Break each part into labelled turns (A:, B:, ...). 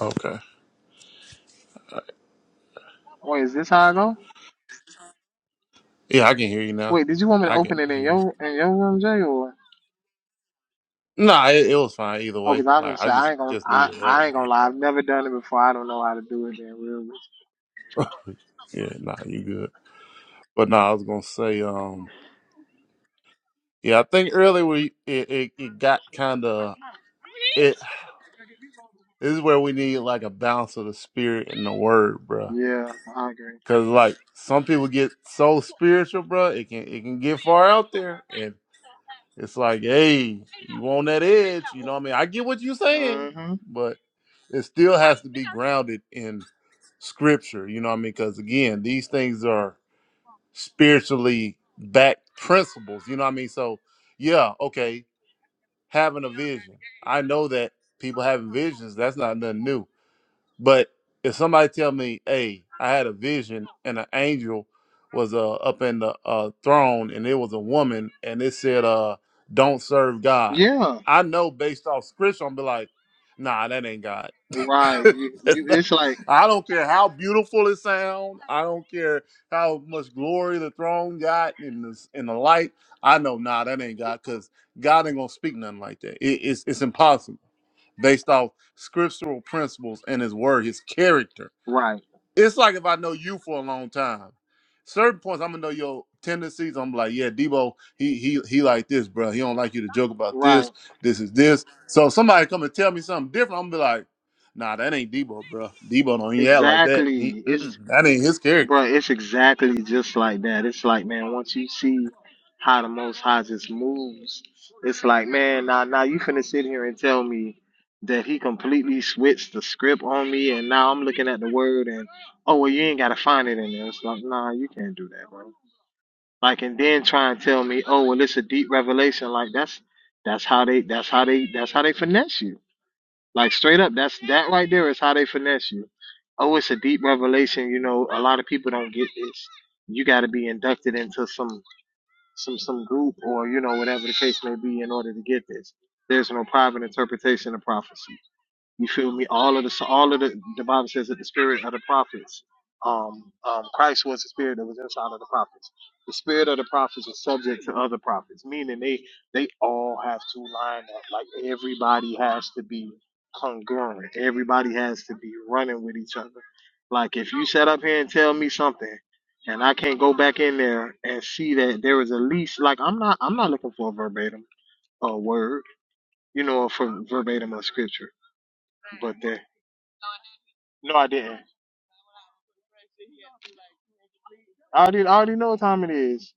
A: Okay.
B: Wait, is this how I go?
A: Yeah, I can hear you now.
B: Wait, did you want me to
A: I
B: open
A: can
B: it in
A: hear you.
B: your in your room, Jay, or?
A: Nah, it, it was fine either
B: Oh,
A: way.
B: cause I was
A: Like
B: gonna
A: I
B: say I
A: just
B: ain't gonna
A: just
B: I,
A: need a room.
B: I ain't gonna lie. I've never done it before. I don't know how to do it. Then real.
A: yeah, nah, you good. But nah, I was gonna say, um, yeah, I think earlier we it it, it got kind of it. This is where we need like a balance of the spirit and the word, bruh.
B: Yeah, I agree.
A: Cause like some people get so spiritual, bruh, it can it can get far out there, It's like, hey, you on that edge. You know what I mean? I get what you're saying,
B: Mm-hmm.
A: but it still has to be grounded in scripture. You know what I mean? Because again, these things are spiritually backed principles. You know what I mean? So, yeah, okay, having a vision. I know that people having visions, that's not nothing new but if somebody tell me, "Hey, I had a vision and an angel was uh, up in the uh, throne and it was a woman and it said, uh, not serve God,"
B: Yeah.
A: I know based off scripture, I'm be like, "Nah, that ain't God."
B: Right. You
A: That's
B: you.
A: not-
B: It's like
A: I don't care how beautiful it sound. I don't care how much glory the throne got in this in the light. I know, nah, that ain't God, cause God ain't gonna speak nothing like that. It, it's it's impossible based off scriptural principles and his word, his character.
B: right.
A: It's like if I know you for a long time, certain points I'm gonna know your tendencies. I'm like, yeah, Debo, he he he like this, bro. He don't like you to joke about
B: Right.
A: this. This is this. So somebody come and tell me something different, I'm gonna be like, nah, that ain't Debo, bro. Debo don't even act like that. He
B: Exactly. It's
A: mm-mm, that ain't his character.
B: bruh, It's exactly just like that. It's like man, once you see. how the Most High just moves. It's like, man, now now you finna sit here and tell me that he completely switched the script on me, and now I'm looking at the word and oh well, you ain't gotta find it in there. It's like, nah, you can't do that, bro. Like, and then try and tell me, oh well, it's a deep revelation. Like that's that's how they that's how they that's how they finesse you. Like straight up, that's that right there is how they finesse you. Oh, it's a deep revelation. You know, a lot of people don't get this. You got to be inducted into some some some group or you know whatever the case may be in order to get this. There's no private interpretation of prophecy. You feel me? All of the so all of the the Bible says that the spirit of the prophets, um, um, Christ was the spirit that was inside of the prophets. The spirit of the prophets is subject to other prophets, meaning they they all have to line up. Like everybody has to be congruent. Everybody has to be running with each other. Like if you set up here and tell me something, and I can't go back in there and see that there was at least like I'm not I'm not looking for a verbatim a word, you know, from verbatim of scripture no, I didn't. I already, I already know what time it is.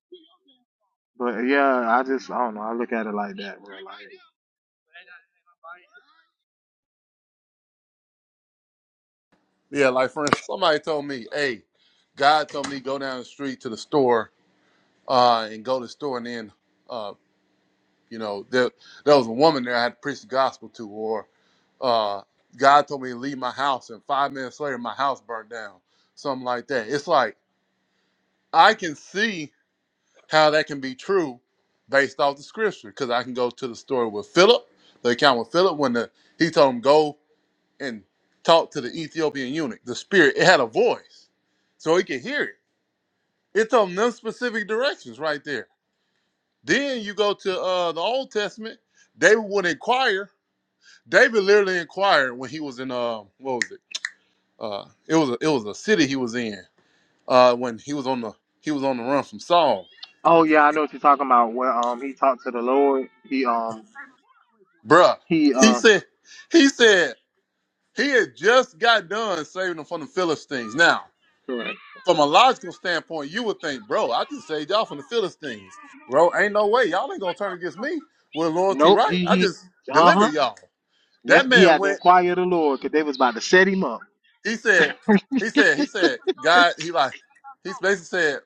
B: But yeah, I just I don't know. I look at it like,
A: Yeah, like for instance, somebody told me, hey, God told me go down the street to the store uh, and go to the store and then. uh. You know, there there was a woman there I had to preach the gospel to, or uh, God told me to leave my house, and five minutes later my house burned down, something like that. It's like I can see how that can be true based off the scripture, because I can go to the story with Philip, the account with Philip when the he told him go and talk to the Ethiopian eunuch. The spirit it had a voice, so he could hear it. It told him them specific directions right there. Then you go to uh, the Old Testament. They would inquire David literally inquired when he was in uh what was it? Uh it was a, it was a city he was in. Uh when he was on the he was on the run from Saul.
B: oh yeah, I know what you're talking about. Where um he talked to the Lord. He um
A: Bruh.
B: he
A: He
B: um
A: said he said he had just got done saving them from the Philistines. Now,
B: correct.
A: from a logical standpoint, you would think, bro, I just saved y'all from the Philistines. Bro, ain't no way. Y'all ain't gonna turn against me with loyalty,
B: Nope.
A: right?
B: He
A: I
B: he.
A: just
B: Uh
A: delivered
B: huh.
A: y'all.
B: Yep.
A: That
B: He
A: man
B: had to
A: went
B: inquire of the Lord because they was about to set him up.
A: he said, he said, he said, God, he like, he basically said,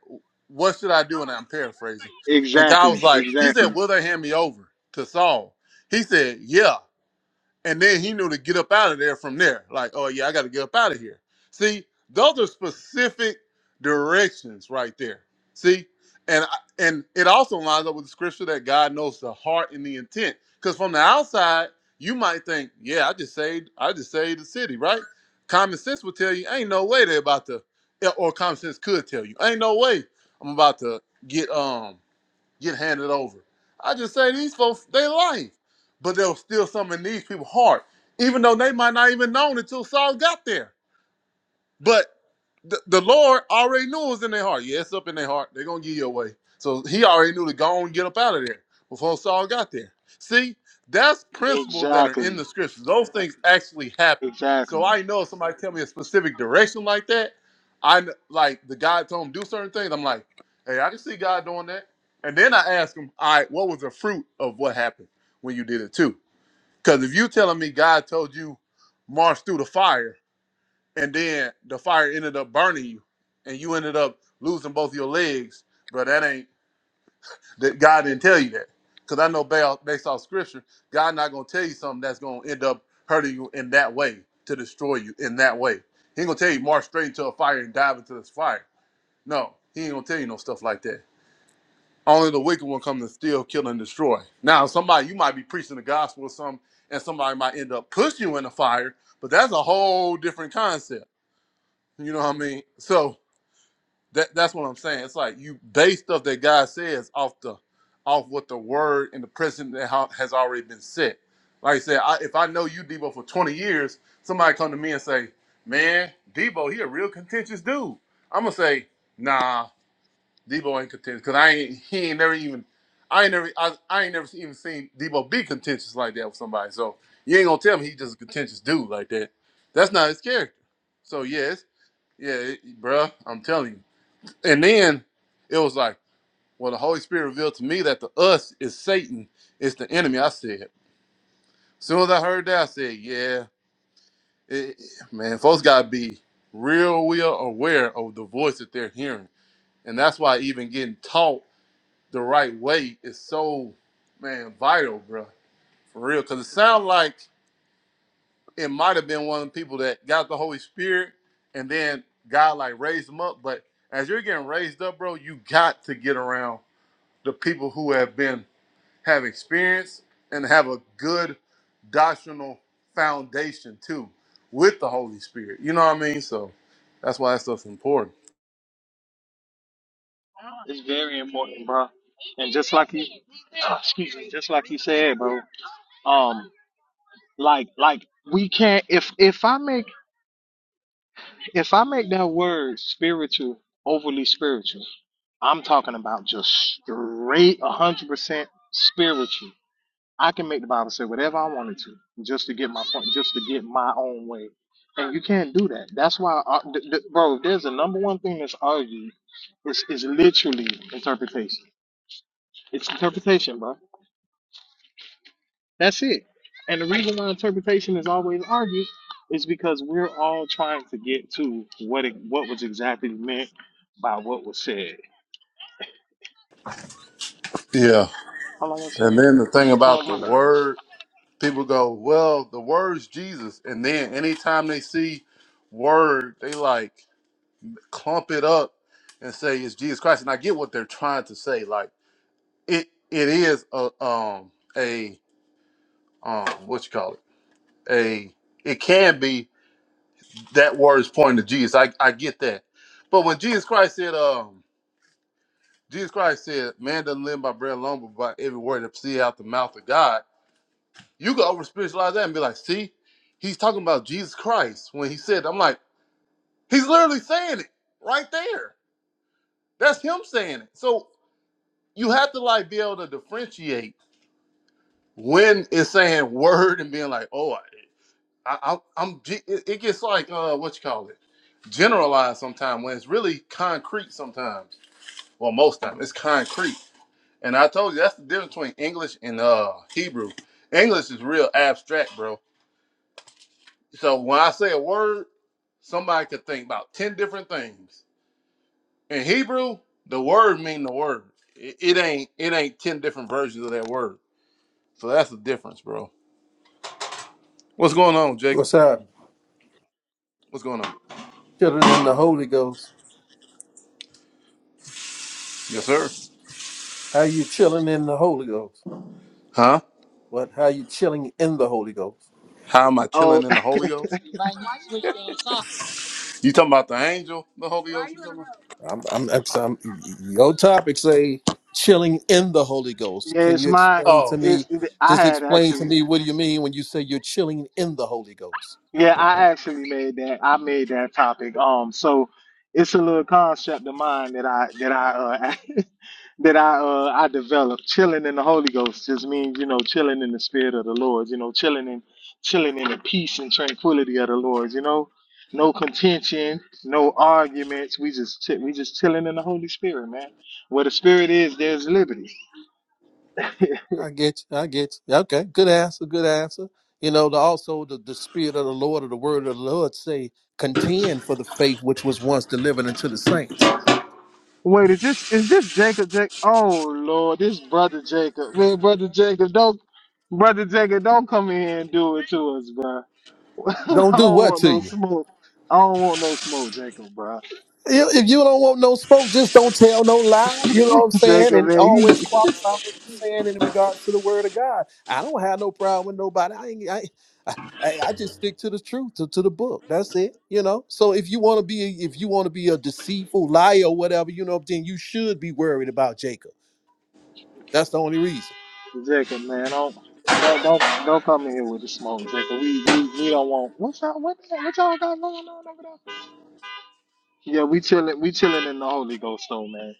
A: what should I do? And I'm paraphrasing. And God
B: Exactly.
A: was like, he
B: Exactly.
A: said, will they hand me over to Saul? He said, yeah and then he knew to get up out of there from there. Like, oh yeah, I got to get up out of here. See, those are specific directions right there. See, and I- and it also lines up with the scripture that God knows the heart and the intent. Because from the outside, you might think, yeah, I just saved, I just saved the city, right? Common sense would tell you, ain't no way they're about to, or common sense could tell you, ain't no way I'm about to get um get handed over. I just say these folks, they life, but there was still some in these people's heart, even though they might not even known until Saul got there. But the, the Lord already knew it was in their heart. Yeah, it's up in their heart. They're gonna give you away. So he already knew to go and get up out of there before Saul got there. See, that's principles that are in
B: Exactly.
A: the scriptures. Those things actually happen. So
B: Exactly.
A: I know if somebody tell me a specific direction like that, I kn- like the God told him do certain things. I'm like, hey, I can see God doing that. And then I ask him, all right, what was the fruit of what happened when you did it too? Because if you telling me God told you march through the fire, and then the fire ended up burning you, and you ended up losing both your legs, bro, that ain't that God didn't tell you that. Because I know ba- based off scripture, God not gonna tell you something that's gonna end up hurting you in that way to destroy you in that way. He ain't gonna tell you march straight into a fire and dive into this fire. No, he ain't gonna tell you no stuff like that. Only the wicked one come to steal, kill, and destroy. Now, somebody you might be preaching the gospel or something, and somebody might end up pushing you in the fire, but that's a whole different concept. You know what I mean? So That that's what I'm saying. It's like you base stuff that God says off the off what the word and the precedent that ha- has already been set. Like I said, I, if I know you Debo for 20 years, somebody come to me and say, "Man, Debo, he a real contentious dude." I'm gonna say, "Nah, Debo ain't contentious because I ain't he ain't never even I ain't never I, I ain't never even seen Debo be contentious like that with somebody. So you ain't gonna tell me he's just a contentious dude like that. That's not his character. So yes, yeah, it, bruh, I'm telling you. And then it was like, well, the Holy Spirit revealed to me that the us is Satan, it's the enemy. I said, soon as I heard that, I said, yeah, it, man, folks got to be real, real aware of the voice that they're hearing. And that's why even getting taught the right way is so, man, vital, bro, for real. Because it sounds like it might have been one of the people that got the Holy Spirit and then God like raised them up. But as you're getting raised up, bro, you got to get around the people who have been have experience and have a good doctrinal foundation too with the Holy Spirit. You know what I mean? So that's why that stuff's important.
B: It's very important, bro. And just like you, excuse me, just like you said, bro. Um, like like we can't if if I make If I make that word spiritual overly spiritual, I'm talking about just straight 100% spiritual. I can make the Bible say whatever I wanted to just to get my point, just to get my own way. And you can't do that. That's why, uh, th- th- bro, if there's a number one thing that's argued, it's, it's literally interpretation. It's interpretation, bro. That's it. And the reason why interpretation is always argued is because we're all trying to get to what it, what was exactly meant by what was said.
A: Yeah.
B: Hold on one
A: And
B: second.
A: then the thing
B: Hold
A: about the
B: on, my bad. bro.
A: word, people go, Well, the word's Jesus. And then anytime they see word, they like clump it up and say it's Jesus Christ. And I get what they're trying to say. Like it it is a um a um what you call it? A it can be that word is pointing to Jesus. I, I get that. But when Jesus Christ said, um, Jesus Christ said, man doesn't live by bread alone, but by every word that proceeds out the mouth of God, you go over spiritualize that and be like, see, he's talking about Jesus Christ when he said, I'm like, he's literally saying it right there. That's him saying it. So you have to like be able to differentiate when it's saying word and being like, oh, I, I, I'm, it it gets like, uh, what you call it? generalized sometimes when it's really concrete sometimes. well most time it's concrete and i told you that's the difference between english and uh hebrew english is real abstract bro so when i say a word somebody could think about 10 different things in hebrew the word mean the word it, it ain't it ain't 10 different versions of that word so that's the difference bro what's going on jacob
C: What's up?
A: what's going on
C: Chilling in the Holy Ghost.
A: yes sir
C: How you chilling in the Holy Ghost?
A: huh
C: What? How you chilling in the Holy Ghost?
A: how am i
B: Oh,
A: chilling in the holy ghost you talking about the angel the holy ghost you talking about
C: I'm, I'm, I'm your topic say chilling in the Holy Ghost.
B: yeah,
C: Can
B: it's
C: you
B: my.
C: explain to
A: oh
C: me?
B: It's I
C: Just
B: had
C: explain to
B: actually.
C: me what do you mean when you say you're chilling in the Holy Ghost?
B: Yeah, I actually made that. I made that topic. Um, so it's a little concept of mine that I that I uh, that I uh I developed chilling in the Holy Ghost just means you know chilling in the spirit of the Lord you know chilling in chilling in the peace and tranquility of the Lord you know no contention no arguments we just chi- we just chilling in the Holy Spirit man where the Spirit is there's liberty
C: I get you. I get you. Okay, good answer. Good answer. You know, the, also the, the Spirit of the Lord or the Word of the Lord say contend for the faith which was once delivered unto the saints.
B: wait is this is this Jacob Jac oh Lord this brother Jacob man brother Jacob don't brother Jacob don't come in here and do it to us bro I
C: Don't do
B: don't
C: what
B: want
C: to
B: no
C: you?
B: smoke I don't want no smoke Jacob bro
C: If if you don't want no smoke, just don't tell no lie. You know what I'm saying?
B: Jacob,
C: And
B: man,
C: always
B: you
C: qualify what you're saying in regards to the word of God. I don't have no problem with nobody. I ain't, I, I, I I just stick to the truth, to, to the book. That's it. You know. So if you want to be, a- if you want to be a deceitful liar or whatever, you know, then you should be worried about Jacob. That's the only reason.
B: Jacob, man, don't don't don't don't come in here with the smoke, Jacob. We we we don't want What's y'all what, the- what y'all got going on over there? Yeah, we chilling we chilling in the Holy Ghost though, man.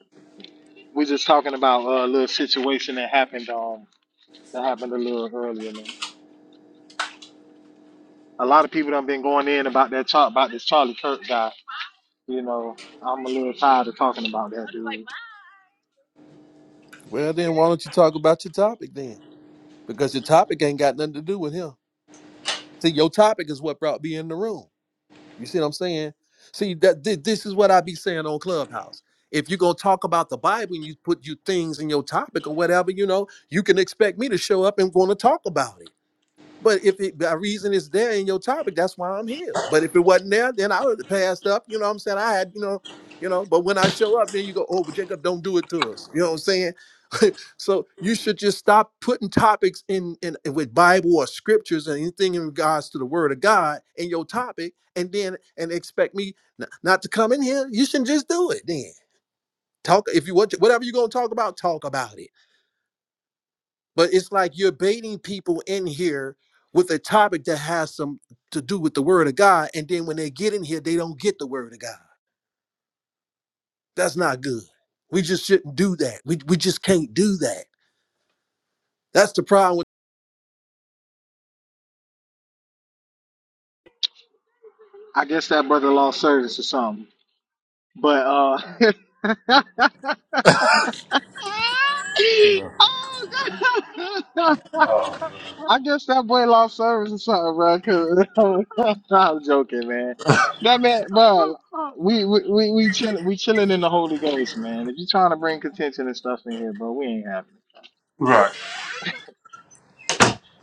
B: We just talking about uh, a little situation that happened um that happened a little earlier, man. A lot of people done been going in about that talk about this Charlie Kirk guy. You know, I'm a little tired of talking about that dude.
C: Well, then why don't you talk about your topic then? Because your topic ain't got nothing to do with him. See, your topic is what brought me in the room. You see what I'm saying? See that thi- this is what I be saying on Clubhouse. If you're gonna talk about the Bible and you put you things in your topic or whatever, you know, you can expect me to show up and want to talk about it. But if it, the reason is there in your topic, that's why I'm here. But if it wasn't there, then I would have passed up. You know what I'm saying? I had, you know, you know. But when I show up, then you go, oh, but Jacob, don't do it to us. You know what I'm saying? so you should just stop putting topics in, in with Bible or scriptures and anything in regards to the Word of God in your topic, and then and expect me n- not to come in here. You should just do it then. Talk if you want to, whatever you're gonna talk about, talk about it. But it's like you're baiting people in here with a topic that has some to do with the Word of God, and then when they get in here, they don't get the Word of God. That's not good. We just shouldn't do that. We we just can't do that. That's the problem
B: I guess that brother lost service or something. But uh Oh, God. I guess that boy lost service or something, bro. i I'm joking, man. That man, we we we we chill, we chilling in the Holy Ghost, man. If you trying to bring contention and stuff in here, bro, we ain't having it.
A: right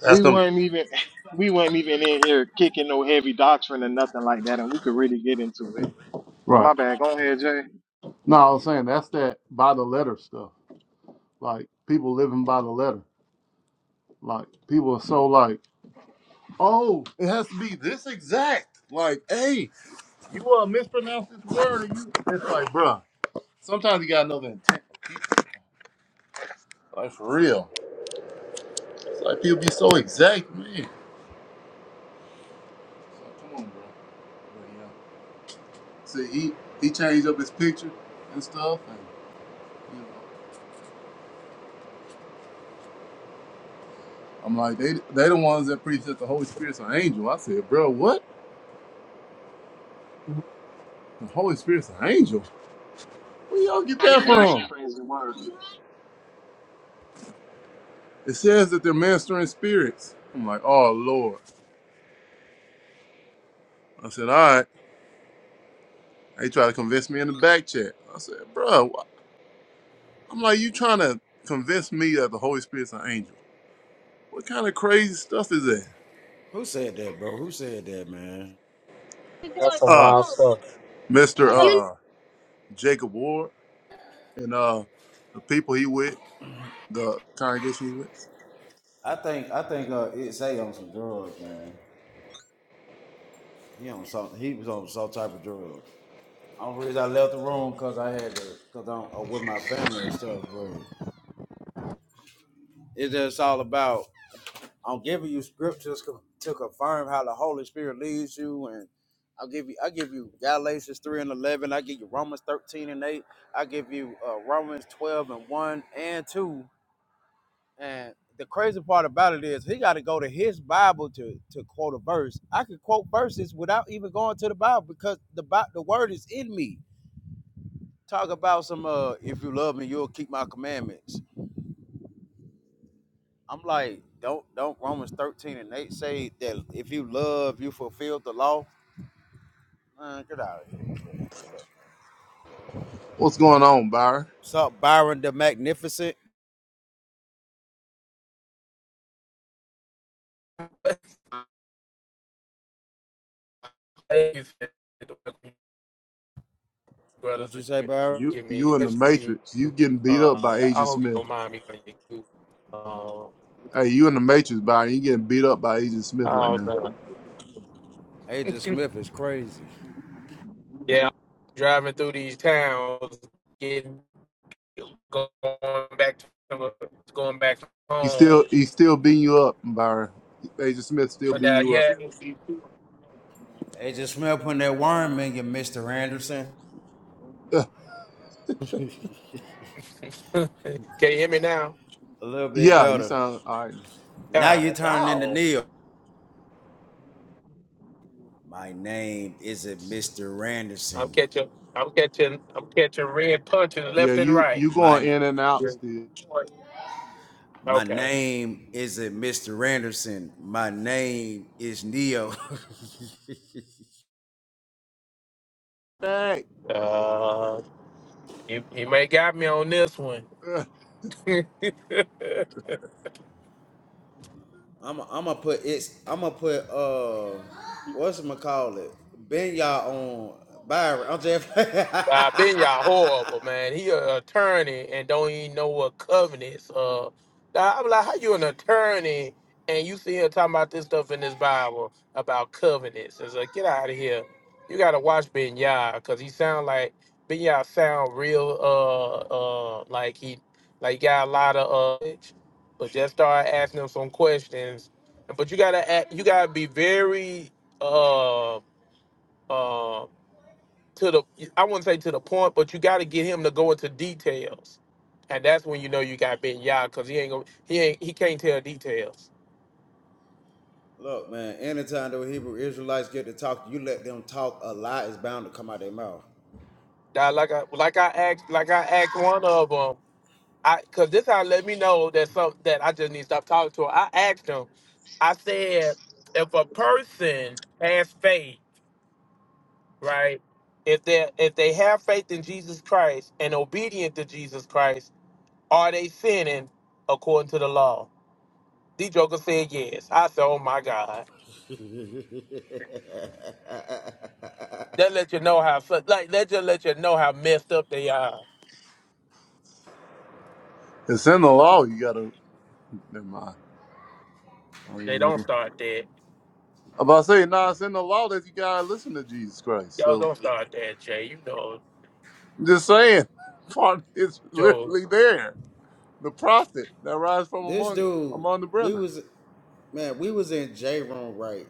A: that's
B: We
A: them
B: weren't even we weren't even in here kicking no heavy doctrine or nothing like that, and we could really get into it. But
A: Right.
B: my bad, go ahead, Jay.
A: No, I was saying that's that by the letter stuff. Like people living by the letter. Like people are so like, oh, it has to be this exact. Like, hey, you uh mispronounced this word, and you. It's like, bruh. Sometimes you gotta know the intent. Like for real. It's like people be so exact, man. It's like, come on, bro. But, yeah. See, he he changed up his picture and stuff, and you know, I'm like, they they the ones that preach that the Holy Spirit's an angel. I said, bro, what? The Holy Spirit's an angel. Where y'all get that from?
B: Praise the word.
A: It says that they're mastering spirits. I'm like, oh Lord. I said, all right. They tried to convince me in the back chat. I said, bro, I'm like, you trying to convince me that the Holy Spirit's an angel? What kind of crazy stuff is that?
D: Who said that, bro? Who said that, man?
B: That's some
A: Uh,
B: wild.
A: Mr. Uh, Jacob Ward and uh, the people he with, the congregation he with.
D: I think I think uh, it say on some drugs, man. He on some he was on some type of drug. Only reason I left the room because I had to because I'm uh, with my family and stuff, bro. it's just all about I'm giving you scriptures co- to confirm how the Holy Spirit leads you and. I'll give you. I give you Galatians three and eleven. I give you Romans thirteen and eight. I give you uh, Romans twelve and one and two. And the crazy part about it is he got to go to his Bible to to quote a verse. I could quote verses without even going to the Bible because the Bi- the word is in me. Talk about some uh if you love me, you'll keep my commandments. I'm like, don't don't Romans 13 and 8 say that if you love, you fulfill the law? Man, get out of here.
A: What's going on, Byron?
D: What's Byron the Magnificent? What you say, Byron?
A: You
E: give
A: you
E: me
A: in the
E: you.
A: Matrix? You getting beat up
E: Uh,
A: by
E: I
A: Agent
E: hope you
A: Smith?
E: don't mind me calling you. Q. Uh,
A: Hey, you in the Matrix, Byron? You getting beat up by Agent Smith right
E: I was,
A: now?
E: uh,
D: Agent Smith is crazy.
E: yeah, driving through these towns, getting going back to going back
A: He still
E: home.
A: he's still beating you up, Byron. Agent Smith still
E: But
A: beating
E: uh,
A: you up.
E: yeah, can
D: Agent Smith putting that worm in you, Mr. Anderson.
A: Uh,
E: you hear me now?
D: A little bit
A: yeah, you
D: better.
A: sound all right.
D: Now you're
E: God,
D: turning into
E: no,
D: Neil. My name isn't Mr.
E: I'm
D: Randerson.
E: catching, I'm catching, I'm catching red punches
A: Yeah,
E: left and
A: you
E: right.
A: you
D: My
A: going in and out
E: Yeah.
A: still.
D: my
E: Okay.
D: name isn't Mr. Randerson. My name is Neo.
A: Dang.
E: Uh, He he may got me on this one.
A: Uh,
D: I'm I'm gonna put it's I'm gonna put uh what's my call it Ben y'all on Byron. I'm just
E: Nah, Ben y'all horrible, man. He an attorney and don't even know what covenants. Uh, nah, I'm like, how you an attorney and you see here talking about this stuff in this Bible about covenants? It's like, get out of here. You gotta watch Ben Yah because he sound like Ben Yah sound real. Uh, uh, like he like he got a lot of uh, but just start asking him some questions. But you gotta act, you gotta be very uh um to the I wouldn't say to the point, but you got to get him to go into details, and that's when you know you got Ben Yah because he ain't gonna he ain't he can't tell details.
D: look man. Anytime those Hebrew Israelites get to talk, you let them talk. A lie is bound to come out their mouth.
E: Now, like I like I asked like I asked one of them, I because this how let me know that some that I just need to stop talking to her. I asked him, I said if a person has faith, right? If they if they have faith in Jesus Christ and obedient to Jesus Christ, are they sinning according to the law? D Joker said yes. I said, oh my God. That let you know how fu- like that just let you know how messed up they are.
A: It's in the law. You gotta never mind. I don't
E: They
A: even
E: don't
A: wanna-
E: start that.
A: I'm about to say, nah, it's in the law that you gotta listen to Jesus Christ.
E: Y'all
A: So
E: don't start that, Jay. You know,
A: I'm just saying, part it's
E: Joe.
A: literally there. The prophet that rise from
D: This
A: among
D: dude,
A: among the
D: we
A: brethren.
D: was man, we was in J room, right?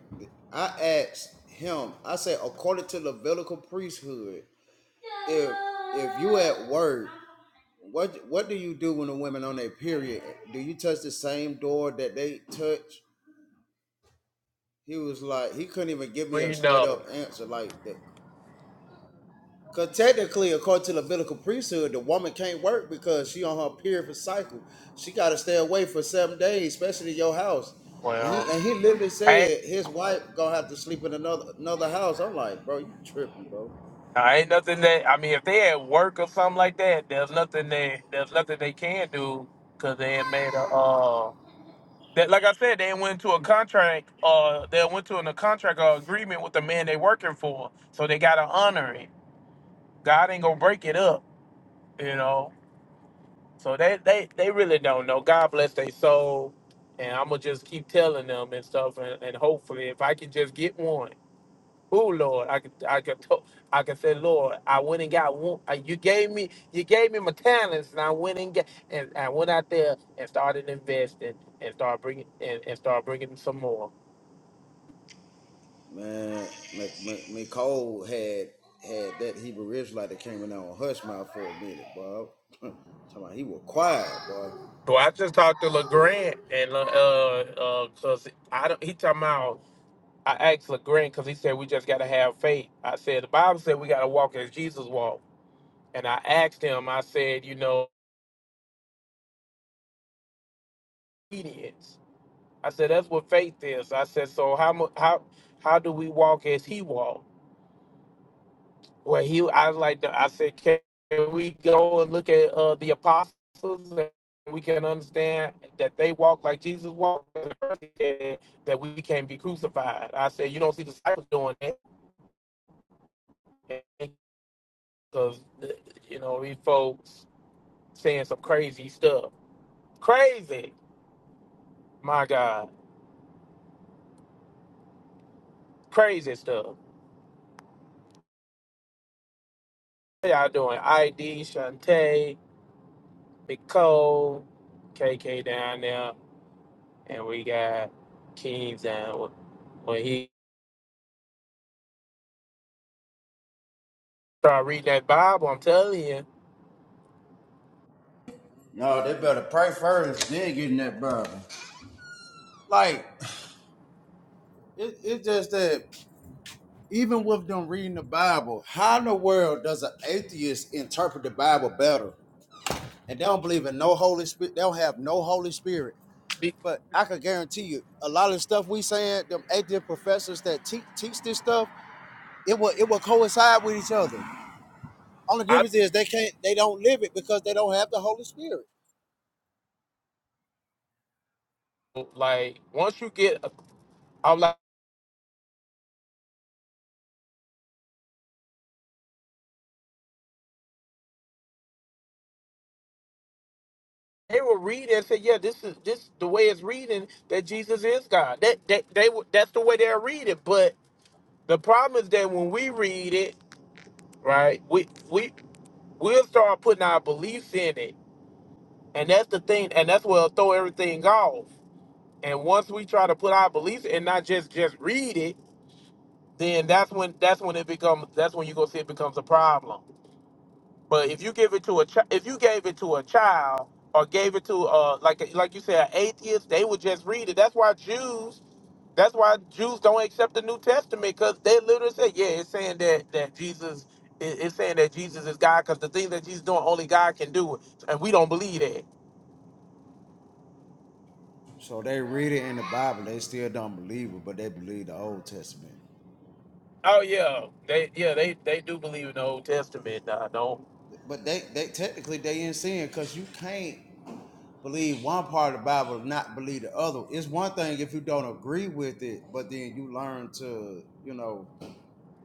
D: I asked him. I said, according to Levitical priesthood, if if you at work, what what do you do when the women on their period? Do you touch the same door that they touch? He was like, he couldn't even give me a
E: We
D: straight
E: know.
D: up answer. Like the Cause technically, according to the biblical priesthood, the woman can't work because she on her period cycle. She gotta stay away for seven days, especially in your house. And he
E: Well,
D: and he literally
E: I ain't,
D: said his wife gonna have to sleep in another another house. I'm like, bro, you tripping, bro.
E: I ain't nothing that I mean if they at work or something like that, there's nothing they there's nothing they can do because they ain't made a uh that like I said, they went to a contract uh they went to an, a contract or agreement with the man they working for. So they gotta honor it. God ain't gonna break it up, you know. So they they they really don't know. God bless their soul, and I'm gonna just keep telling them and stuff, and, and hopefully, if I can just get one, oh Lord, I could I could to, I could say, Lord, I went and got one. uh, You gave me you gave me my talents, and I went and got and I went out there and started investing and start bringing and, and started bringing some more.
D: Man, Mc- Mc- Nicole had had that Hebrew Israelite that came in there on hush mouth for a minute, bro. Talking about he was quiet, bro.
E: Well, I just talked to LeGrant and uh uh, uh 'cause I don't he talking about. I asked LeGrand because he said we just got to have faith. I said the Bible said we got to walk as Jesus walked, and I asked him. I said, you know, obedience. I said that's what faith is. I said, so how mu- how how do we walk as He walked? Well, he I was like I said, can we go and look at uh, the apostles and we can understand that they walk like Jesus walked? And the first said That we can't be crucified. I said, you don't see disciples doing that because you know these folks. saying some crazy stuff. Crazy, my God, crazy stuff. How y'all doing? ID, Shantae, Nicole, KK down there, and we got Kings down. When he start reading that Bible, I'm telling you,
D: No, they better pray first, then get in that brother. Like, it, it's just that even with them reading the Bible, how in the world does an atheist interpret the Bible better? And they don't believe in no Holy Spirit. They don't have no Holy Spirit.
E: be-
D: But I can guarantee you, a lot of the stuff we saying, them atheist professors that teach teach this stuff, it will it will coincide with each other. Only
E: I
D: difference is they can't they don't live it because they don't have the Holy Spirit.
E: like once you get, I'm like. They will read and say, "Yeah, this is this the way it's reading that Jesus is God." That that they would that's the way they'll read it. But the problem is that when we read it, right? We we We'll start putting our beliefs in it. And that's the thing, and that's what'll throw everything off. And once we try to put our beliefs and not just just read it, then that's when that's when it becomes that's when you go see it becomes a problem. But if you give it to a child, if you gave it to a child or gave it to uh like like you said an atheist, they would just read it. That's why Jews that's why Jews don't accept the New Testament because they literally say, yeah, it's saying that that Jesus it- it's saying that Jesus is God because the things that Jesus doing only God can do, and we don't believe that.
D: So they read it in the Bible, they still don't believe it, but they believe the Old Testament.
E: Oh yeah, they yeah they they do believe in the Old Testament. Nah, don't
D: But they they technically they in sin because you can't believe one part of the Bible, and not believe the other. It's one thing if you don't agree with it, but then you learn to, you know,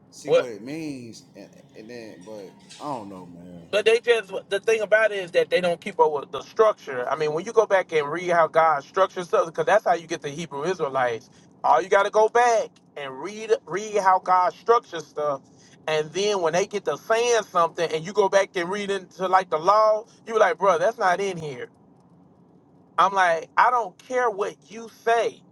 D: see
E: what?
D: what it means, and, and then. But I don't know, man.
E: But they just the thing about it is that they don't keep up with the structure. I mean, when you go back and read how God structures stuff, because that's how you get the Hebrew Israelites. All you got to go back and read read how God structures stuff, and then when they get to saying something, and you go back and read into like the law, you be like, bro, that's not in here. I'm like, I don't care what you say.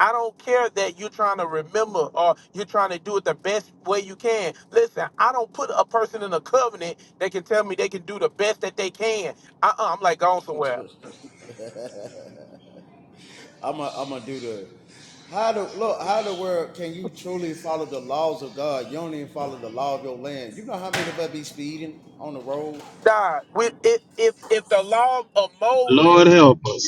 E: I don't care that you're trying to remember or you're trying to do it the best way you can. Listen, I don't put a person in a covenant that can tell me they can do the best that they can. Uh, I'm like gone somewhere.
D: I'm a, I'm gonna do the. How the look? How the world can you truly follow the laws of God? You don't even follow the law of your land. You know how many of us be speeding on the road?
E: God, with if, if if the law of
B: Lord
E: Moses,
B: help us.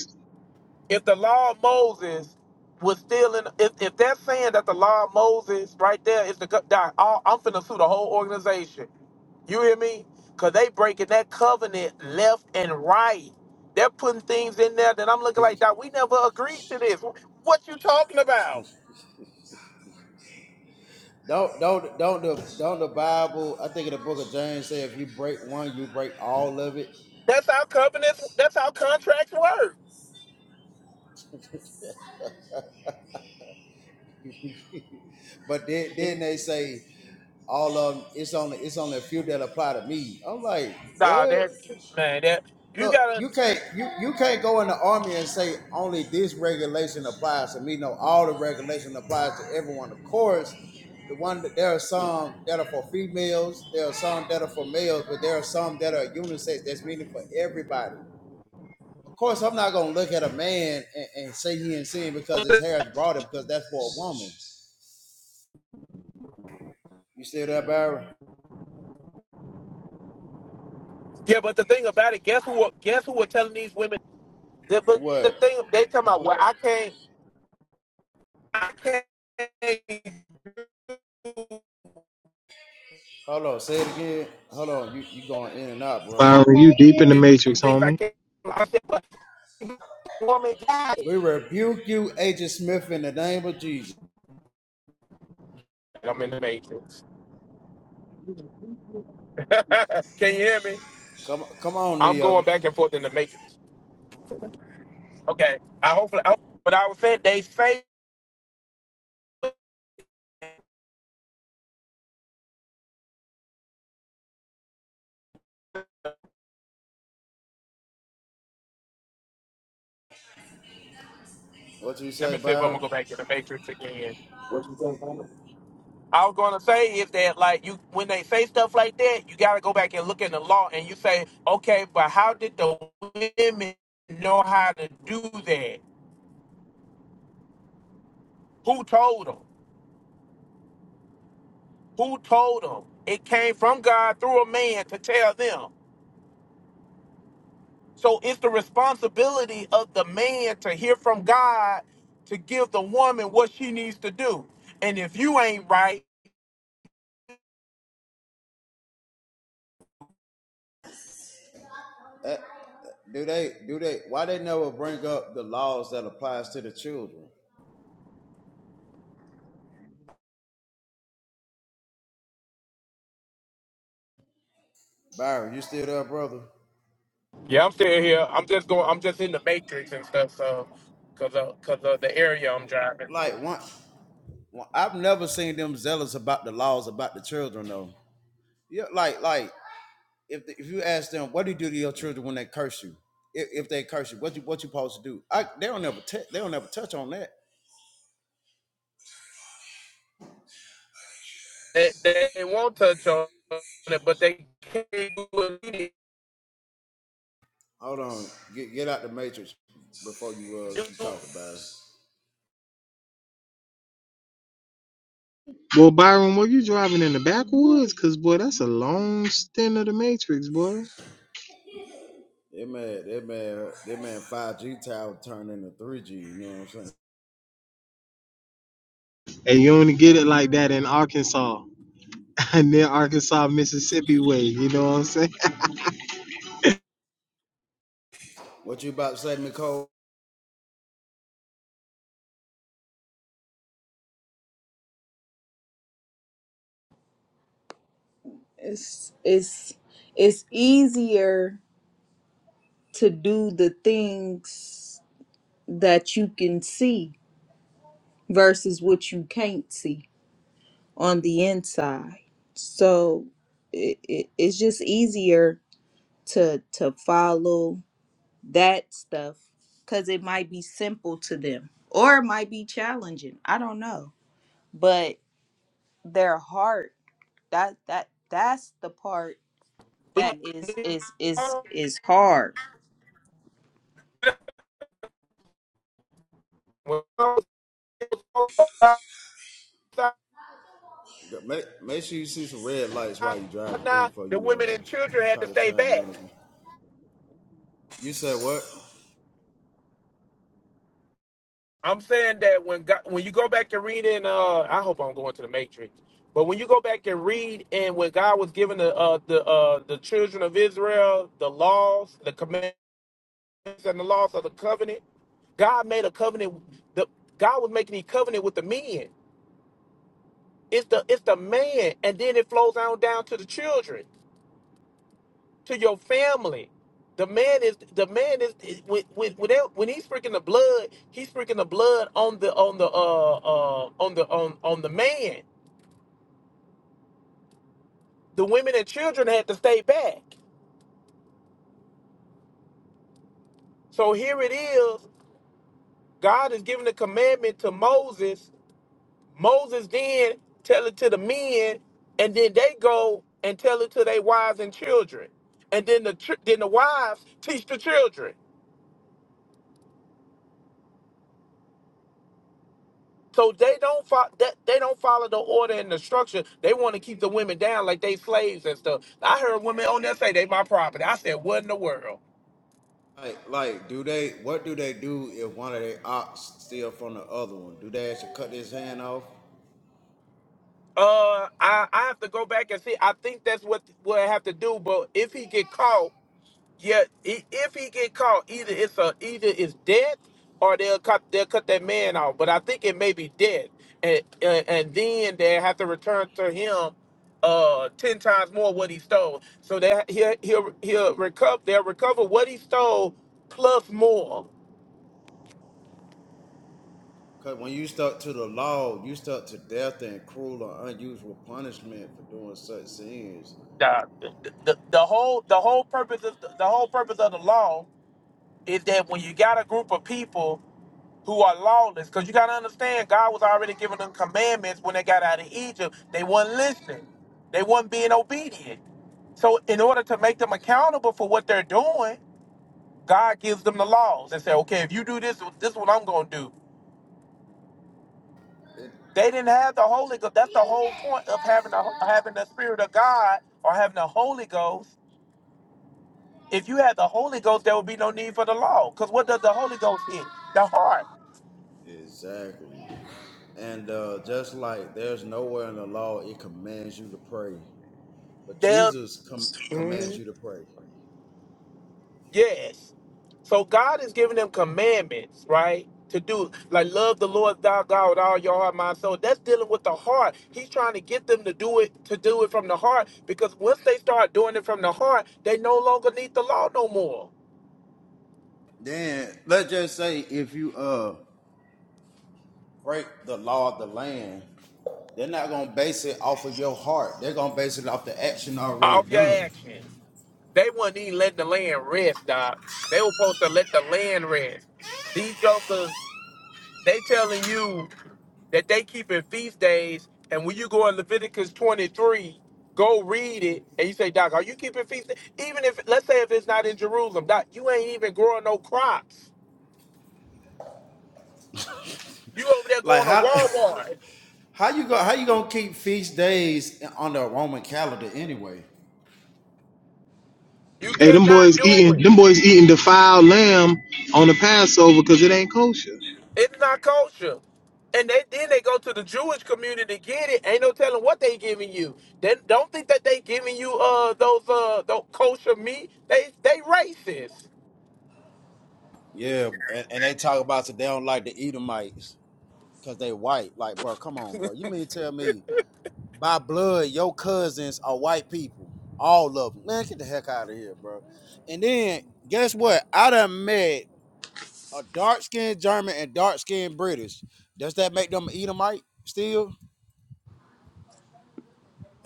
E: if the law of Moses was still in, if, if they're saying that the law of Moses right there is the God, I'm finna sue the whole organization You hear me? Cause they breaking that covenant left and right. They're putting things in there that I'm looking like, Doc, we never agreed to this. What you talking about?
D: Don't don't don't the don't the Bible. I think in the book of James say if you break one, you break all of it.
E: That's how covenants. That's how contracts work.
D: But then, then they say all of 'em, it's only it's only a few that apply to me. I'm like,
E: Nah,
D: what?
E: that man, that you
D: Look,
E: gotta.
D: you
E: You,
D: can't you you can't go in the army and say only this regulation applies to me. No, all the regulation applies to everyone. Of course, the one that there are some that are for females, there are some that are for males, but there are some that are unisex. That's meaning for everybody. Of course, I'm not gonna look at a man and, and say he in sin because his hair is broader because that's for a woman. You still there, Barry?
E: yeah, but the thing about it, guess who? Guess who We're telling these women? that- But the
D: What?
E: thing they talking about, well, I can't, I can't do
D: Hold on, say it again. Hold on, you you going in and out, brother.
B: You deep in the
E: some things. I
B: memory.
E: can't. I said, but woman got it.
D: We rebuke you, Agent Smith, in the name of Jesus.
E: I'm in the matrix. Can you hear me?
D: Come come on,
E: I'm
D: Neo.
E: going back and forth in the matrix. Okay. I hopefully, I, but I was saying they say.
D: What you
E: Let
D: say,
E: me see if I'm
D: Byron?
E: gonna go back to the matrix again. I was gonna say is that like you when they say stuff like that, you gotta go back and look in the law and you say, okay, but how did the women know how to do that? Who told them? Who told them? It came from God through a man to tell them. So it's the responsibility of the man to hear from God to give the woman what she needs to do. And if you ain't right,
D: Do they do they why they never bring up the laws that applies to the children? Byron, you still there, brother?
E: yeah, I'm still here. I'm just going. I'm just in the matrix and stuff. So, cause of cause of the area I'm driving through,
D: Like one, one I've never seen them zealous about the laws about the children though. Yeah, like like if if you ask them, what do you do to your children when they curse you? If, if they curse you, what you what you supposed to do? I, they don't ever t- they don't ever touch on that.
E: they, they won't touch on it, but they can't do what we need
D: Hold on. Get get out the matrix before you uh
E: to
D: keep
E: do.
D: talking about it.
B: Well, Byron, were you driving in the backwoods? Cause boy, that's a long stint of the Matrix, boy.
D: That man, that man, that man, five G tower turned into three G. You know what I'm saying?
B: And you only get it like that in Arkansas, and then Arkansas, Mississippi way. You know what I'm saying?
D: What you about to say, Nicole?
F: it's it's it's easier to do the things that you can see versus what you can't see on the inside so it, it, it's just easier to to follow that stuff because it might be simple to them or it might be challenging i don't know but their heart that that that's the part that is
E: We-
F: is is is hard
E: When I was outside
D: Make make sure you see some red lights while you driving through
E: now,
D: before
E: the
D: you
E: women
D: uh
E: and children had
D: try
E: to
D: to
E: stay
D: chime
E: back.
D: in. You said what?
E: I'm saying that when God, when you go back and read in, uh, I hope I'm going to the Matrix, but when you go back and read and when God was giving the uh, the uh, the children of Israel the laws, the commandments, and the laws of the covenant, God made a covenant. The God was making a covenant with the men. It's the it's the man, and then it flows on down to the children. to your family. The man is the man is is- when when when, they- when he's freaking the blood, he's freaking the blood on the on the uh uh on the on on the man. The women and children had to stay back. So here it is. God is giving the commandment to Moses. Moses then tell it to the men, and then they go and tell it to their wives and children, and then the chil- then the wives teach the children. So they don't fo- that they don't follow the order and the structure. They want to keep the women down like they slaves and stuff. I heard women on there say they my property. I said, what in the world?
D: Like like, do they? What do they do if one of their ox steal from the other one? Do they actually cut his hand off?
E: Uh, I I have to go back and see. I think that's what what I have to do. But if he get caught, Yeah, i- if he get caught, either it's a either it's death or they'll cut they'll cut that man off. But I think it may be death, and and, and then they have to return to him uh ten times more what he stole. So that he'll he'll he'll recover they'll recover what he stole plus more.
D: Cause when you stuck to the law, you stuck to death and cruel or unusual punishment for doing such sins.
E: The, the, the whole the whole purpose of the whole purpose of the law is that when you got a group of people who are lawless. Because you got to understand, God was already giving them commandments when they got out of Egypt. They weren't listening, they weren't being obedient. So, in order to make them accountable for what they're doing, God gives them the laws and say, okay, if you do this, this is what I'm going to do. They didn't have the Holy Ghost. That's the whole point of having the, having the Spirit of God or having the Holy Ghost. If you had the Holy Ghost, there would be no need for the law. Because what does the Holy Ghost hit? The heart.
D: Exactly. And uh, just like there's nowhere in the law it commands you to pray, but
E: They'll
D: Jesus com- commands you to pray.
E: Yes. So God is giving them commandments, right? To do like love the Lord thy God with all your heart, mind, soul. That's dealing with the heart. He's trying to get them to do it to do it from the heart because once they start doing it from the heart, they no longer need the law no more.
D: Then let's just say if you uh break the law of the land, they're not gonna base it off of your heart. They're gonna base it off the action already
E: Off your
D: done.
E: actions. They was not even letting the land rest, dog. They were supposed to let the land rest. These jokers, they telling you that they keep in feast days. And when you go in Leviticus 23, go read it, and you say, Doc, are you keeping feast days? Even if, let's say, if it's not in Jerusalem, Doc, you ain't even growing no crops. You over there
D: Like
E: going to
D: how?
E: Walmart.
D: How you go? How you gonna keep feast days on the Roman calendar anyway?
E: You
B: Hey, them
E: cannot
B: boys
E: do
B: eating,
E: it.
B: them boys eating defiled lamb on the Passover because it ain't kosher.
E: It's not kosher, And they, then they go to the Jewish community to get it. Ain't no telling what they giving you. Then don't think that they giving you uh those uh those kosher meat. They they racist.
D: Yeah, and, and they talk about that they don't like the Edomites because they white. Like, bro, come on, bro. You mean tell me by blood your cousins are white people, all of them? Man, get the heck out of here, bro. And then guess what? I done met a dark skinned German and dark skinned British. Does that make them Edomite still?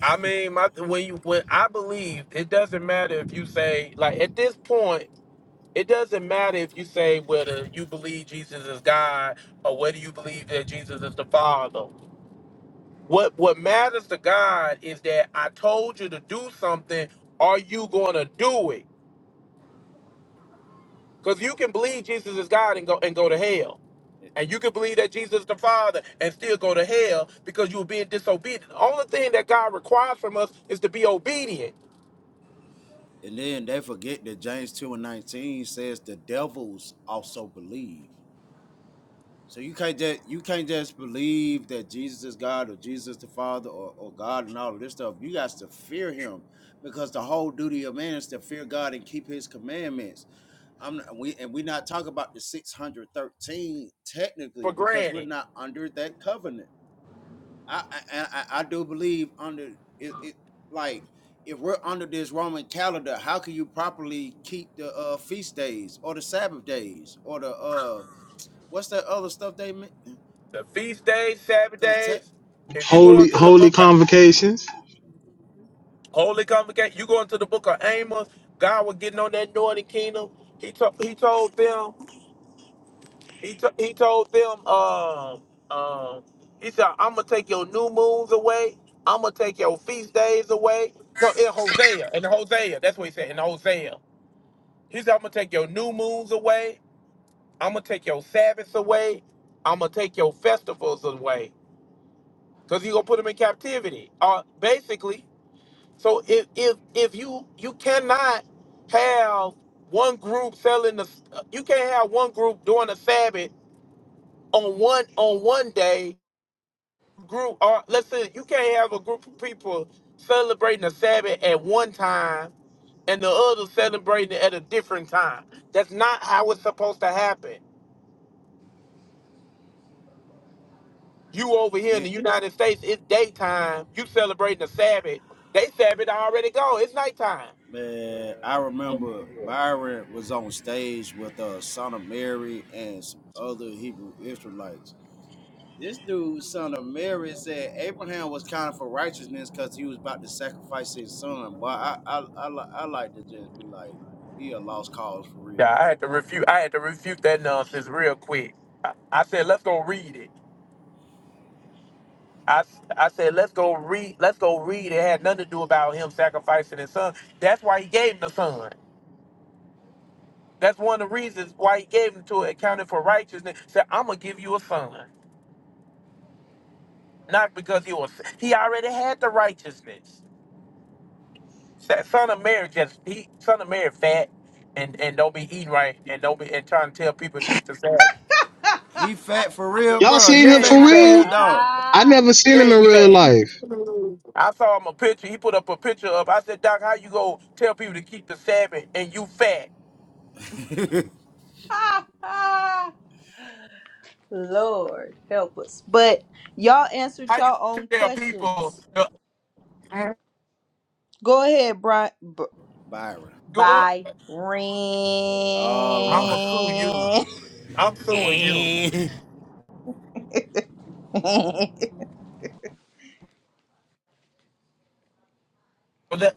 E: I mean, my when you when I believe it doesn't matter if you say like at this point it doesn't matter if you say whether you believe Jesus is God or whether you believe that Jesus is the Father. What what matters to God is that I told you to do something. Are you going to do it? Because you can believe Jesus is God and go and go to hell, and you can believe that Jesus is the Father and still go to hell because you were being disobedient. The only thing that God requires from us is to be obedient.
D: And then they forget that James two and nineteen says the devils also believe. So you can't just you can't just believe that Jesus is God or Jesus the Father or, or God and all of this stuff. You got to fear Him because the whole duty of man is to fear God and keep His commandments. I'm not- we and we not talking about the 613
E: For
D: technically because we're
E: granted.
D: not under that covenant. I I, I, I do believe under it, it like if we're under this Roman calendar, how can you properly keep the uh, feast days or the Sabbath days or the uh what's that other stuff they make?
E: the feast days, Sabbath
D: Cause tech
E: days. If you go into the book of
B: Convocations.
E: Holy Convocation, you go into the book of Amos. God was getting on that northern kingdom. He told he told them he to- he told them um um he said I'm gonna take your new moons away. I'm gonna take your feast days away. No, in Hosea, in Hosea, that's what he said. In Hosea, he said I'm gonna take your new moons away. I'm gonna take your Sabbaths away. I'm gonna take your festivals away because you gonna put them in captivity. Uh, basically, So if if if you you cannot have one group selling the you can't have one group doing the Sabbath on one on one day group or let's say you can't have a group of people celebrating the Sabbath at one time and the other celebrating it at a different time. That's not how it's supposed to happen. You over here in
D: then
E: the United States, it's daytime. You celebrating the Sabbath. They Sabbath already gone. It's nighttime.
D: man, I remember Byron was on stage with uh Son of Mary and some other Hebrew Israelites. This dude, son of Mary, said Abraham was counted for righteousness because he was about to sacrifice his son. But I, I, I, li- I like to just be like, he a lost cause for real.
E: Yeah, I had to refute. I had to refute that nonsense real quick. I, I said, let's go read it. I, s- I said, let's go read. Let's go read. It had nothing to do about him sacrificing his son. That's why he gave him the son. That's one of the reasons why he gave him to it, accounted for righteousness. Said, I'm gonna give you a son, not because he was. He already had the righteousness. That son of Mary just he son of Mary fat and and don't be eating right and don't be and trying to tell people to keep the Sabbath.
D: He fat for real,
B: Y'all
D: bro.
B: seen
D: He
B: them
E: Yeah,
B: for
E: he
D: fat for
B: real?
E: fat.
D: real, dog.
B: I
F: Ah,
B: never seen
E: Yeah,
B: them in
E: he
B: real
E: fat.
B: life.
E: I saw him a picture. He put up a picture of. I said, Doc, how you go tell people to keep the Sabbath and you fat?
F: ha, ha. Lord, help us. But y'all answered
E: How you
F: y'all
E: gonna
F: own
E: tell people
F: questions.
E: to
F: Go ahead, Brian. B-
D: Byron.
E: go?
F: Byron.
D: Oh
E: I'ma
D: Lord.
E: sue you. I'm suing you.
D: hey,
E: But that,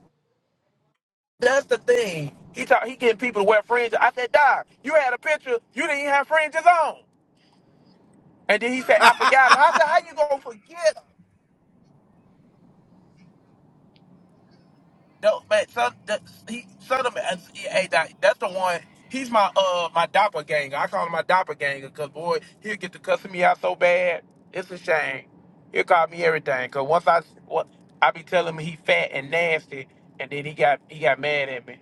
E: that's the thing. He talk, he getting people to wear fringes. I said, Doc, you had a picture. You didn't even have fringes on. And then he said, I forgot him. I said, how you gonna forget? No, man, son, that, he, son of a, he- hey, that, that's the one. He's my uh my doppelganger. I call him my doppelganger because boy, he'll get to cussing me out so bad. It's a shame. He'll call me everything. Cause once I what I be telling him he fat and nasty, and then he got he got mad at me.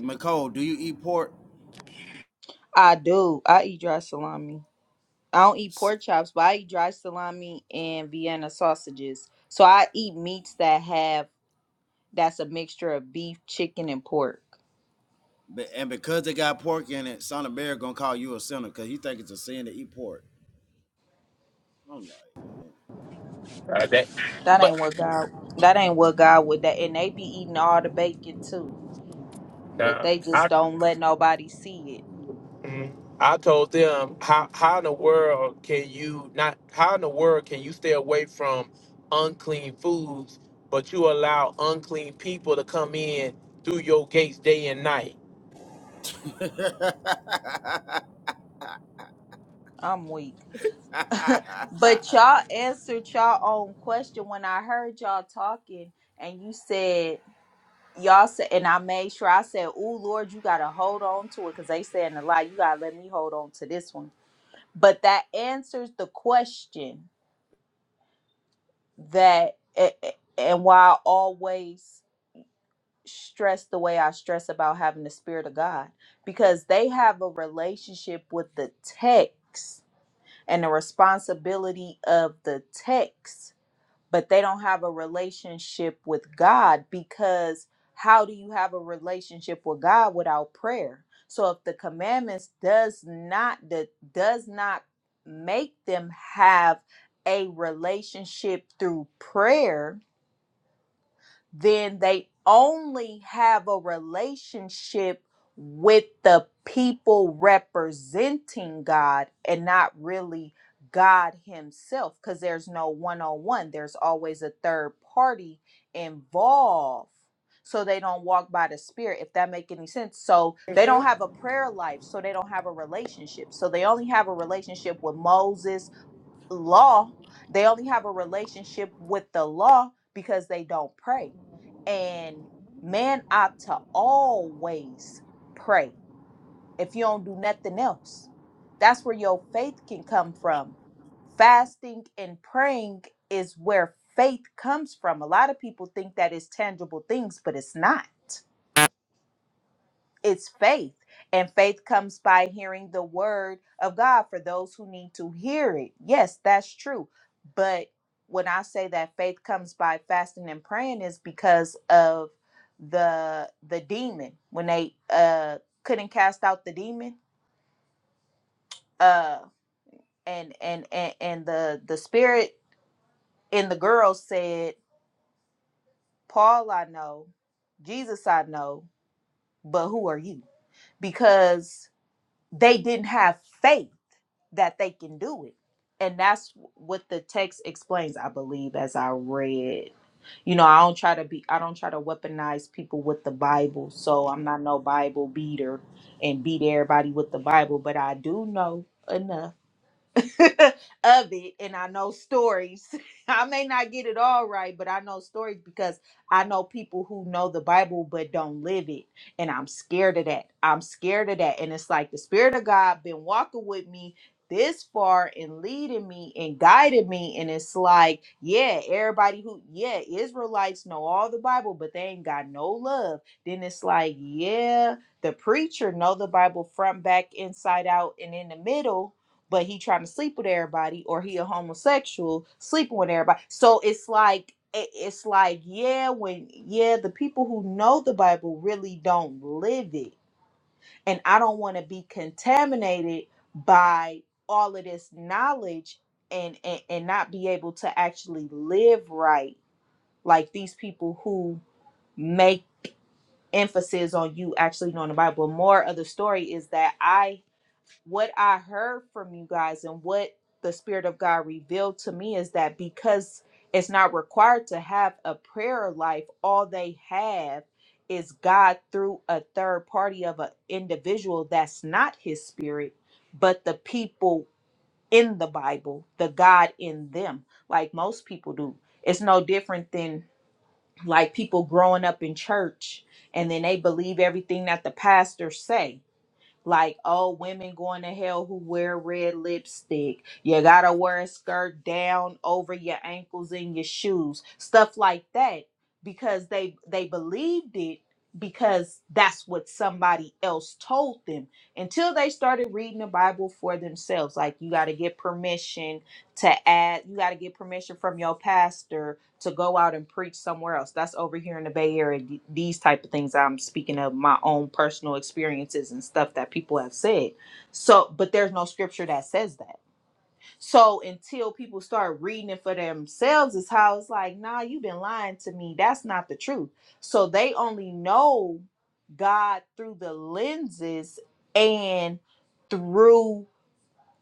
D: Nicole, do you eat pork?
F: I do. I eat dry salami. I don't eat
D: S-
F: pork chops, but I eat dry salami and Vienna sausages. So I eat meats that have that's a mixture of beef, chicken, and pork.
D: But, and because it got pork in it, Son of Bear gonna call you a sinner because he think it's a sin to eat pork. I'm like,
E: Uh, that,
F: That
E: but
F: ain't what God. That ain't what God would. That and they be eating all the bacon too. but
E: uh,
F: they
E: I
F: just don't let nobody see it.
E: Mhm. I told them how how in the world can you not how in the world can you stay away from unclean foods, but you allow unclean people to come in through your gates day and night.
D: man.
F: I'm weak. But y'all answered y'all own question when I heard y'all talking and you said y'all said and I made sure I said, "Oh Lord, you got to hold on to it cuz they saying a lot. You got to let me hold on to this one." But that answers the question that a- a- and why I always stress the way I stress about having the spirit of God because they have a relationship with the text and the responsibility of the text, but they don't have a relationship with God because how do you have a relationship with God without prayer? So if the commandments does not that does not make them have a relationship through prayer, then they only have a relationship with the people representing God and not really God Himself, because there's no one on one, there's always a third party involved. So they don't walk by the spirit, if that make any sense. So they
E: hmm
F: don't have a prayer life, so they don't have a relationship. So they only have a relationship with Moses law. They only have a relationship with the law because they don't pray. And man ought to always pray if you don't do nothing else. That's where your faith can come from. Fasting and praying is where faith comes from. A lot of people think that it's tangible things, but it's not it's faith and faith comes by hearing the word of god for those who need to hear it yes that's true but when i say that faith comes by fasting and praying is because of the the demon when they uh couldn't cast out the demon uh and and and, and the the spirit in the girl said paul i know jesus i know but who are you because they didn't have faith that they can do it. And that's what the text explains, I believe, as I read. You know, I don't try to be I don't try to weaponize people with the Bible. So I'm not no Bible beater and beat everybody with the Bible, but I do know enough of it and I know stories. I may not get it all right, but I know stories because I know people who know the Bible but don't live it. And I'm scared of that. I'm scared of that. And it's like the Spirit of God been walking with me this far and leading me and guiding me. And it's like, yeah, everybody who, yeah, Israelites know all the Bible, but they ain't got no love. Then it's like, yeah, the preacher know the Bible front, back, inside out, and in the middle but he trying to sleep with everybody or he a homosexual sleeping with everybody so it's like it- it's like yeah when yeah the people who know the bible really don't live it and i don't want to be contaminated by all of this knowledge and, and and not be able to actually live right like these people who make emphasis on you actually knowing the bible more of the story is that i what I heard from you guys and what the Spirit of God revealed to me is that because it's not required to have a prayer life, all they have is God through a third party of an individual that's not His Spirit, but the people in the Bible, the God in them, like most people do. It's no different than like people growing up in church and then they believe everything that the pastor say like oh women going to hell who wear red lipstick you gotta wear a skirt down over your ankles and your shoes stuff like that because they they believed it because that's what somebody else told them until they started reading the bible for themselves like you got to get permission to add you got to get permission from your pastor to go out and preach somewhere else. That's over here in the Bay Area. Th- These type of things I'm speaking of my own personal experiences and stuff that people have said. So, but there's no scripture that says that. So until people start reading it for themselves, is how it's like, nah, you've been lying to me. That's not the truth. So they only know God through the lenses and through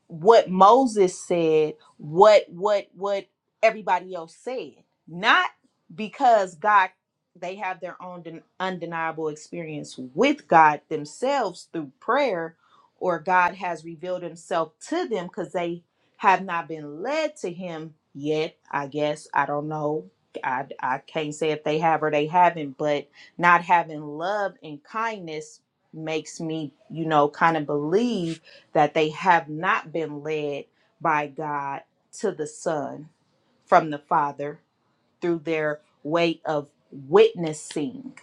F: what Moses said, what what what everybody else said, not because God they have their own undeniable experience with God themselves through prayer or God has revealed himself to them cuz they have not been led to him yet, I guess. I don't know. I, I can't say if they have or they haven't, but not having love and kindness makes me, you know, kind of believe that they have not been led by God to the Son from the Father through their way of witnessing.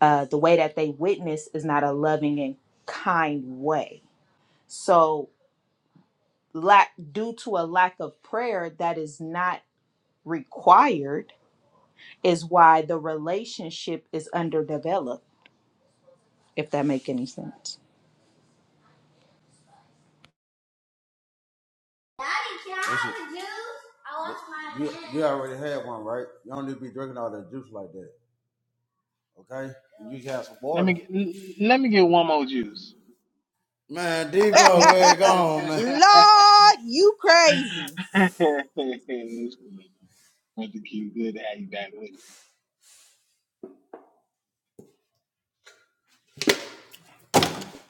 F: Uh, the way that they witness is not a loving and kind way. So, lack due to a lack of prayer that is not required is why the relationship is underdeveloped. If that make any sense.
D: Daddy, can I have a juice? I want my you, you already had one, right? You don't need to be drinking all that juice like that, okay? You can have some
B: Let me
D: water.
B: get- l- let me get one more juice.
D: Man,
B: With
D: Devo, man, gone, man.
F: Lord, you crazy.
B: the cute good How you back with us.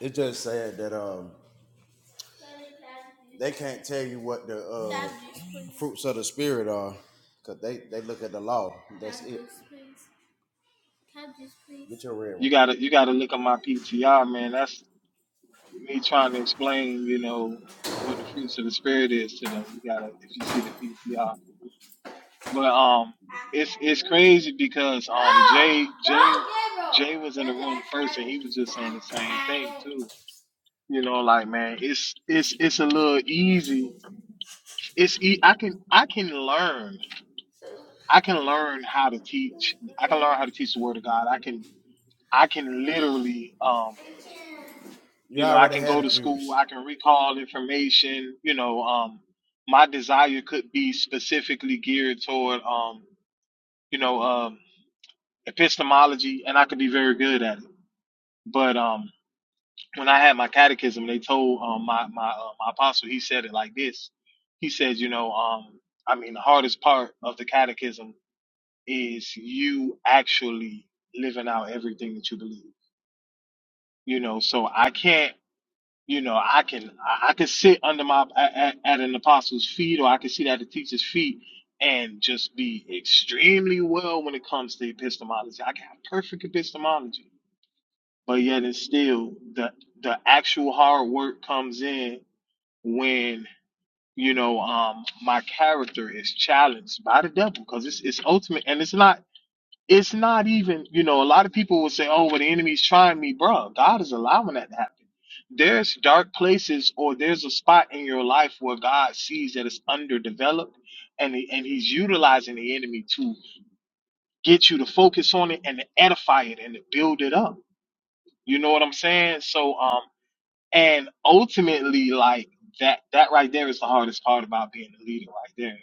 D: It's just sad that um They can't tell you what the uh, fruits of the spirit are, cause they they look at the law. That's it. Get your red one.
B: You gotta you gotta look at my PTR, man. That's me trying to explain, you know, what the fruits of the spirit is to them. You gotta if you see the PTR. But um it's it's crazy because um
D: No,
B: Jay Jay
D: don't give them!
B: Jay was
D: You
B: in the
D: have to
B: room first and he was just saying the
D: ask Daddy.
B: same thing
D: I got it.
B: too. You know, like man, it's it's it's a little easy. It's e- I can I can learn. I can learn how to teach. I can learn how to teach the word of God. I can I can literally um.
D: You
B: You know, I
D: already
B: can
D: had
B: go to
D: a
B: school,
D: juice.
B: I can recall information, you know, um my desire could be specifically geared toward um, you know, um epistemology and I could be very good at it. But um when I had my catechism, they told um my my uh, my apostle, he said it like this. He said, you know, um I mean, the hardest part of the catechism is you actually living out everything that you believe. You know, so I can't you know i can i I can sit under my at, at an apostle's feet or i can sit at a teacher's feet and just be extremely well when it comes to epistemology i can have perfect epistemology but yet and still the the actual hard work comes in when you know um my character is challenged by the devil because it's it's ultimate and it's not it's not even, you know, a lot of people will say, oh, well, the enemy's trying me, bro. God is allowing that to happen. There's dark places or there's a spot in your life where God sees that it's underdeveloped and, he- and he's utilizing the enemy to get you to focus on it and to edify it and to build it up. You know what I'm saying? So, um. And ultimately, like that, that right there is the hardest part about being a leader, right there.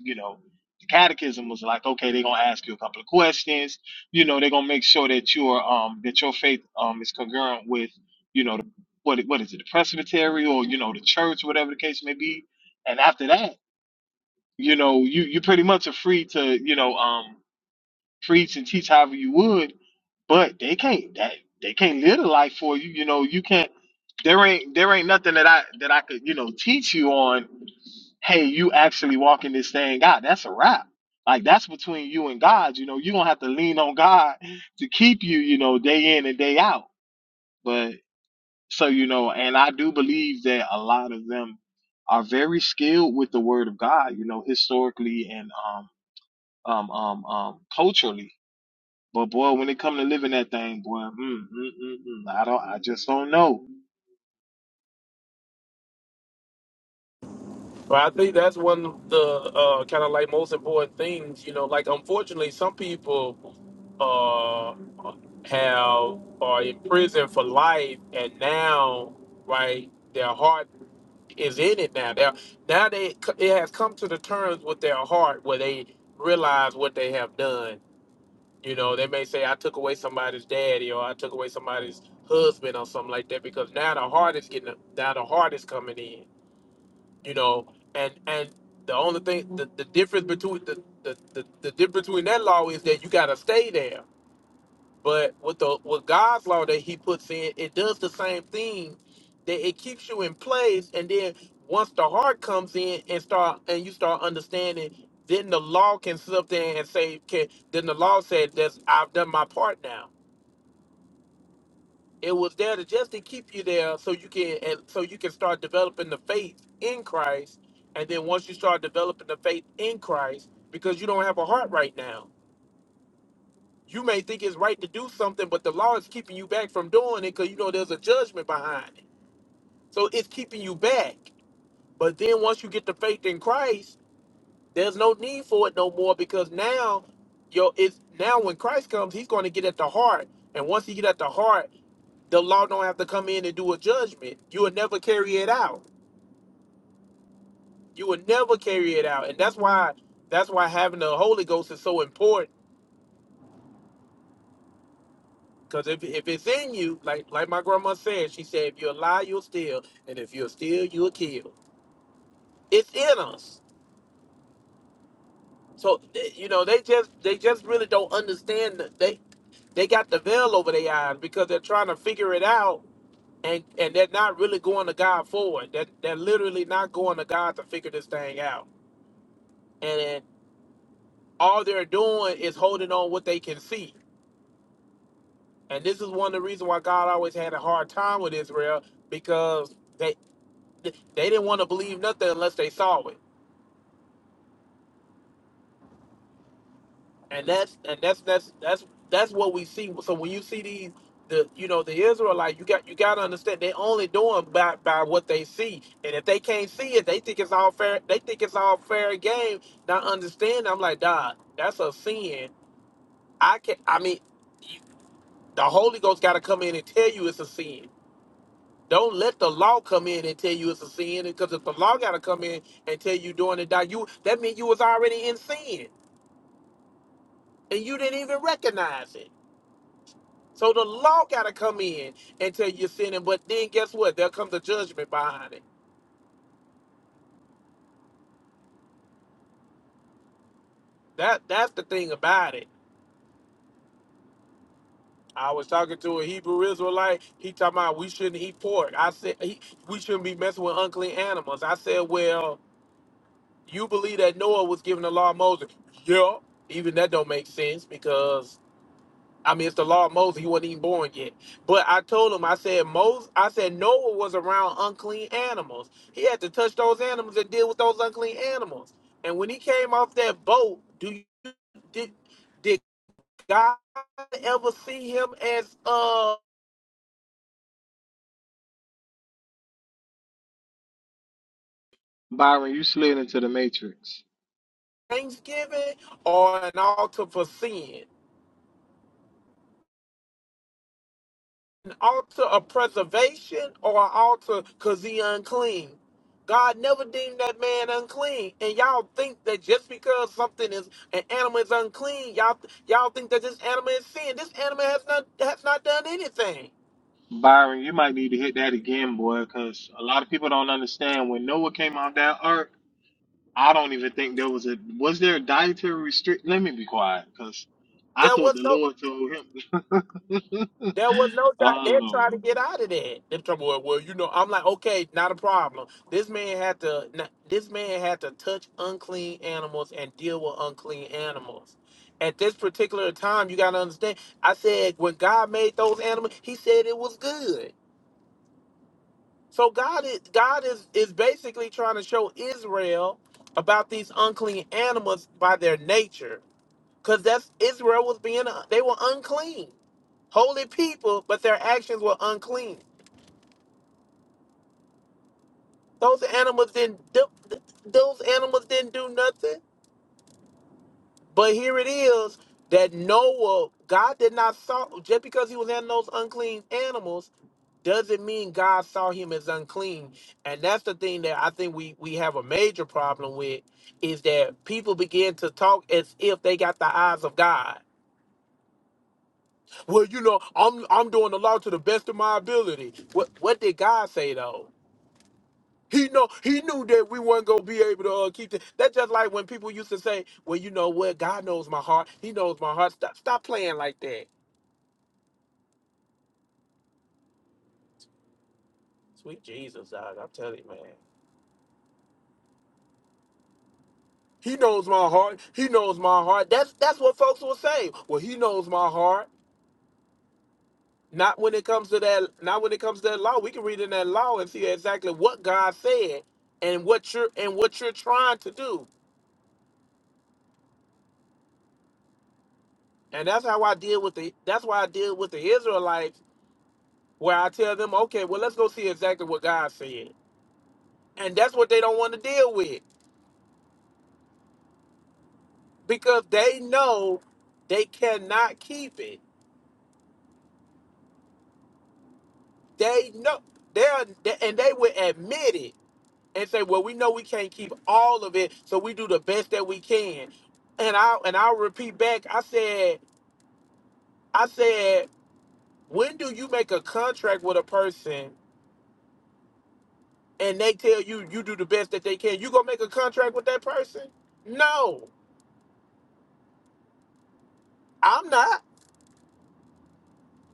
B: You know, the catechism was like, okay, they're gonna ask you a couple of questions. You know, they're gonna make sure that your um that your faith um is congruent with, you know, the, what what is it, the presbytery or you know the church, whatever the case may be. And after that, you know, you you pretty much are free to, you know, um preach and teach however you would, but they can't that they can't live the life for you. You know, you can't there ain't there ain't nothing that I that I could, you know, teach you on, hey, you actually walking this thing out. That's a wrap. Like that's between you and God. You know, you don't have to lean on God to keep you, you know, day in and day out. But so, you know, and I do believe that a lot of them are very skilled with the word of God, you know, historically and um um um um culturally but boy, when it come to living that thing, boy, mm, mm, mm, mm, I don't, I just don't know.
E: Well, I think that's one of the uh, kind of like most important things. You know, like unfortunately, some people uh, have are in prison for life, and now right, their heart. is in it now. Now, now they it has come to the terms with their heart where they realize what they have done. You know, they may say, "I took away somebody's daddy," or "I took away somebody's husband," or something like that. Because now the heart is getting now the heart is coming in. You know, and and the only thing the, the difference between the, the the the difference between that law is that you gotta stay there but with the with God's law that He puts in, it does the same thing. That it keeps you in place, and then once the heart comes in and start and you start understanding, then the law can sit up there and say, "Can then the law said that's I've done my part now." It was there to just to keep you there, so you can and so you can start developing the faith in Christ, and then once you start developing the faith in Christ, because you don't have a heart right now You may think it's right to do something, but the law is keeping you back from doing it because you know there's a judgment behind it. So it's keeping you back. But then once you get the faith in Christ, there's no need for it no more because now your it's now when Christ comes, he's going to get at the heart. And once he get at the heart, the law don't have to come in and do a judgment. You will never carry it out. You will never carry it out. And that's why that's why having the Holy Ghost is so important Because if, if it's in you, like like my grandma said, she said, if you lie, you'll steal, and if you'll steal, you'll kill. It's in us. So th- you know they just they just really don't understand that they they got the veil over their eyes because they're trying to figure it out and and they're not really going to God for it. They're, they're literally not going to God to figure this thing out. And then all they're doing is holding on what they can see. And this is one of the reasons why God always had a hard time with Israel because they. they didn't want to believe nothing unless they saw it, and that's and that's that's that's that's what we see. So when you see these, the you know the Israelite, you got you got to understand they only doing by by what they see, and if they can't see it, they think it's all fair. They think it's all fair game. Not understand. I'm like, dog, that's a sin. I can. I mean, you, the Holy Ghost got to come in and tell you it's a sin. Don't let the law come in and tell you it's a sin, because if the law got to come in and tell you doing it, dog, you that means you was already in sin. and you didn't even recognize it. So the law gotta come in and tell you you're sinning, but then guess what? There comes the judgment behind it. That that's the thing about it. I was talking to a Hebrew Israelite. He talking about we shouldn't eat pork. I said he, we shouldn't be messing with unclean animals. I said, well, you believe that Noah was given the law of Moses? Yeah. Even that don't make sense because I mean, it's the law of Moses. He wasn't even born yet. But I told him, I said, Moses, I said Noah was around unclean animals. He had to touch those animals and deal with those unclean animals. And when he came off that boat, do you did did God ever see him as uh
B: Byron, you slid into the matrix.
E: Thanksgiving or an altar for sin? altar of preservation or an altar because he unclean. God never deemed that man unclean. And y'all think that just because something is an animal is unclean, y'all y'all think that this animal is sin. This animal has not has not done anything.
B: Byron, you might need to hit that again, boy, because a lot of people don't understand when Noah came out that ark. I don't even think there was a was there a dietary restrict. Let me be quiet, because I
E: There
B: thought the
E: was no
B: Lord told him.
E: There was no doubt.
B: oh
E: They're trying to
B: Lord,
E: get out of that. They're trouble was, well, you know, I'm like, okay, not a problem. This man had to, not- this man had to touch unclean animals and deal with unclean animals. At this particular time, you got to understand. I said when God made those animals, He said it was good. So God is God is is basically trying to show Israel about these unclean animals by their nature. Because that's Israel was being, uh, they were unclean. Holy people, but their actions were unclean. Those animals didn't do, those animals didn't do nothing. But here it is that Noah, God did not saw just because he was in those unclean animals doesn't mean God saw him as unclean. And that's the thing that I think we we have a major problem with is that people begin to talk as if they got the eyes of God Well, you know, I'm I'm doing the law to the best of my ability. What what did God say though? He know he knew that we weren't gonna be able to uh, keep it. That's just like when people used to say, "Well, you know what? God knows my heart. He knows my heart. Stop stop playing like that." Sweet Jesus, dog, I'm telling you, man. He knows my heart. He knows my heart. That's that's what folks will say. Well, he knows my heart. Not when it comes to that. Not when it comes to that law. We can read in that law and see exactly what God said and what you're and what you're trying to do. And that's how I deal with the that's why I deal with the Israelites, where I tell them, okay, well let's go see exactly what God said. And that's what they don't want to deal with. Because they know they cannot keep it. They know they're they- and they will admit it and say, Well, we know we can't keep all of it, so we do the best that we can. And I and I'll repeat back, I said, I said, when do you make a contract with a person and they tell you you do the best that they can, you gonna make a contract with that person? No, I'm not.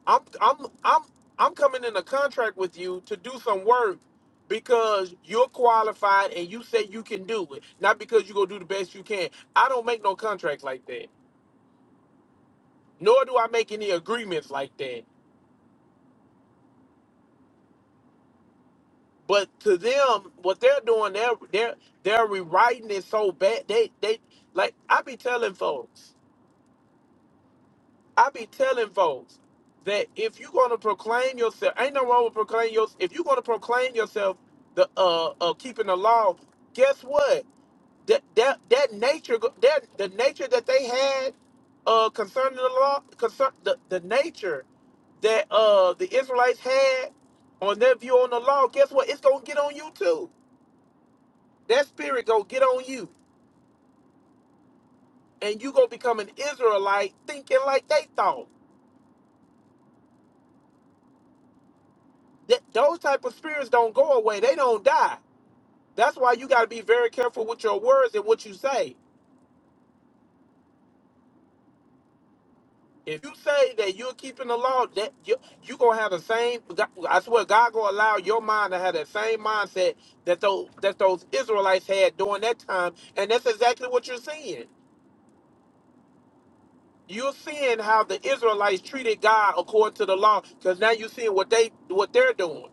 E: I'm I'm I'm I'm coming in a contract with you to do some work because you're qualified and you say you can do it, not because you gonna do the best you can. I don't make no contracts like that, nor do I make any agreements like that. But to them, what they're doing, they're they're they're rewriting it so bad. They they like I be telling folks. I be telling folks that if you're gonna proclaim yourself, ain't no wrong with proclaim yourself. If you're gonna proclaim yourself the uh, uh keeping the law, guess what? That that that nature, go- that the nature that they had uh concerning the law, concern the, the nature that uh the Israelites had on their view on the law. Guess what? It's gonna get on you too. That spirit gonna get on you, and you gonna become an Israelite thinking like they thought. That those type of spirits don't go away. They don't die That's why you got to be very careful with your words and what you say. If you say that you're keeping the law, that you you gonna have the same. I swear, God gonna allow your mind to have that same mindset that those that those Israelites had during that time, and that's exactly what you're seeing. You're seeing how the Israelites treated God according to the law, because now you're seeing what they what they're doing,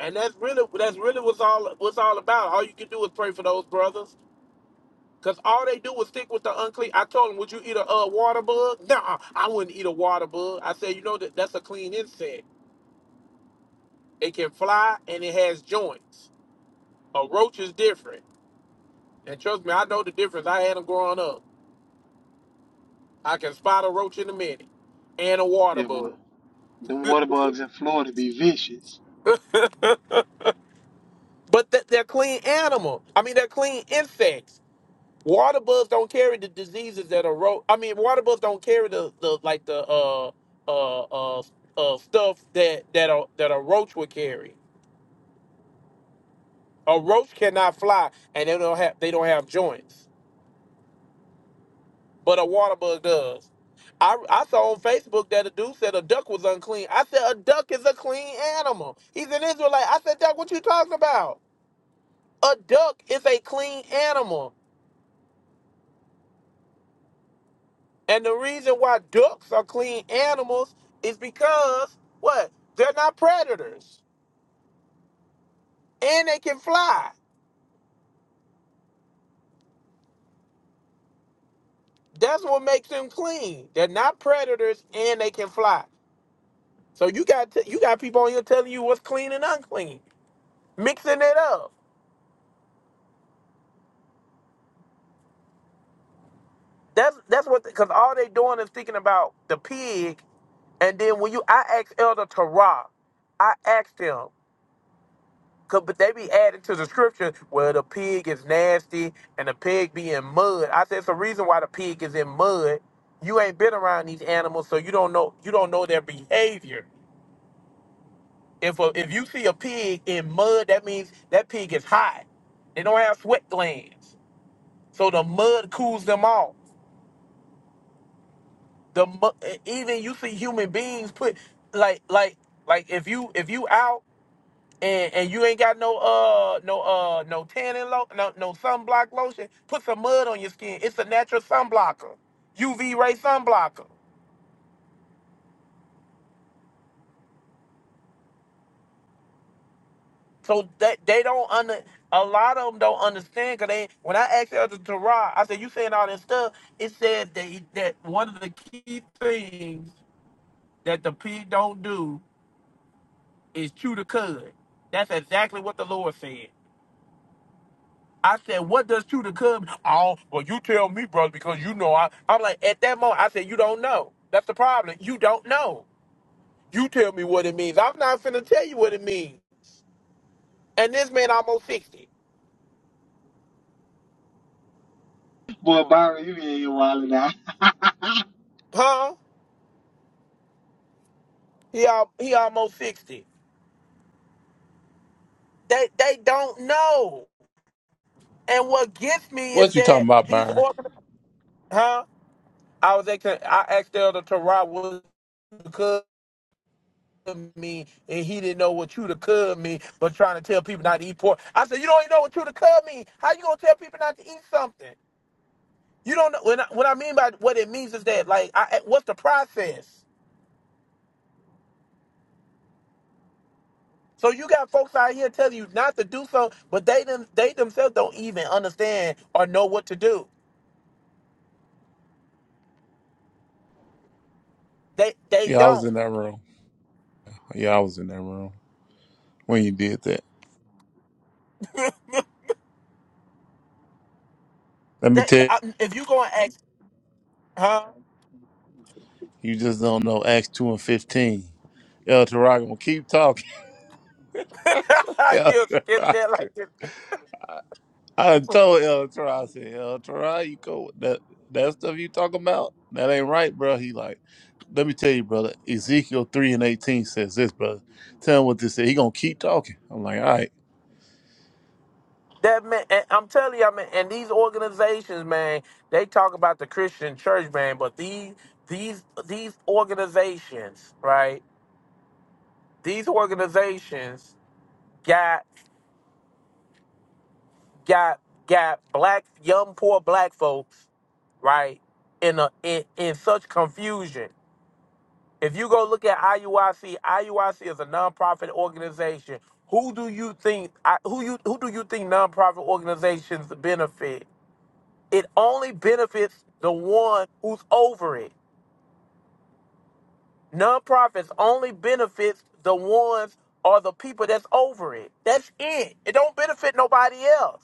E: and that's really that's really what's all what's all about. All you can do is pray for those brothers. Cause all they do is stick with the unclean. I told them, would you eat a uh, water bug? Nah, I wouldn't eat a water bug. I said, you know that that's a clean insect. It can fly and it has joints. A roach is different, and trust me, I know the difference. I had them growing up. I can spot a roach in a minute, and a water
B: yeah, boy,
E: bug.
B: them water bugs in Florida be vicious.
E: But th- they're clean animal. I mean, they're clean insects. Water bugs don't carry the diseases that a roach. I mean, water bugs don't carry the the like the uh uh uh, uh stuff that that a that a roach would carry. A roach cannot fly, and they don't have they don't have joints, but a water bug does. I, I saw on Facebook that a dude said a duck was unclean. I said a duck is a clean animal. He's an Israelite. I said, Duck, what you talking about? A duck is a clean animal, and the reason why ducks are clean animals is because what? They're not predators, and they can fly. That's what makes them clean. They're not predators, and they can fly. So you got t- you got people on here telling you what's clean and unclean, mixing it up. That's that's what because all they doing is thinking about the pig. And then when you, I asked Elder Tarah, I asked him, cause, but they be adding to the scripture where the pig is nasty and the pig be in mud. I said it's the reason why the pig is in mud. You ain't been around these animals, so you don't know you don't know their behavior. If a, if you see a pig in mud, that means that pig is hot. They don't have sweat glands. So the mud cools them off. The mu- e, even you see human beings put like like like if you if you out and and you ain't got no uh no uh no tanning lo- no no sunblock lotion, put some mud on your skin. It's a natural sunblocker, UV ray sunblocker. So that they don't under a lot of them don't understand because they when I asked Elder Tarah, I said you saying all that stuff. It said that that one of the key things that the pig don't do is chew the cud. That's exactly what the Lord said. I said, what does chew the cud? Oh, well, you tell me, brother, because you know I. I'm like, at that moment, I said, you don't know. That's the problem. You don't know. You tell me what it means. I'm not finna tell you what it means. And this man almost 60.
B: Boy, Byron, you be in your wild now.
E: Huh? He, al- he almost 60. They, they don't know. And what gets me is
A: What you
E: that
A: talking about,
E: these
A: Byron?
E: organ, Huh? I was, ex- I asked Elder Tarot, me and he didn't know what true to cub mean, but trying to tell people not to eat pork. I said, you don't even know what true to cub mean. How you gonna tell people not to eat something? You don't know when I, what I mean by what it means is that like I, what's the process? So you got folks out here telling you not to do so, but they them they themselves don't even understand or know what to do. They they
A: Yeah, I was in
E: don't.
A: that room. Yeah, I was in that room when you did that. Let me
E: They,
A: tell
E: I, if you gonna ask, huh?
A: You just don't know Acts 2 and 15. El Tarago, keep talking. El
E: you skip that
A: Tarago.
E: like this.
A: I done told El Tarago, I said, El Tarago, you go that that stuff you talking about? That ain't right, bro. He like, let me tell you, brother, Ezekiel 3 and 18 says this, brother. Tell him what this is. He gonna keep talking. I'm like, all right.
E: That man, and I'm telling you, I mean, and these organizations, man, they talk about the Christian church, man, but these these these organizations, right? These organizations got got got black young poor black folks, right, in a in, in such confusion. If you go look at IUIC, IUIC is a nonprofit organization. Who do you think I- who you who do you think nonprofit organizations benefit? It only benefits the one who's over it. Nonprofits only benefits the ones or the people that's over it. That's it. It don't benefit nobody else.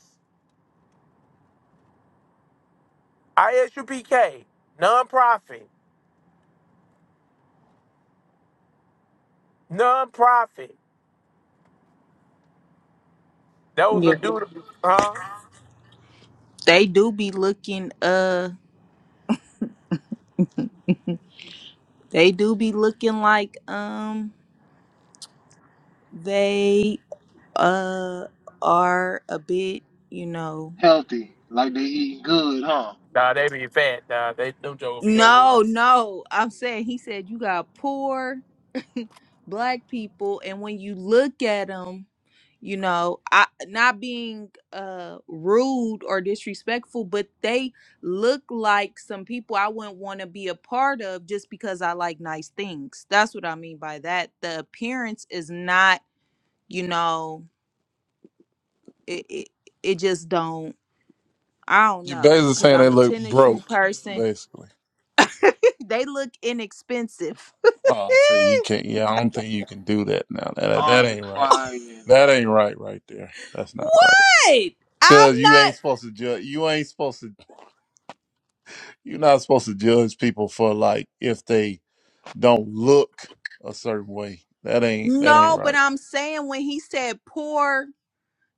E: ISUPK, nonprofit, nonprofit. That was
F: yeah.
E: a dude, huh?
F: They do be looking uh they do be looking like um they uh are a bit, you know.
B: healthy, like they eating good, huh?
E: Nah, they be fat. Nah, they them jokers be
F: No,
E: overweight.
F: no. I'm saying he said you got poor black people and when you look at them you know i not being uh rude or disrespectful but they look like some people i wouldn't want to be a part of just because i like nice things that's what i mean by that the appearance is not you know it it, it just don't i don't
A: You
F: know
A: basically
F: because
A: saying they
F: i'm a
A: look
F: tennis shoe
A: broke,
F: person
A: basically.
F: they look inexpensive
A: Oh, see, you can't yeah, I don't think you can do that now. That that
B: I'm
A: ain't right.
B: crying.
A: That ain't right right there. That's not right.
F: what i'm
A: Cause you
F: not
A: ain't supposed to judge. You ain't supposed to. You're not supposed to judge people for like if they don't look a certain way. That ain't. That ain't
F: No, but
A: right.
F: I'm saying when he said poor,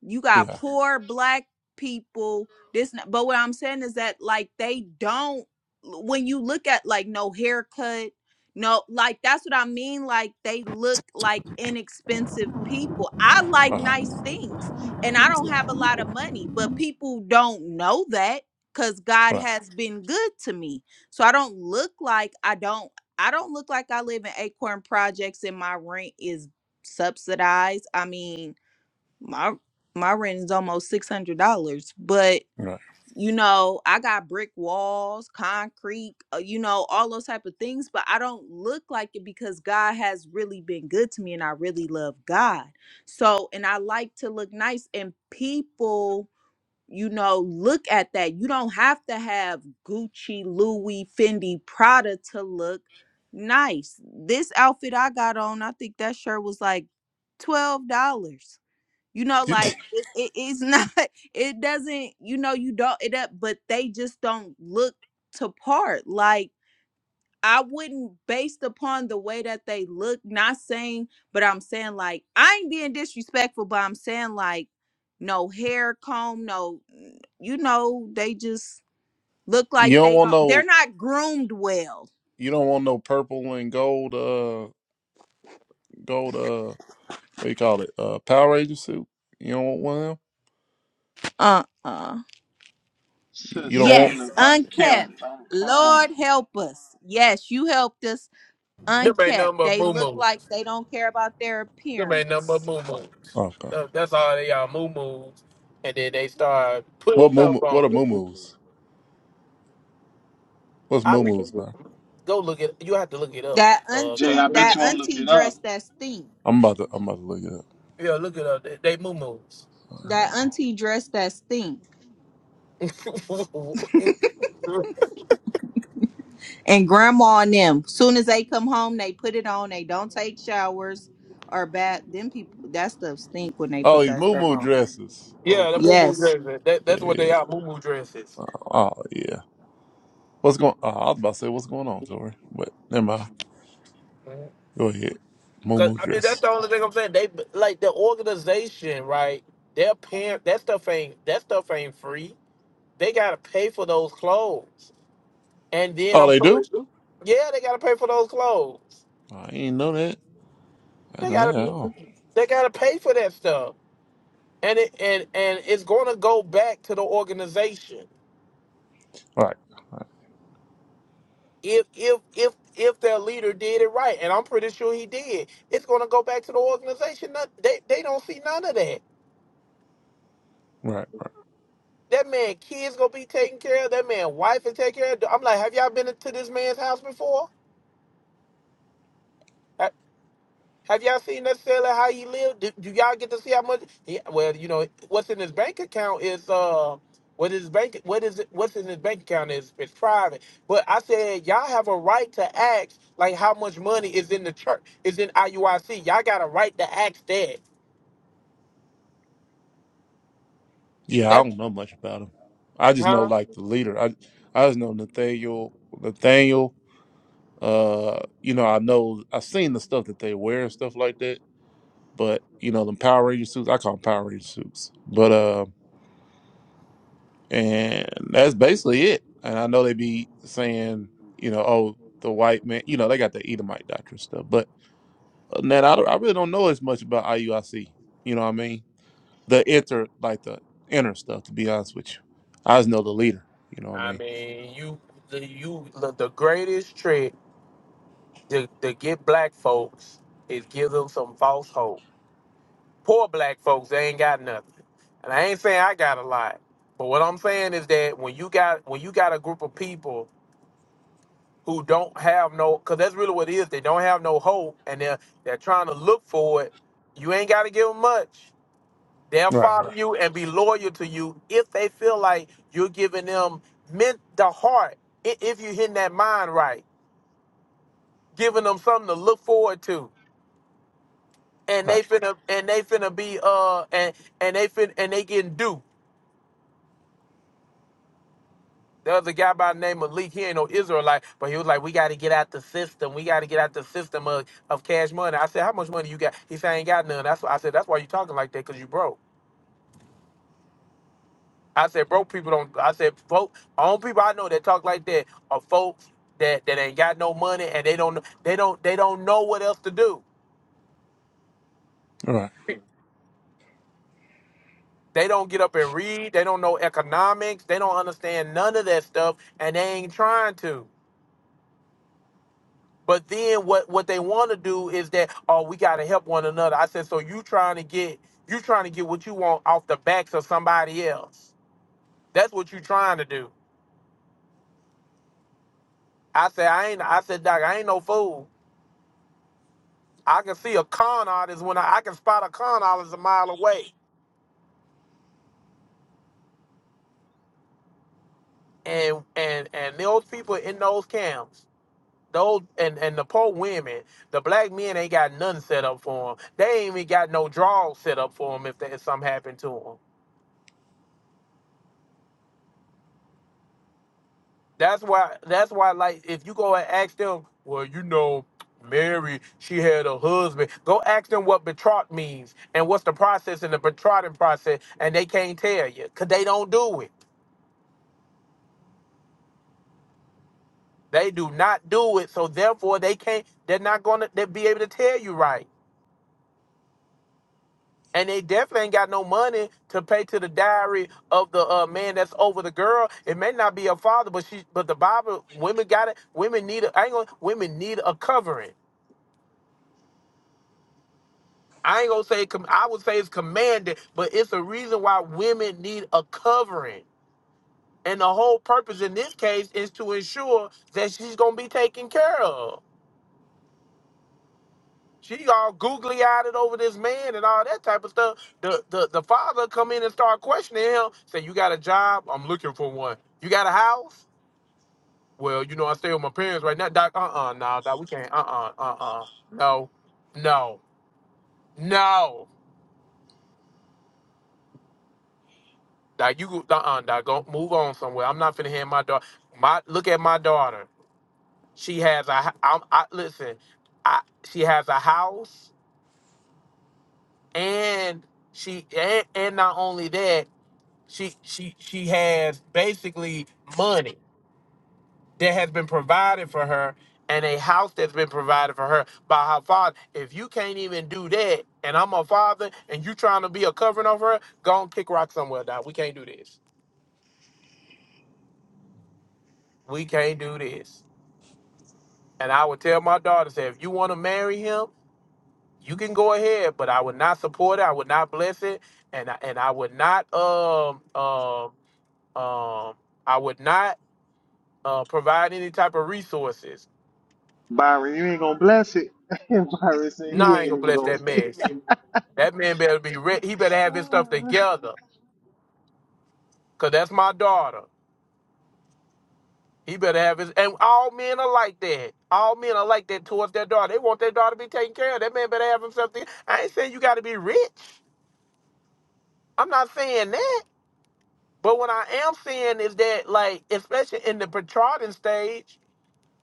F: you got
A: Yeah.
F: poor black people this but what i'm saying is that like they don't when you look at like no haircut no like that's what i mean like they look like inexpensive people i like
A: Wow.
F: nice things and i don't have a lot of money but people don't know that because god
A: Right.
F: has been good to me so i don't look like i don't i don't look like i live in acorn projects and my rent is subsidized i mean my my rent is almost six hundred dollars, but
A: Right.
F: you know I got brick walls, concrete, uh, you know all those type of things, but I don't look like it because God has really been good to me, and I really love God. So, and I like to look nice, and people. You know, look at that. You don't have to have Gucci, Louis, Fendi, Prada to look nice. This outfit I got on, I think that shirt was like $12 you know
A: You,
F: like it, it, it's not it doesn't you know you don't it up but they just don't look to part like i wouldn't based upon the way that they look not saying but i'm saying like i ain't being disrespectful but i'm saying like no hair comb no you know they just look
A: you
F: like
A: don't
F: they
A: want
F: don't they're
A: no.
F: not groomed well
A: You don't want no purple and gold. Uh, gold. Uh, what you call it? Uh, Power Ranger suit. You don't want one of them.
F: Uh-uh.
B: Sis
A: You don't
B: say they
A: want.
F: yes
B: look
F: unkept
B: unkempt. I'm
F: lord
B: crying.
F: help us yes you helped us
E: Them ain't
F: unkept.
E: nothing but
F: They
E: moo
F: look
E: moos.
F: like they don't care about their
E: Them ain't nothing but
F: appearance.
E: moo moos.
A: Okay.
E: That- That's all they are, moo moos. And then they start putting
A: What moo?
E: stuff
A: What are
E: on.
A: moo-moos? What's
E: I be
A: moo-moos, man?
E: Go look it. You have to look it up.
F: That
E: Uh, can
B: Jay,
E: I,
F: auntie,
B: I bet
F: that
B: you won't look
F: auntie
B: it up.
F: dress that stink.
A: I'm about to. I'm about to look it up.
E: yeah, look it up. They, they moo moos.
A: All right,
F: That
A: hold on.
F: auntie dress that stink. And grandma and them, soon as they come home, they put it on. They don't take showers or bath. Them people, that stuff stink when they
A: Oh,
F: put
A: these
F: that stuff
A: moo-moo
F: on.
A: dresses.
E: yeah, the
A: Okay.
E: moo moo
F: Yes.
E: dresses. That, that's
A: Yeah.
E: what
A: Yeah.
E: they are. Moo moo dresses.
A: Uh, Oh yeah. What's going? Oh, I was about to say what's going on, Tori, but never mind.
E: Mhm.
A: Go ahead.
E: Cause
A: Mumu
E: I mean that's
A: dress.
E: the only thing I'm saying. They like the organization, right? Their parent. That stuff ain't. That stuff ain't free. They gotta pay for those clothes. And then
A: Oh,
E: I'm.
A: they do.
E: Yeah, they gotta pay for those clothes.
A: Oh, I ain't know that. I
E: They
A: know
E: gotta.
A: that at all.
E: They gotta pay for that stuff. And it and and it's gonna go back to the organization.
A: Right. Right.
E: if if if if their leader did it right, and I'm pretty sure he did, it's gonna go back to the organization. Not- They they don't see none of that.
A: Right.
E: That man kids gonna be taken care of. That man wife is taken care of. I'm like, have y'all been to this man's house before? Have y'all seen necessarily how he lived? Do, do y'all get to see how much? He, well, you know what's in his bank account is uh, what his bank what is it, what's in his bank account is is private. But I said y'all have a right to ask like how much money is in the church is in IUIC. Y'all got a right to ask that.
A: Yeah, I
E: That
A: don't know much about him. I just know
E: huh?
A: like the leader. I I just know Nathaniel. Nathaniel. Uh, you know, I know I've seen the stuff that they wear and stuff like that. But you know, them Power Ranger suits. I call them Power Ranger suits. But um, and that's basically it. And I know they be saying, you know, oh, the white man, you know, they got the Edomite doctrine stuff. But uh, man, I, don't- I really don't know as much about IUIC. You know what I mean? The inter, like the inner stuff. To be honest with you, I just know the leader. You know what I
E: I
A: mean?
E: mean, you the you the, the greatest trick to, to get black folks is give them some false hope. Poor black folks, they ain't got nothing. And I ain't saying I got a lot, but what I'm saying is that when you got when you got a group of people who don't have no, because that's really what it is. They don't have no hope, and they're they're trying to look for it. You ain't got to give them much. They'll
A: Right,
E: follow
A: right,
E: Right. you and be loyal to you if they feel like you're giving them meant the heart. i- If you're hitting that mind right, giving them something to look forward to, and they
A: right,
E: finna and they finna be uh and and they fin and they getting duped The other guy by the name of Leak, he ain't no Israelite, but he was like, we got to get out the system. We got to get out the system of, of cash money. I said, how much money you got? He said, I ain't got none. That's why I said, that's why you talking like that, because you broke. I said, broke people don't, I said, folk, only people I know that talk like that are folks that, that ain't got no money and they don't, they don't, they don't know what else to do.
A: right.
E: They don't get up and read. They don't know economics. They don't understand none of that stuff, and they ain't trying to. But then what what they want to do is that oh we got to help one another. I said so you trying to get you trying to get what you want off the backs of somebody else. That's what you trying to do. I said I ain't I said doc I ain't no fool. I can see a con artist when I, I can spot a con artist a mile away. And and and those people in those camps, those and and the poor women, the black men ain't got nothing set up for them. They ain't even got no draws set up for them if, that, if something happened to them. That's why. That's why. Like, if you go and ask them, well, you know, Mary, she had a husband. Go ask them what betrothed means and what's the process in the betrothing process, and they can't tell you because they don't do it. They do not do it, so therefore they can't. They're not gonna. They be able to tell you right, and they definitely ain't got no money to pay to the diary of the uh, man that's over the girl. It may not be her father, but she. But the Bible, women got it. Women need. A, I ain't gonna. Women need a covering. I ain't gonna say com- I would say it's commanded, but it's a reason why women need a covering. And the whole purpose in this case is to ensure that she's gonna be taken care of. She all googly eyed over this man and all that type of stuff. The, the the father come in and start questioning him, say, You got a job? I'm looking for one. You got a house? Well, you know, I stay with my parents right now. Doc, uh uh no, doc, we can't uh uh uh uh. No, no, no. That you uh-uh, that go move on somewhere. I'm not finna hand my daughter. My look at my daughter. She has a. h- I'm, I listen. I she has a house and she and, and not only that she she she has basically money that has been provided for her and a house that's been provided for her by her father. If you can't even do that, and I'm a father, and you trying to be a covering over her, go and kick rock somewhere, dog. We can't do this. We can't do this. And I would tell my daughter, say, if you want to marry him, you can go ahead, but I would not support it. I would not bless it, and I, and I would not um um um I would not uh, provide any type of resources.
B: Byron, you ain't gonna bless it. Byron said
E: Nah,
B: he
E: I
B: ain't
E: ain't gonna
B: even
E: bless
B: gonna
E: that
B: pay.
E: man. That man better be ready. He better have his stuff
B: Ah.
E: together, cause that's my daughter. He better have his. And all men are like that. All men are like that towards their daughter. They want their daughter to be taken care of. That man better have himself. together. I ain't saying you got to be rich. I'm not saying that. But what I am seeing is that, like, especially in the betrothing stage,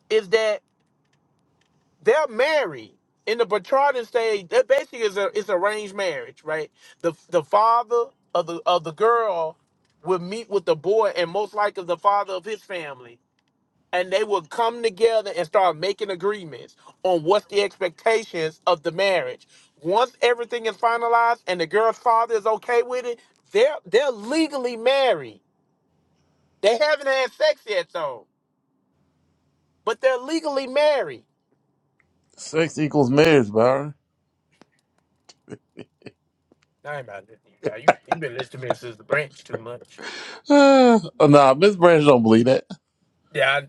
E: is that they're married. In the betrothing stage, that basically is a is arranged marriage, right? The the father of the of the girl will meet with the boy and most likely the father of his family. And they will come together and start making agreements on what's the expectations of the marriage. Once everything is finalized and the girl's father is okay with it, they're they're legally married They haven't had sex yet though, but they're legally married.
A: Sex equals marriage, Byron.
E: I ain't about to listen to you. dawg. You you been listening to me since the branch too much.
A: Uh, nah, Miss Branch don't believe that.
E: Yeah,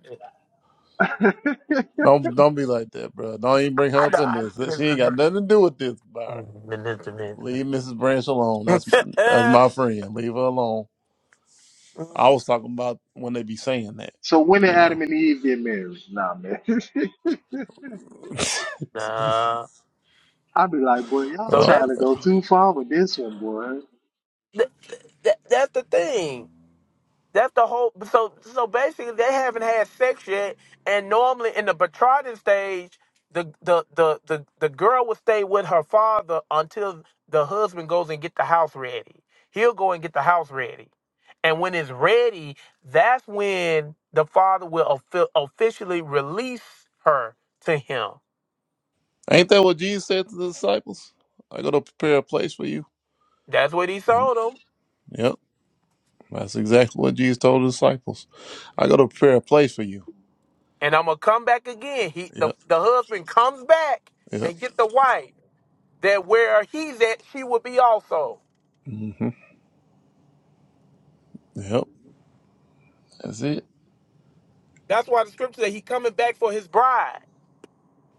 A: Don't don't be like that, bro. Don't even bring
E: I,
A: her
E: I
A: up
E: know.
A: in
E: I
A: this. She
E: know. Missus The
A: ain't got nothing to do with this,
E: Branch.
A: Byron.
E: Mm, been listening.
A: Leave Mrs. Branch alone. That's that's my friend. Leave her alone. I
E: Mm,
A: was talking about when they be saying that,
B: so when did
A: you
B: Adam
A: know.
B: and Eve get married? Nah, man.
E: nah.
B: I be like, boy, y'all
E: So
A: um,
E: that's
B: trying to go too far with this one, boy.
E: that, that, that's the thing. That's the whole. So so basically, they haven't had sex yet, and normally in the betrothing stage, the the the the, the girl will stay with her father until the husband goes and get the house ready. He'll go and get the house ready, and when it's ready, that's when the father will offi- officially release her to him.
A: ain't that what Jesus said to the disciples? I go to prepare a place for you.
E: That's what he
A: And
E: told him.
A: yep, that's exactly what Jesus told the disciples. I go to prepare a place for you.
E: And I'm gonna come back again. He the
A: Yep,
E: the husband comes back
A: yep,
E: and get the wife that where he's at, she will be also.
A: hmm yep. That's it.
E: That's why the scripture said he coming back for his bride.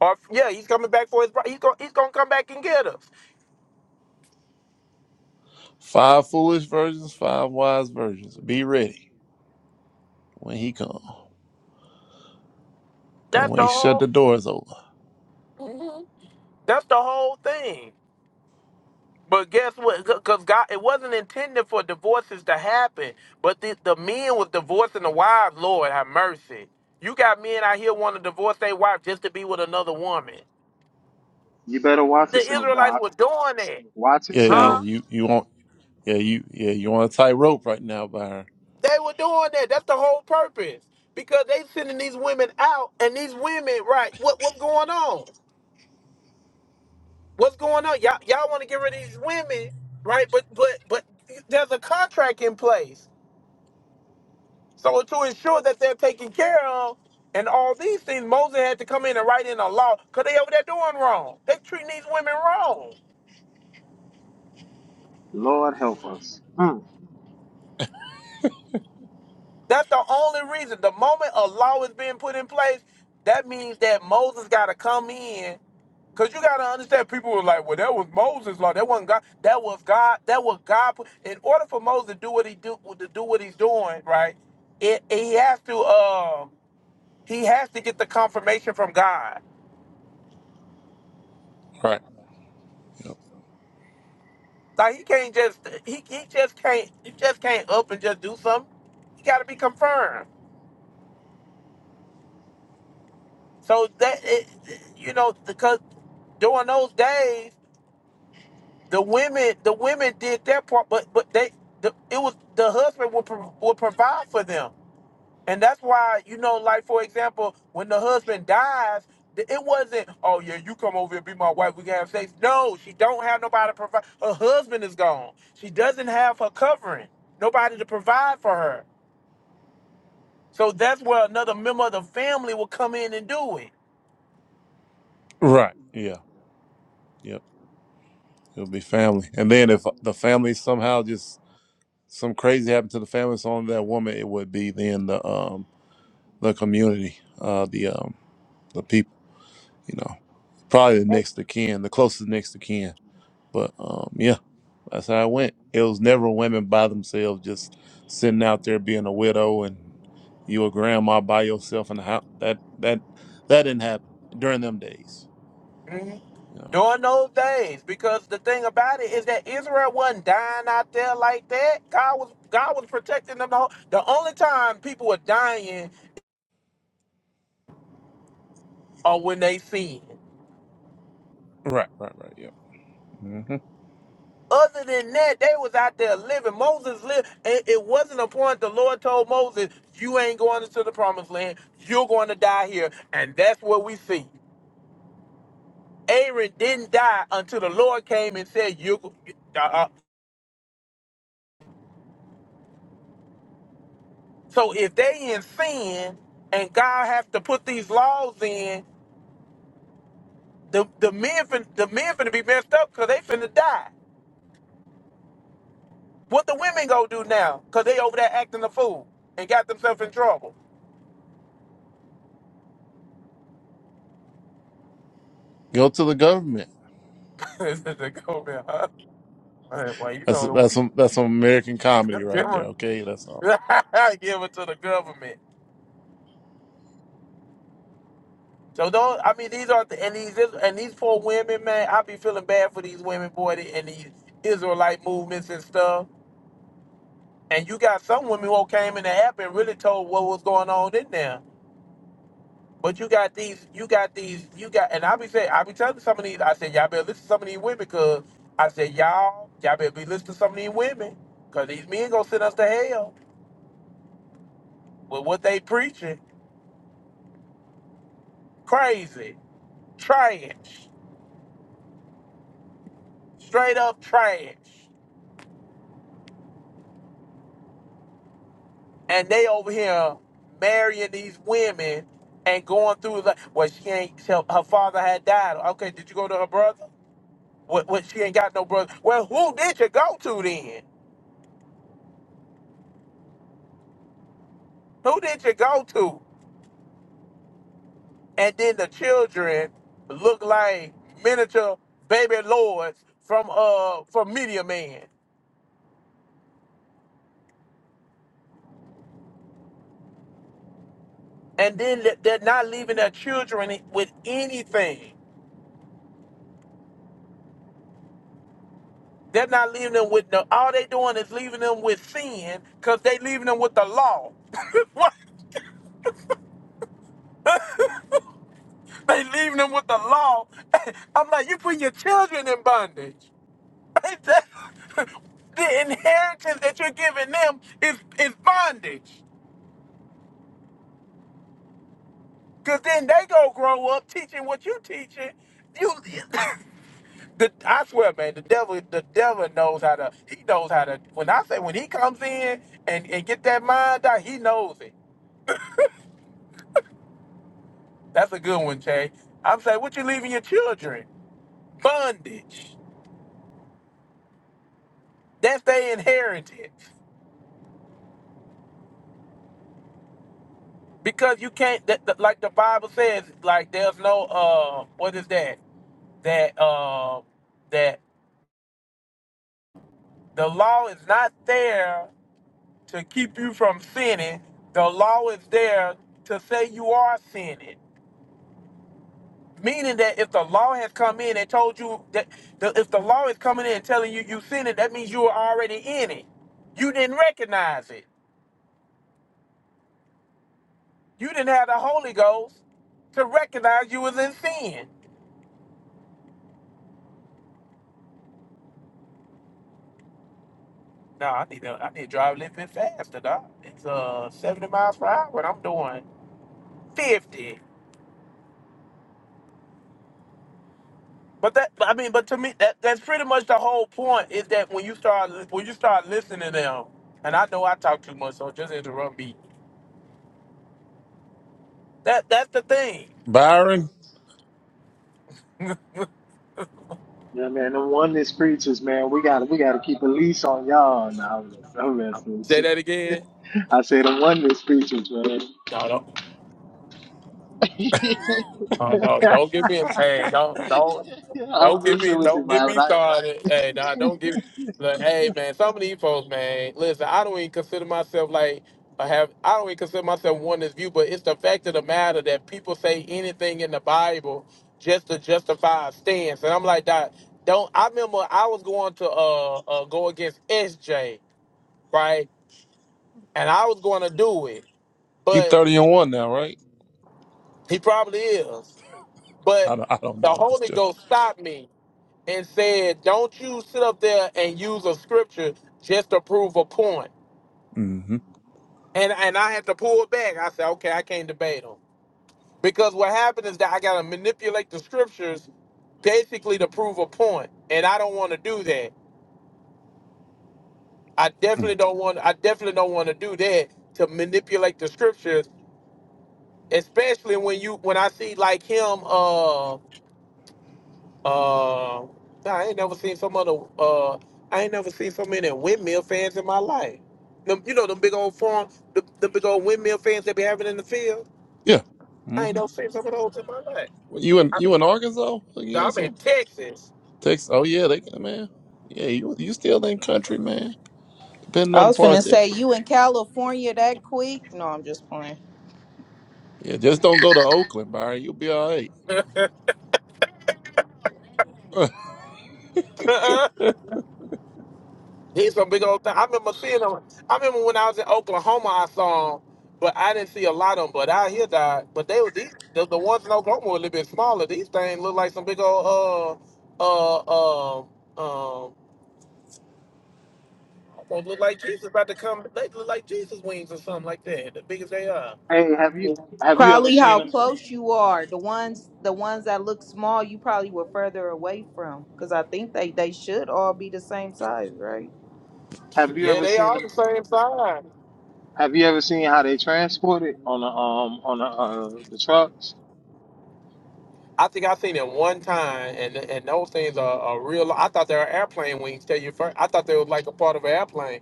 E: Or yeah, he's coming back for his bride. He's gonna he's gonna come back and get us.
A: Five foolish virgins, five wise virgins. Be ready when he come. Cause
E: That's
A: when
E: the
A: he shut the
E: whole
A: doors over.
E: that's the whole thing. But guess what? Because God, it wasn't intended for divorces to happen. But the, the men was divorcing the wives. Lord have mercy. You got men out here want to divorce their wife just to be with another woman.
B: You better watch
E: The
B: yourself,
E: Israelites
B: Doc.
E: were doing that,
B: Watch
A: Yeah, yeah, yeah.
E: huh?
B: yourself.
A: You you will Yeah, you yeah, you're on a tightrope right now, Byron.
E: They were doing that. That's the whole purpose. Because they sending these women out, and these women, right? What what's going on? What's going on? Y'all y'all want to get rid of these women, right? But but but there's a contract in place. So to ensure that they're taken care of and all these things, Moses had to come in and write in a law because they over there doing wrong. They treating these women wrong.
B: Lord help us. Hmm.
E: That's the only reason. The moment a law is being put in place, that means that Moses got to come in Cause you gotta understand, people were like, "Well, that was Moses' law. That wasn't God. That was God. That was God." put- In order for Moses to do what he do to do what he's doing, right? It, he has to um he has to get the confirmation from God.
A: Right.
E: Like he can't just he, he just can't you just can't up and just do something. He gotta be confirmed. So that it, you know because during those days, the women the women did their part, but but they the, it was the husband would pro, would provide for them And that's why, you know, like for example, when the husband dies, th- it wasn't, oh yeah, you come over and be my wife, we can have sex. No, she don't have nobody to provide. Her husband is gone. She doesn't have her covering. Nobody to provide for her. So that's where another member of the family will come in and do it.
A: Right. Yeah. Yep. It'll be family. And then if the family somehow just some crazy happened to the family, it's only that woman, it would be then the um the community, uh the um the people, you know. Probably the next to kin, the closest next to kin. But um yeah, that's how it went. It was never women by themselves just sitting out there being a widow and you a grandma by yourself in the house. That that that didn't happen during them days.
E: Mhm.
A: You know.
E: During those days, because the thing about it is that Israel wasn't dying out there like that. God was God was protecting them. The, whole, the only time people were dying are when they sinned.
A: Right, right, right. Yep. hmm
E: Other than that, they was out there living. Moses lived. and It wasn't a point the Lord told Moses, you ain't going into the promised land. You're going to die here. And that's what we see. Aaron didn't die until the Lord came and said, you. Uh, uh. So if they in sin and God have to put these laws in, the, the men fin- the men finna be messed up because they finna die. What the women go do now? Cause they over there acting a fool and got themselves in trouble.
A: Go to the government.
E: They go there, huh? Man, boy, you know
A: That's
E: the
A: that's some that's some American comedy
E: Give it
A: right there. Okay, that's all.
E: Give it to the government. So don't. I mean, these aren't the, and these is- and these poor women, man. I be feeling bad for these women, boy, the- and these Israelite movements and stuff. And you got some women who came in the app and really told what was going on in there. But you got these, you got these, you got, and I be saying, I be telling some of these, I said, y'all better listen to some of these women, because I said, y'all, y'all better be listening to some of these women, because these men gonna send us to hell with what they preaching. Crazy. Trash. straight up trash. And they over here marrying these women and going through the well, she ain't her her father had died. Okay, did you go to her brother? What, what she ain't got no brother. Well, who did you go to then? Who did you go to? And then the children look like miniature baby lords from uh from Media Man. And then they- they're not leaving their children with anything. They're not leaving them with no. All they doing is leaving them with sin, cause they leaving them with the law. What? they leaving them with the law. I'm like, you put your children in bondage. Ain't that- the inheritance that you're giving them is is bondage, cause then they go grow up teaching what you teaching. You, the, I swear, man, the devil, the devil knows how to. He knows how to. When I say when he comes in and and get that mind out, he knows it. That's a good one, Kay. I'm saying, what you leaving your children? Bondage. That's their inheritance. Because you can't, that, that- like the Bible says, like there's no, uh, what is that? That, uh, that the law is not there to keep you from sinning. The law is there to say you are sinning. Meaning that if the law has come in and told you that, the, if the law is coming in and telling you you sinning, that means you were already in it. You didn't recognize it. You didn't have the Holy Ghost to recognize you was in sin. No, I need to I need to drive a little bit faster, dog. It's uh 70 miles per hour and I'm doing 50. But that but I mean, but to me that, that's pretty much the whole point is that when you start when you start listening to them, and I know I talk too much, so just interrupt me. That that's the thing.
A: Byron,
B: Yeah, man, the oneness preachers, man, we gotta we gotta keep a leash on y'all. Nah, I'm messing, I'm messing with
E: Say that
B: you.
E: again.
B: I say the oneness preachers, man.
E: No, don't. Uh, don't don't get me. Hey, don't don't
B: Yeah, I'm
E: don't get me.
B: messing with you,
E: Don't get
B: man.
E: me
B: I,
E: started. Hey, nah, don't get. Look, hey, man, some of these folks, man. Listen, I don't even consider myself like I have. I don't even consider myself one this view, but it's the fact of the matter that people say anything in the Bible just to justify a stance, and I'm like that. Don't I remember I was going to uh, uh go against SJ right, and I was going to do it,
A: he
E: but
A: thirty and one now, right?
E: he probably is, but
A: I don't, I don't
E: the
A: know. I'm just
E: Holy
A: joking.
E: Ghost stopped me and said, "Don't you sit up there and use a scripture just to prove a point."
A: hmm
E: And and I had to pull back. I said, "Okay, I can't debate them because what happened is that I gotta manipulate the scriptures basically to prove a point, and I don't want to do that. I definitely don't want. I definitely don't want to do that to manipulate the scriptures, especially when you when I see like him. Uh, Uh, nah, I ain't never seen so many. Uh, I ain't never seen so many windmill fans in my life. Them, you know, them big old farm, the, the big old windmill fans they be having in the field.
A: Yeah. hmm
E: I ain't never seen some of those in my life.
A: You in
E: I,
A: you in Arkansas again or
E: I'm in
A: something?
E: Texas.
A: Texas? Oh yeah, they can, man. Yeah, you you still in country, man. Depending
F: I
A: on the
F: was
A: part
F: finna
A: of
F: say
A: Texas.
F: you in California that quick. No, I'm just playing.
A: Yeah, just don't go to Oakland, Byron. You'll be all right.
E: He's some big old thing. I remember seeing them. I remember when I was in Oklahoma, I saw them, but I didn't see a lot of them. But out here, died. But they were these. The, the ones in Oklahoma were a little bit smaller. These things look like some big old uh uh um um Almost look like Jesus about to come. They look like Jesus wings or something like that. The big as they are.
B: hey, have you have you ever
F: Probably
B: seen
F: how
B: them?
F: close you are. The ones the ones that look small, you probably were further away from. Because I think they, they should all be the same size, right?
B: Have you
E: Yeah,
B: ever
E: they
B: seen
E: all
B: them?
E: the same size.
B: Have you ever seen how they transport it on the um on the uh the trucks,
E: I think I seen it one time, and and those things are, are real. I thought they were airplane wings. Tell you first, I thought they was like a part of an airplane.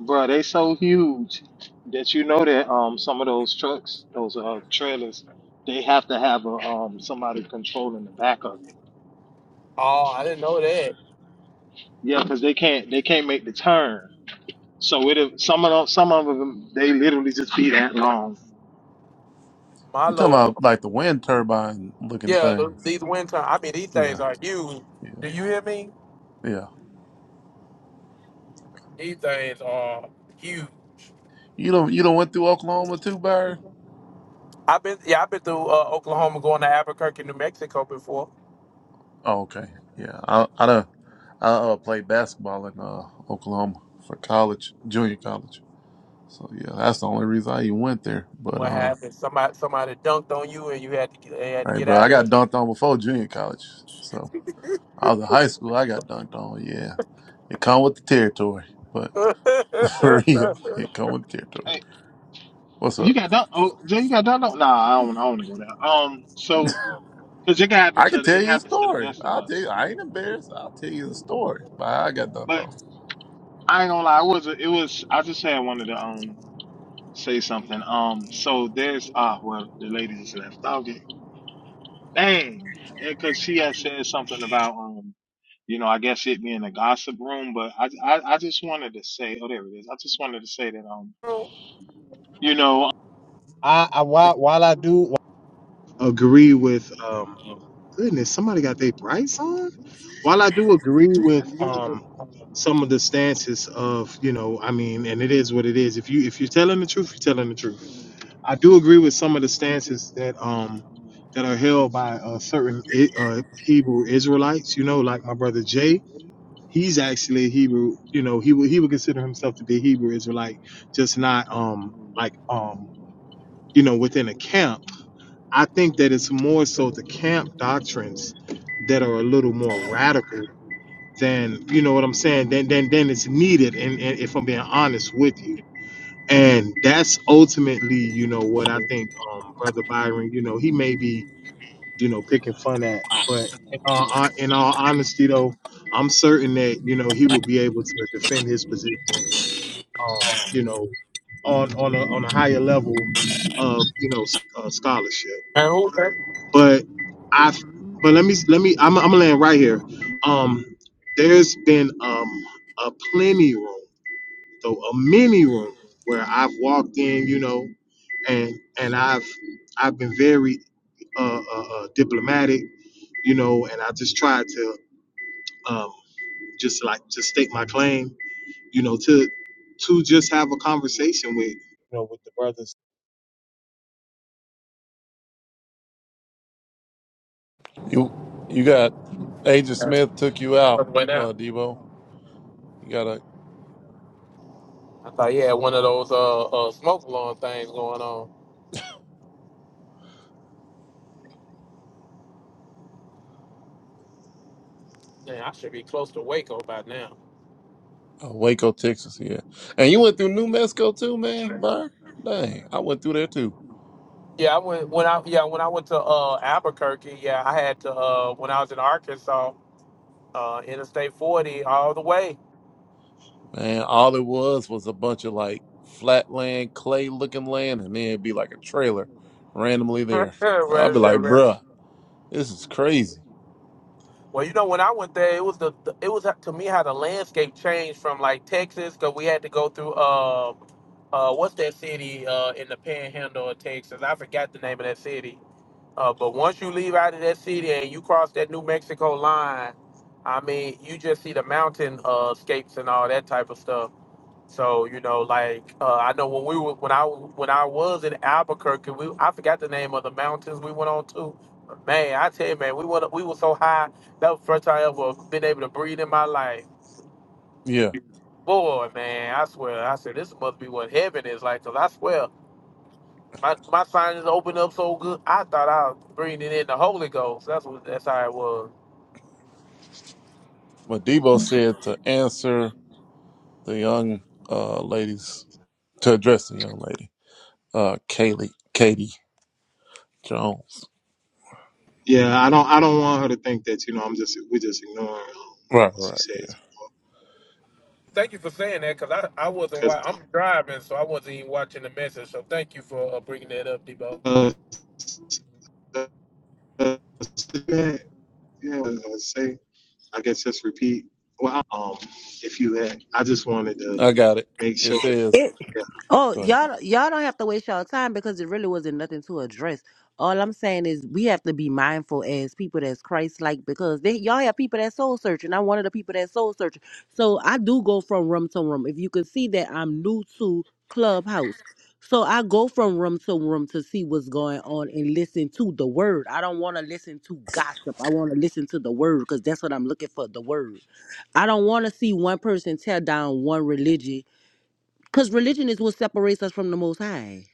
B: bro? They so huge that you know that um some of those trucks, those uh trailers, they have to have a um somebody controlling the back of it
E: Oh, I didn't know that.
B: Yeah, because they can't they can't make the turn. So it some of them some of them they literally just be that long.
E: My
A: you talking
E: lord.
A: about like the wind turbine looking
E: Yeah, th-
A: things?
E: these wind tunnels. I mean, these things
A: Yeah,
E: are huge.
A: yeah,
E: Do you hear me?
A: yeah.
E: These things are huge.
A: You don't you don't went through Oklahoma too, Byron?
E: I've been yeah, I've been through uh, Oklahoma, going to Albuquerque, New Mexico before.
A: Oh, okay. Yeah, I I done, I uh, played basketball in uh, Oklahoma for college, junior college. So yeah, that's the only reason I even went there. But
E: What
A: um,
E: happened? Somebody somebody dunked on you and you had to they had to
A: hey,
E: get
A: bro, I
E: out of
A: got
E: it.
A: dunked on before junior college. So I was in high school. I got dunked on. Yeah, it come with the territory. But for real, it come with the territory.
B: Hey,
A: What's
B: you
A: up?
B: got done? Oh, Jay, you got done? No, nah, I don't. I don't wanna go there. Um, so because it can happen
A: I can
B: to the,
A: tell
B: it
A: you a
B: happens to the
A: story.
B: best of
A: I'll tell you.
B: us.
A: I ain't embarrassed. I'll tell you the story. But I got dunked
B: But
A: on.
B: I ain't gonna lie, it was a- it was I just had wanted to um say something. Um, so there's ah well the lady just left. Dang. Because she had said something about, um, you know, I guess it being a gossip room, but I, I, I just wanted to say, oh, there it is. I just wanted to say that, um, you know, I, I while, while I do agree with, um, goodness, somebody got their brights on. While I do agree with, um, some of the stances of, you know, I mean, and it is what it is. If you if you're telling the truth, you're telling the truth. I do agree with some of the stances that um that are held by uh, certain I- uh, Hebrew Israelites. You know, like my brother Jay, he's actually a Hebrew. You know, he would he would consider himself to be a Hebrew Israelite, just not um like um you know within a camp. I think that it's more so the camp doctrines that are a little more radical than you know what I'm saying. Than than than it's needed. And, and if I'm being honest with you and that's ultimately you know what i think um brother byron you know he may be you know picking fun at but uh, uh, in all honesty though i'm certain that you know he will be able to defend his position um you know on on a, on a higher level of you know s- uh, scholarship
E: Man, who
B: but i but let me let me i'm, I'm gonna land right here um there's been um a plenty room so a mini room where I've walked in, you know, and and I've I've been very uh, uh, uh, diplomatic, you know, and I just tried to um, just like to stake my claim, you know, to to just have a conversation with you know with the brothers.
A: You you got Agent Smith took you out,
E: Went
A: uh,
E: out.
A: Debo. You gotta
E: I thought he had one of those uh, uh smoke alarm things going on. Man, I should be close to Waco by now.
A: Oh, Waco, Texas, yeah. And you went through New Mexico too, man, Burr? Dang, I went through there too.
E: Yeah, I went when I yeah when I went to uh, Albuquerque. Yeah, I had to uh, when I was in Arkansas, uh, Interstate 40 all the way.
A: Man, all it was was a bunch of like flatland, clay looking land, and then it'd be like a trailer randomly there. I'd be
E: Rather
A: like,
E: than-
A: bruh, this is crazy.
E: Well, you know, when I went there, it was the, the- it was uh, to me how the landscape changed from like Texas because we had to go through uh uh what's that city uh in the Panhandle of Texas? I forgot the name of that city. Uh, but once you leave out of that city and you cross that New Mexico line, I mean, you just see the mountain uh, scapes and all that type of stuff. So you know, like uh, I know when we were when I when I was in Albuquerque, we I forgot the name of the mountains we went on to. But man, I tell you, man, we went we were so high. That was the first time I ever been able to breathe in my life.
A: Yeah.
E: Boy, man, I swear, I said this must be what heaven is like. 'cause I swear, my my sinuses opened up so good. I thought I was breathing in the Holy Ghost. That's what that's how it was.
A: But Debo said to answer the young uh ladies, to address the young lady, uh Kaylee, Katie Jones.
B: Yeah, I don't I don't want her to think that you know I'm just we're just ignoring um,
A: Right,
B: what she
A: right,
B: says
A: yeah.
E: Thank you for saying that, cause I I wasn't
B: because
E: wa- I'm driving, so I wasn't even watching the message. So thank you for uh, bringing that up, Debo.
B: uh, uh, yeah, yeah, I say. I guess just repeat. Well, um, if you had, I just wanted to
A: I got it.
B: make
A: It
B: sure. That,
A: says,
G: It oh
A: go ahead.
G: y'all y'all don't have to waste y'all time because it really wasn't nothing to address. All I'm saying is we have to be mindful as people that's Christ like because they y'all have people that soul searching. I'm one of the people that soul searching. So I do go from room to room. If you can see that I'm new to Clubhouse. So I go from room to room to see what's going on and listen to the word. I don't want to listen to gossip. I want to listen to the word because that's what I'm looking for, the word. I don't want to see one person tear down one religion Cause religion is what separates us from the Most High.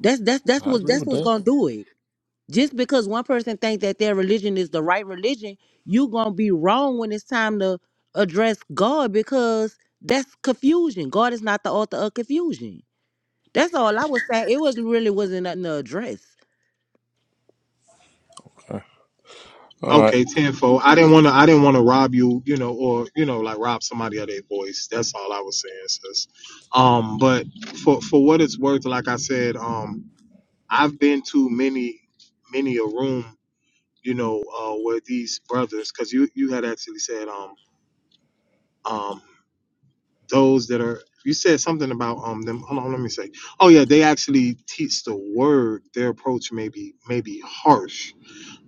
G: That's that's that's
A: I
G: what
A: agree
G: that's
A: with
G: what's
A: that.
G: gonna do it. Just because one person think that their religion is the right religion, you gonna be wrong when it's time to address God because that's confusion. God is not the author of confusion. That's all I was saying. It wasn't really wasn't nothing to address.
A: All
B: yeah.
A: right.
B: Okay, tenfold. I didn't want to. I didn't want to rob you, you know, or you know, like rob somebody of their voice. That's all I was saying, sis. Um, but for for what it's worth, like I said, um, I've been to many many a room, you know, uh, where these brothers, because you you had actually said, um, um. those that are you said something about um them hold on let me say oh yeah they actually teach the word their approach may be may be harsh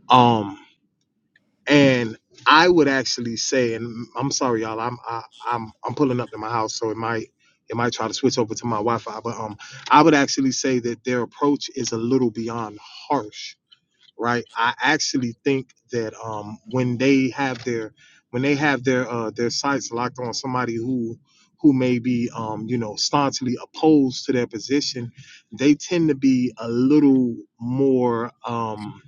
B: um and i would actually say and i'm sorry y'all i'm I, i'm i'm pulling up to my house so it might it might try to switch over to my wi-fi but um i would actually say that their approach is a little beyond harsh right? I actually think that um, when they have their when they have their uh, their sights locked on somebody who who may be um, you know staunchly opposed to their position, they tend to be a little more um,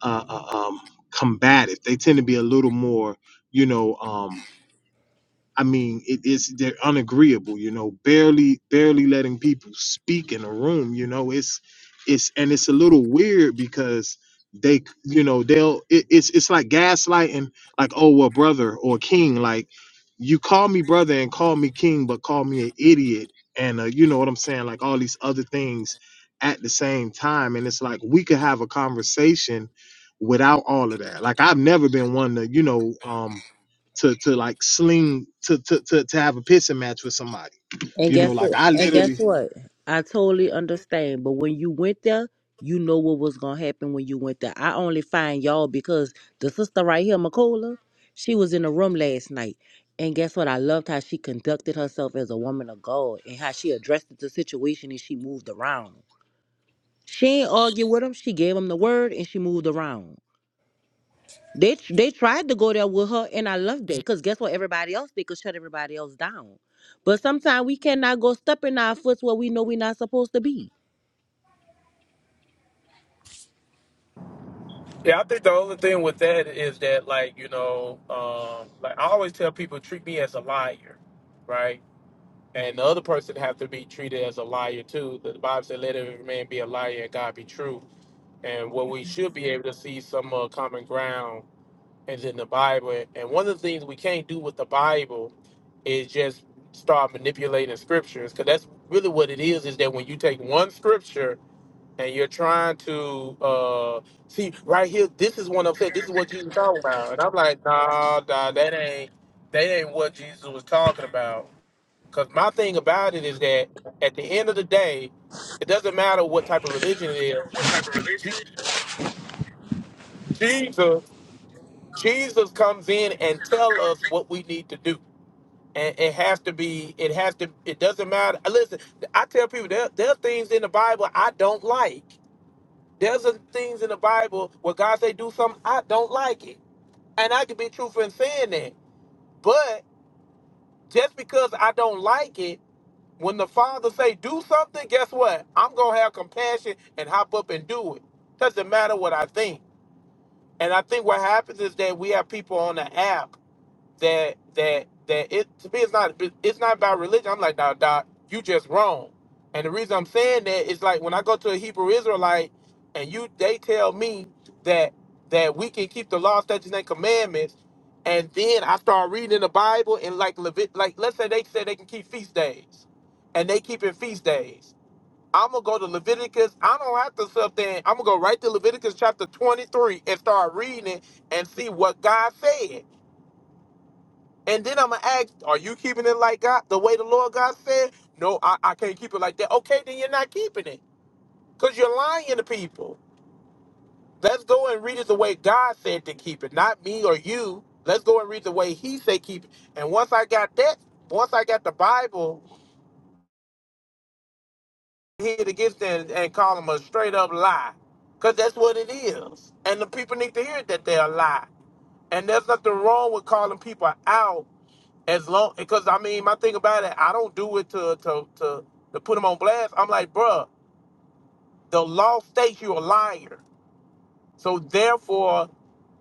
B: uh, uh, um, combative. They tend to be a little more you know um, I mean, it is they're unagreeable, you know, barely barely letting people speak in a room, you know. It's it's and it's a little weird because they you know they'll it, it's it's like gaslighting like oh well brother or king like you call me brother and call me king but call me an idiot and uh, you know what i'm saying like all these other things at the same time and it's like we could have a conversation without all of that like i've never been one to you know um to to like sling to to to, to have a pissing match with somebody.
G: And
B: You know,
G: guess
B: like
G: what?
B: I
G: And guess
B: literally
G: what? I totally understand. But when you went there, you know what was gonna happen when you went there. I only find y'all because the sister right here, Makola, she was in the room last night. And guess what? I loved how she conducted herself as a woman of God and how she addressed the situation and she moved around. She ain't argue with him. She gave him the word and she moved around. They tr- they tried to go there with her, and I loved it. because guess what? Everybody else they could shut everybody else down. But sometimes we cannot go stepping our foot where we know we're not supposed to be.
E: Yeah, I think the only thing with that is that, like, you know, um, like I always tell people, treat me as a liar, right? And the other person have to be treated as a liar too. The Bible said, "Let every man be a liar and God be true." And what we should be able to see some uh, common ground is in the Bible. And one of the things we can't do with the Bible is just start manipulating scriptures, because that's really what it is. Is that when you take one scripture and you're trying to uh see right here this is what i'm saying this is what jesus talking about and i'm like nah nah that ain't that ain't what jesus was talking about because my thing about it is that at the end of the day it doesn't matter what type of religion it is Je- jesus jesus comes in and tell us what we need to do and it has to be it has to it doesn't matter listen i tell people there, there are things in the bible i don't like There's a, things in the Bible where God say do something, I don't like it. And I can be truthful in saying that. But just because I don't like it, when the Father say do something, guess what? I'm going to have compassion and hop up and do it. Doesn't matter what I think. And I think what happens is that we have people on the app that that that it to me it's not it's not about religion. I'm like, nah, doc, you just wrong. And the reason I'm saying that is like when I go to a Hebrew Israelite and you they tell me that that we can keep the law, statutes, and commandments, and then I start reading the Bible and like Levit like let's say they say they can keep feast days and they keeping feast days. I'm gonna go to Leviticus. I don't have to sub there. I'm gonna go right to Leviticus chapter 23 and start reading it and see what God said. And then I'm gonna ask, are you keeping it like God, the way the Lord God said? No, I, I can't keep it like that. Okay, then you're not keeping it because you're lying to people. Let's go and read it the way God said to keep it, not me or you. Let's go and read the way He said keep it. And once I got that, once I got the Bible, hit against it and, and call them a straight up lie because that's what it is. And the people need to hear that they're a lie. And there's nothing wrong with calling people out as long because I mean my thing about it, I don't do it to to to to put them on blast. I'm like, bruh, the law states you're a liar, so therefore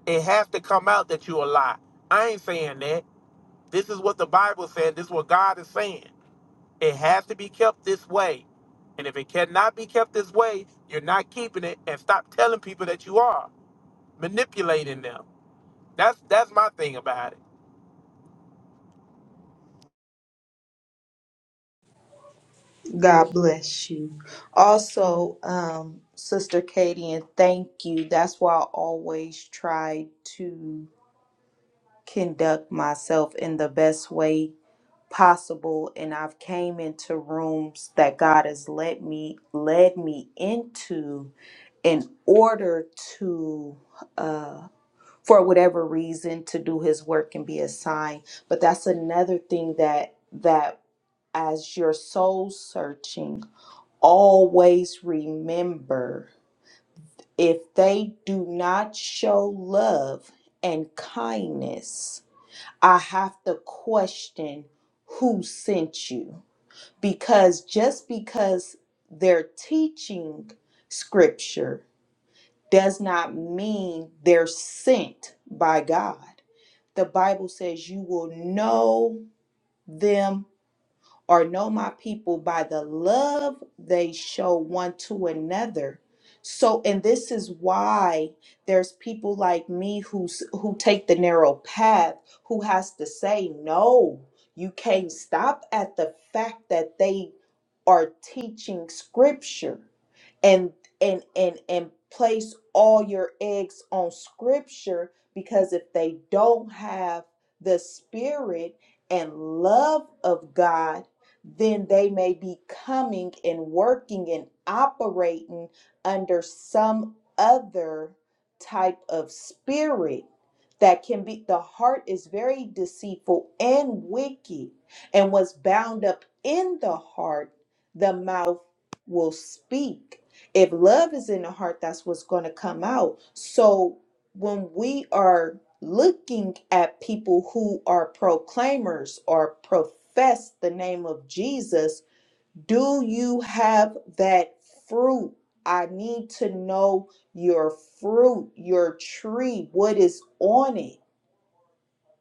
E: it has to come out that you're a lie. I ain't saying that. This is what the Bible said. This is what God is saying. It has to be kept this way, and if it cannot be kept this way, you're not keeping it. And stop telling people that you are manipulating them. That's that's my thing about it.
F: God bless you. Also, um, Sister Katie, and thank you. That's why I always try to conduct myself in the best way possible. And I've came into rooms that God has let me led me into in order to uh, for whatever reason to do his work and be assigned but that's another thing that that as you're soul searching always remember if they do not show love and kindness i have to question who sent you because just because they're teaching scripture does not mean they're sent by god the Bible says you will know them or know my people by the love they show one to another. So, and this is why there's people like me who who take the narrow path, who has to say no. You can't stop at the fact that they are teaching scripture and and and and place all your eggs on scripture because if they don't have the spirit and love of God then they may be coming and working and operating under some other type of spirit that can be the heart is very deceitful and wicked and what's bound up in the heart the mouth will speak if love is in the heart that's what's going to come out so when we are looking at people who are proclaimers or profess the name of Jesus, do you have that fruit? I need to know your fruit, your tree, what is on it.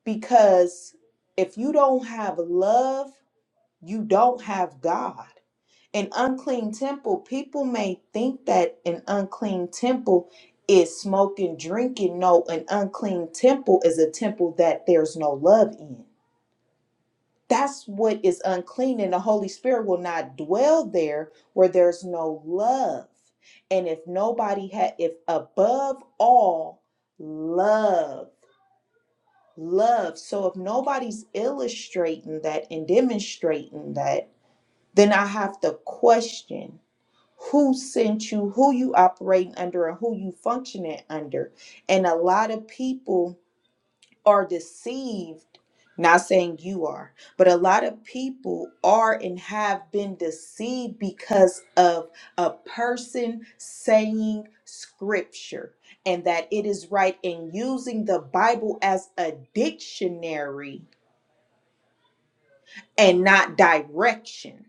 F: Because if you don't have love, you don't have God an unclean temple, people may think that an unclean temple is smoking, drinking. No, an unclean temple is a temple that there's no love in. That's what is unclean, and the Holy Spirit will not dwell there where there's no love. And if nobody had, if above all, love, love. So if nobody's illustrating that and demonstrating that, then I have to question who sent you, who you operating under, and who you functioning under. And a lot of people are deceived. Not saying you are, but a lot of people are and have been deceived because of a person saying scripture and that it is right and using the Bible as a dictionary and not directions.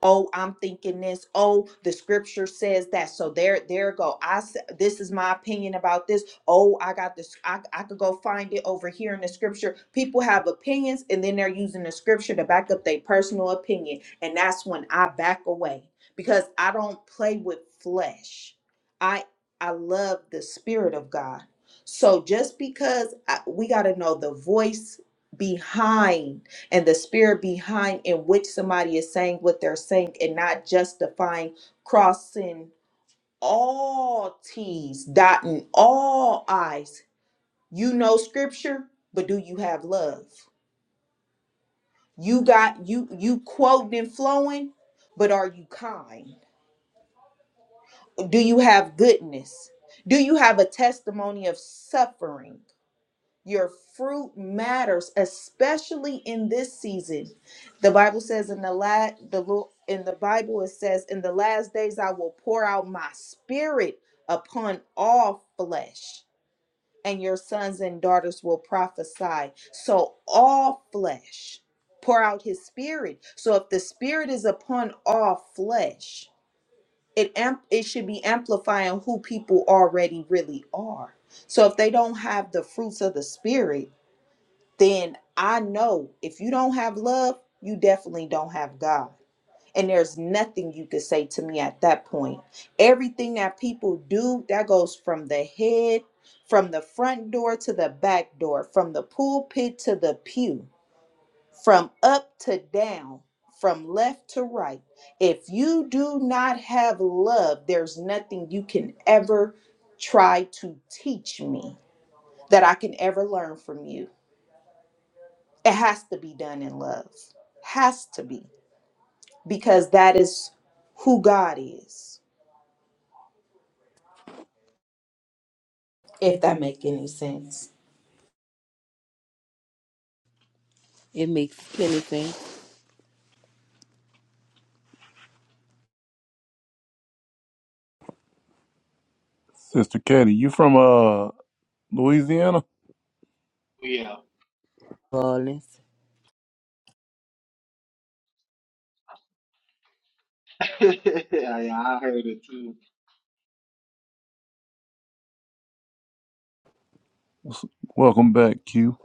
F: Oh, I'm thinking this. Oh, the scripture says that. So there, there go. I s- this is my opinion about this. Oh, I got this. I, I could go find it over here in the scripture. People have opinions, and then they're using the scripture to back up their personal opinion, and that's when I back away because I don't play with flesh. I I love the spirit of God. So just because I, we got to know the voice behind and the spirit behind in which somebody is saying what they're saying and not justifying crossing all T's, dotting all I's. You know scripture, but do you have love? You got you you quoting and flowing, but are you kind? Do you have goodness? Do you have a testimony of suffering? Your fruit matters, especially in this season. The Bible says in the la- the Lo- in the Bible it says, "In the last days I will pour out my spirit upon all flesh, and your sons and daughters will prophesy." So all flesh pour out His spirit. So if the spirit is upon all flesh, it amp- it should be amplifying who people already really are. So if they don't have the fruits of the spirit then I know if you don't have love, you definitely don't have God. And there's nothing you could say to me at that point. Everything that people do, that goes from the head, from the front door to the back door, from the pulpit to the pew, from up to down, from left to right. If you do not have love, there's nothing you can ever try to teach me that I can ever learn from you. It has to be done in love. Has to be. Because that is who God is. If that make any sense.
G: It makes plenty sense,
A: Sister Katie, you from uh Louisiana?
B: Yeah,
G: Rollins.
B: yeah, yeah, I heard it too.
A: Welcome back, Q.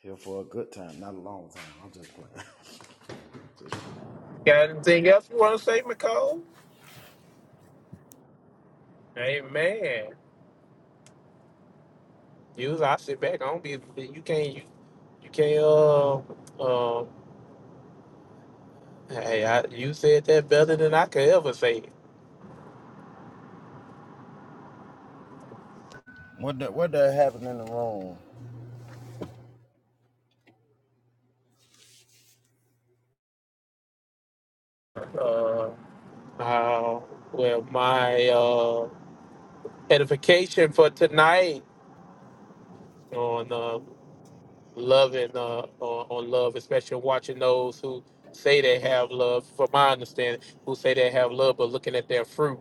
D: Here for a good time, not a long time. I'm just playing.
E: Got anything else you want to say, Nicole? Amen. Usually I sit back. I don't be. You can't. You, you can't. Uh, uh, hey, I, you said that better than I could ever say. it.
D: What the, what the happened in the room?
E: Uh, uh, well, my uh, edification for tonight on uh, love and uh, on, on love, especially watching those who say they have love. From my understanding, who say they have love, but looking at their fruit,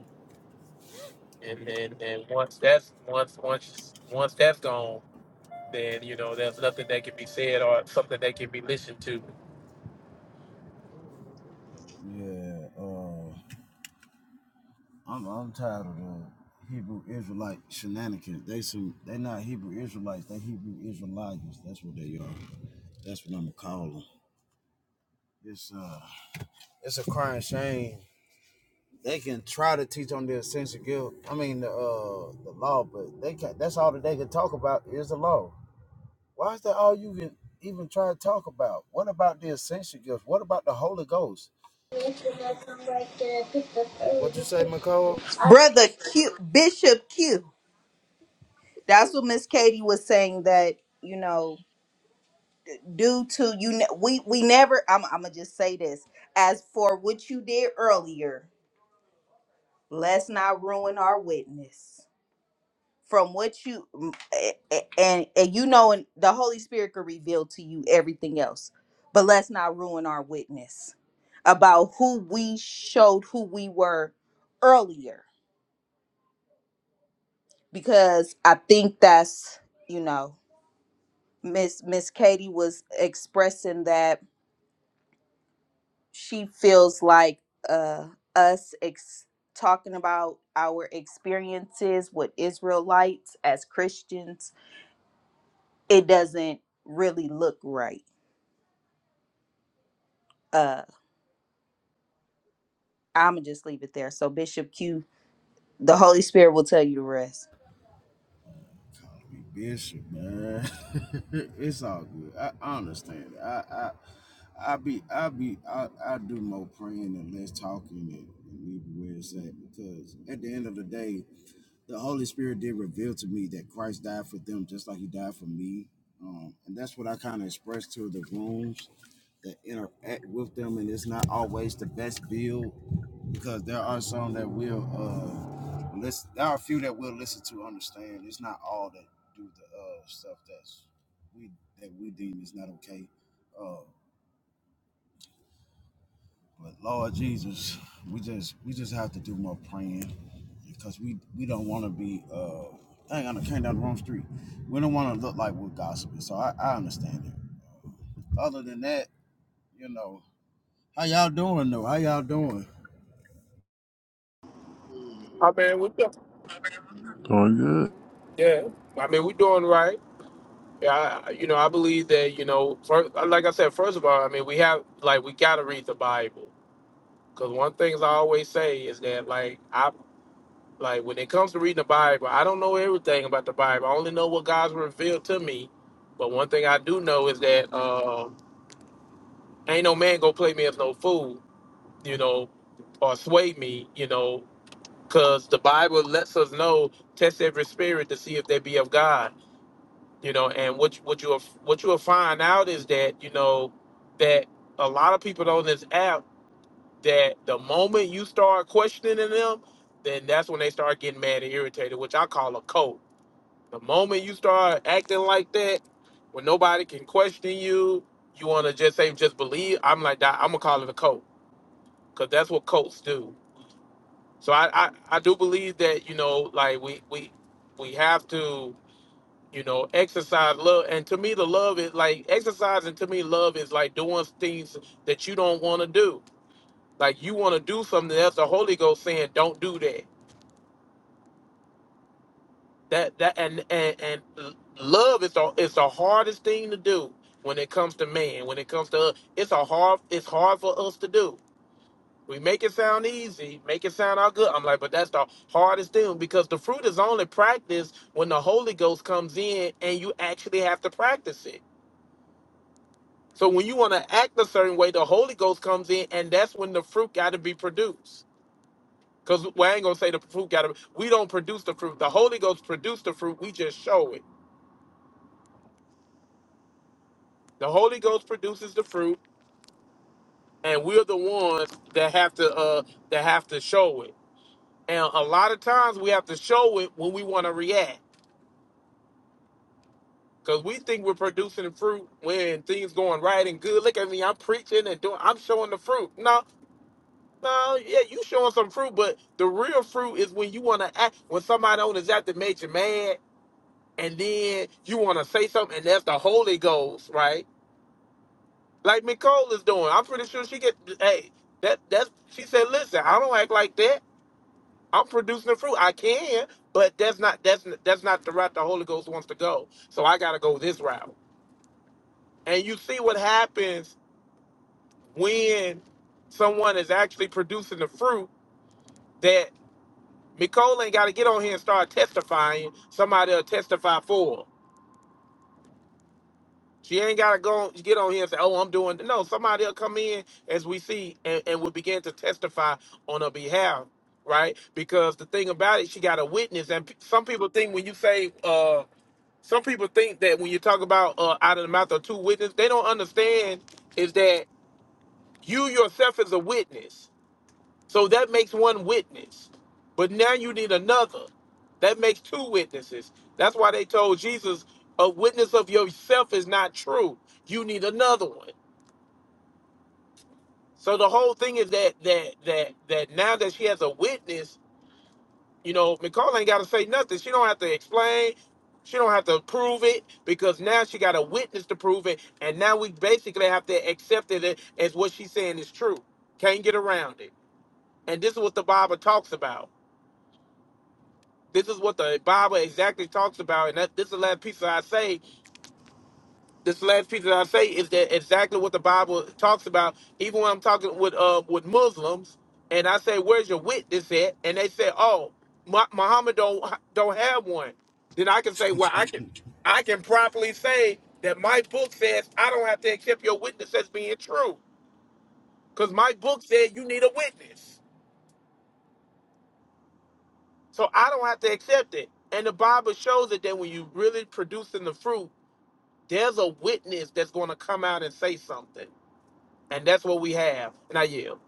E: and and, and once that's once once once that's gone. then you know there's nothing that can be said or something that can be listened to.
D: Yeah. uh, I'm I'm tired of the Hebrew Israelite shenanigans. They some they not Hebrew Israelites. They Hebrew Israelites. That's what they are. That's what I'm gonna call them. It's uh it's a crying shame. They can try to teach on their sense of guilt. I mean the uh the law, but they can That's all that they can talk about is the law. Why is that all you can even try to talk about? What about the essential gifts? What about the Holy Ghost? What you say, McCall?
F: Brother Q Bishop Q. That's what Miss Katie was saying that, you know, due to you ne- we we never I'm I'm going to just say this as for what you did earlier, let's not ruin our witness. from what you m- a- a- and, and you know and the holy spirit could reveal to you everything else but let's not ruin our witness about who we showed who we were earlier because i think that's you know miss miss katie was expressing that she feels like uh us ex- talking about our experiences with israelites as christians it doesn't really look right uh, I'm gonna just leave it there. So Bishop Q, the Holy Spirit will tell you the rest.
D: Call me Bishop, man. it's all good. I, I understand. I, I, I be, I be, I, I do more praying and less talking and, and leave it where it's at because at the end of the day, the Holy Spirit did reveal to me that Christ died for them just like He died for me, um, and that's what I kind of expressed to the rooms that interact with them. And it's not always the best build because there are some that will uh listen. There are a few that will listen to understand. It's not all that do the uh stuff that's we that we deem is not okay. Uh, but Lord Jesus, we just we just have to do more praying because we we don't want to be uh. Dang, I done came down the wrong street. We don't want to look like we're gossiping, so I, I understand it. Other than that, you know, how y'all doing though? How y'all doing?
E: I mean, we do,
A: Doing good.
E: yeah. I mean, we're doing right. Yeah, I, you know, I believe that you know, first, like I said, first of all, I mean, we have like we gotta read the Bible because one thing I always say is that like I like when it comes to reading the Bible, I don't know everything about the Bible. I only know what God's revealed to me. But one thing I do know is that uh, ain't no man gonna play me as no fool. You know, or sway me, you know, because the Bible lets us know test every spirit to see if they be of God. You know, and what you- what you what you will find out is that you know that a lot of people on this app that the moment you start questioning them, then that's when they start getting mad and irritated, which I call a cult. The moment you start acting like that, when nobody can question you, you want to just say just believe. I'm like that. I'm gonna call it a cult because that's what cults do So I, I, I do believe that, you know, like we, we we have to, you know, exercise love. And to me the love is like exercising to me love is like doing things that you don't want to do. Like you want to do something that's the Holy Ghost saying, Don't do that. That that and and, and love is the is the hardest thing to do when it comes to man, when it comes to us. It's a hard it's hard for us to do. We make it sound easy, make it sound all good. I'm like, but that's the hardest thing because the fruit is only practiced when the Holy Ghost comes in and you actually have to practice it. So when you want to act a certain way, the Holy Ghost comes in and that's when the fruit got to be produced. Because well, I ain't going to say the fruit got to, we don't produce the fruit. The Holy Ghost produced the fruit, we just show it. The Holy Ghost produces the fruit and we're the ones that have to, uh, that have to show it. And a lot of times we have to show it when we want to react Cause we think we're producing fruit when things going right and good. Look at me, I'm preaching and doing. I'm showing the fruit. No, no, yeah, you showing some fruit, but the real fruit is when you want to act when somebody on is after made you mad, and then you want to say something, and that's the Holy Ghost, right? Like Nicole is doing. I'm pretty sure she get. Hey, that that's she said. Listen, I don't act like that. I'm producing the fruit. I can, but that's not that's that's not the route the Holy Ghost wants to go. So I gotta go this route. And you see what happens when someone is actually producing the fruit that Nicole ain't got to get on here and start testifying. Somebody will testify for her. She ain't got to go get on here and say, oh, I'm doing. No, somebody will come in as we see and, and will begin to testify on her behalf, right? Because the thing about it, she got a witness. And p- some people think when you say, uh, some people think that when you talk about uh, out of the mouth of two witnesses, they don't understand is that you yourself is a witness So that makes one witness. But now you need another. That makes two witnesses. That's why they told Jesus, a witness of yourself is not true. You need another one. So the whole thing is that that that that now that she has a witness, you know, Nicole ain't gotta say nothing. She don't have to explain. She don't have to prove it because now she got a witness to prove it. And now we basically have to accept it as what she's saying is true. Can't get around it. And this is what the Bible talks about. This is what the Bible exactly talks about, and that this is the last piece that I say. This last piece that I say is that exactly what the Bible talks about. Even when I'm talking with uh with Muslims, and I say, "Where's your witness at?" and they say, "Oh, Mu- Muhammad don't don't have one," then I can say, "Well, I can I can properly say that my book says I don't have to accept your witness as being true, because my book said you need a witness." So I don't have to accept it. And the Bible shows it that when you really producing the fruit there's a witness that's going to come out and say something. And that's what we have. And I yield.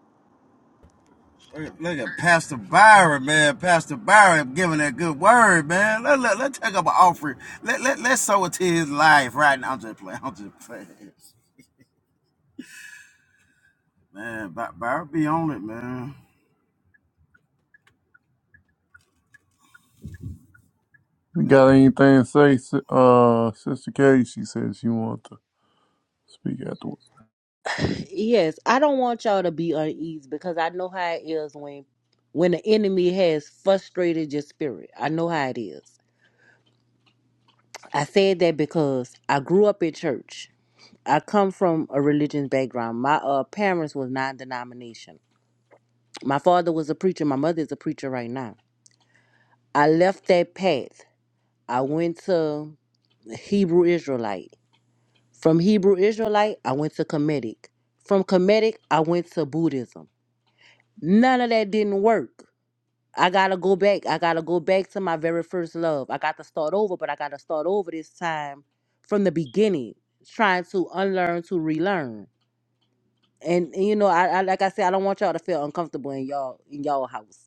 D: Look at, look at Pastor Byron, man. Pastor Byron giving that good word, man. Let, let, let's take up an offering. Let, let, let's sow it to his life right now. I'm just playing. I'm just playing. Man, By- Byron be on it, man.
A: You
D: Mate,
A: got anything to say, si- uh, Sister Katie? She says she want to speak after.
G: Yes, I don't want y'all to be uneasy because I know how it is when when the enemy has frustrated your spirit. I know how it is. I said that because I grew up in church. I come from a religious background. My uh, parents was non-denomination. My father was a preacher. My mother is a preacher right now. I left that path. I went to Hebrew Israelite. From Hebrew Israelite, I went to Comedic. From Comedic, I went to Buddhism. None of that didn't work. I gotta go back. I gotta go back to my very first love. I got to start over, but I gotta start over this time from the beginning, trying to unlearn to relearn. And, and you know, I, I like I said, I don't want y'all to feel uncomfortable in y'all in y'all house.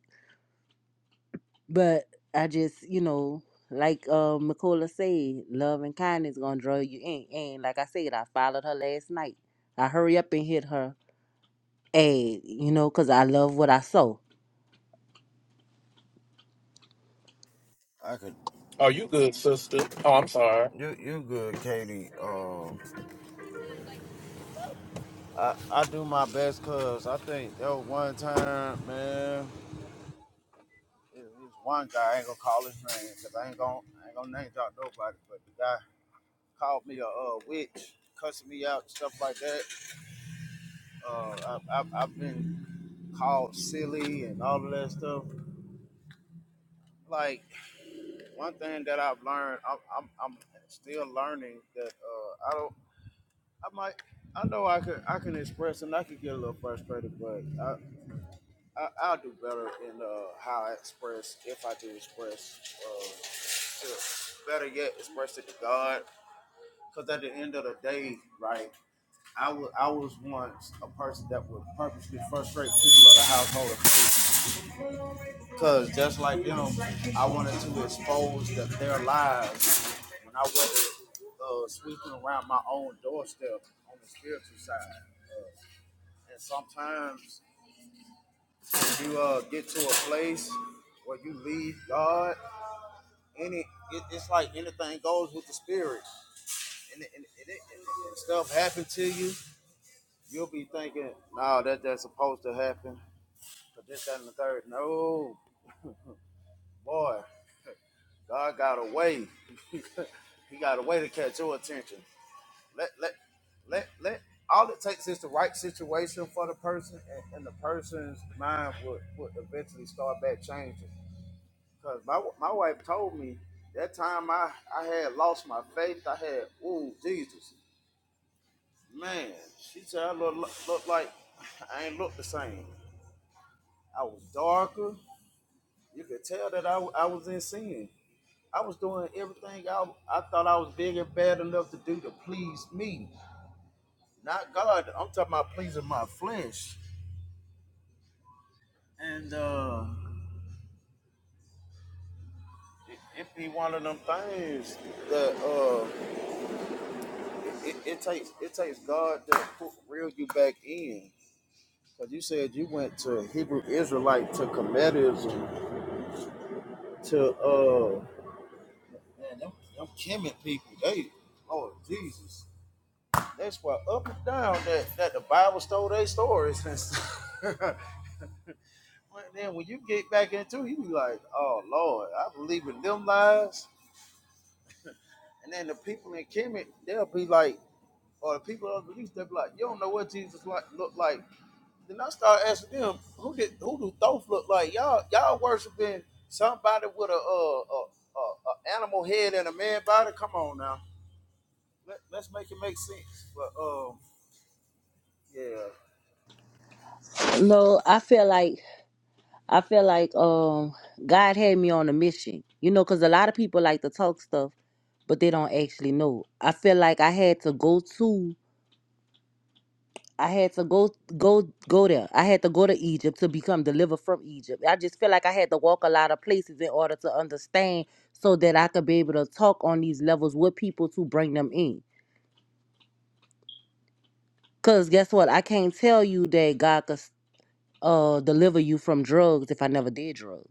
G: But I just, you know, like uh, Nicola said, love and kindness gonna draw you in. And like I said, I followed her last night. I hurry up and hit her ad, you know, cause I love what I saw.
D: I could.
E: Are you good, sister? Oh, I'm sorry.
D: You, you good, Katie. Um, I, I do my best because I think there was one time, man, it was one guy, I ain't gonna call his name because I ain't gonna, I ain't gonna name drop nobody, but the guy called me a uh, witch, cussing me out, and stuff like that. Uh, I, I, I've been called silly and all of that stuff. Like one thing that I've learned, I'm, I'm, I'm still learning that uh, I don't. I might. I know I could. I can express and I could get a little frustrated, but I, I I'll do better in uh, how I express if I do express. Uh, to, better yet, express it to God, because at the end of the day, right. I was I was once a person that would purposely frustrate people of the household of faith. Cause just like them, I wanted to expose the, their lives when I was uh, sweeping around my own doorstep on the spiritual side. Uh, and sometimes you uh, get to a place where you leave God, and it, it it's like anything goes with the spirit, and, it, and, it, and, it, and stuff happen to you. You'll be thinking, "No, that that's supposed to happen." But this, that, and the third. No, boy. God got a way. he got a way to catch your attention. Let let let let all it takes is the right situation for the person, and, and the person's mind would, would eventually start back changing. Cause my my wife told me that time I I had lost my faith. I had ooh Jesus, man. She said I look look like I ain't look the same. I was darker. You could tell that I, I was in sin. I was doing everything I, I thought I was big and bad enough to do to please me, not God. I'm talking about pleasing my flesh. And uh, it, it be one of them things that uh, it, it, it takes it takes God to put, reel you back in. Cause you said you went to Hebrew Israelite to Kemetism to uh, man, them, them Kemet people. They, Lord Jesus, that's why up and down that that the Bible stole their stories and stuff. But then when you get back into it, you be like, oh Lord, I believe in them lies. And then the people in Kemet, they'll be like, or the people of the east, they'll be like, you don't know what Jesus like looked like. Then I start asking them, who did who do Thoth look like? Y'all y'all worshiping somebody with a uh a, a, a animal head and a man body? Come on now. Let, let's make it make sense. But um yeah.
G: No, I feel like I feel like um God had me on a mission, you know, cause a lot of people like to talk stuff, but they don't actually know. I feel like I had to go to I had to go go go there. I had to go to Egypt to become delivered from Egypt. I just feel like I had to walk a lot of places in order to understand so that I could be able to talk on these levels with people to bring them in. Cause guess what? I can't tell you that God could uh deliver you from drugs if I never did drugs.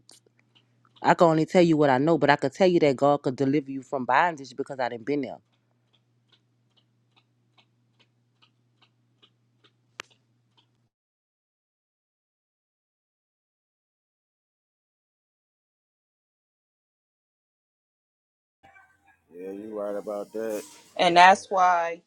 G: I can only tell you what I know, but I could tell you that God could deliver you from bondage because I didn't been there.
D: Yeah, you right about that.
F: And that's why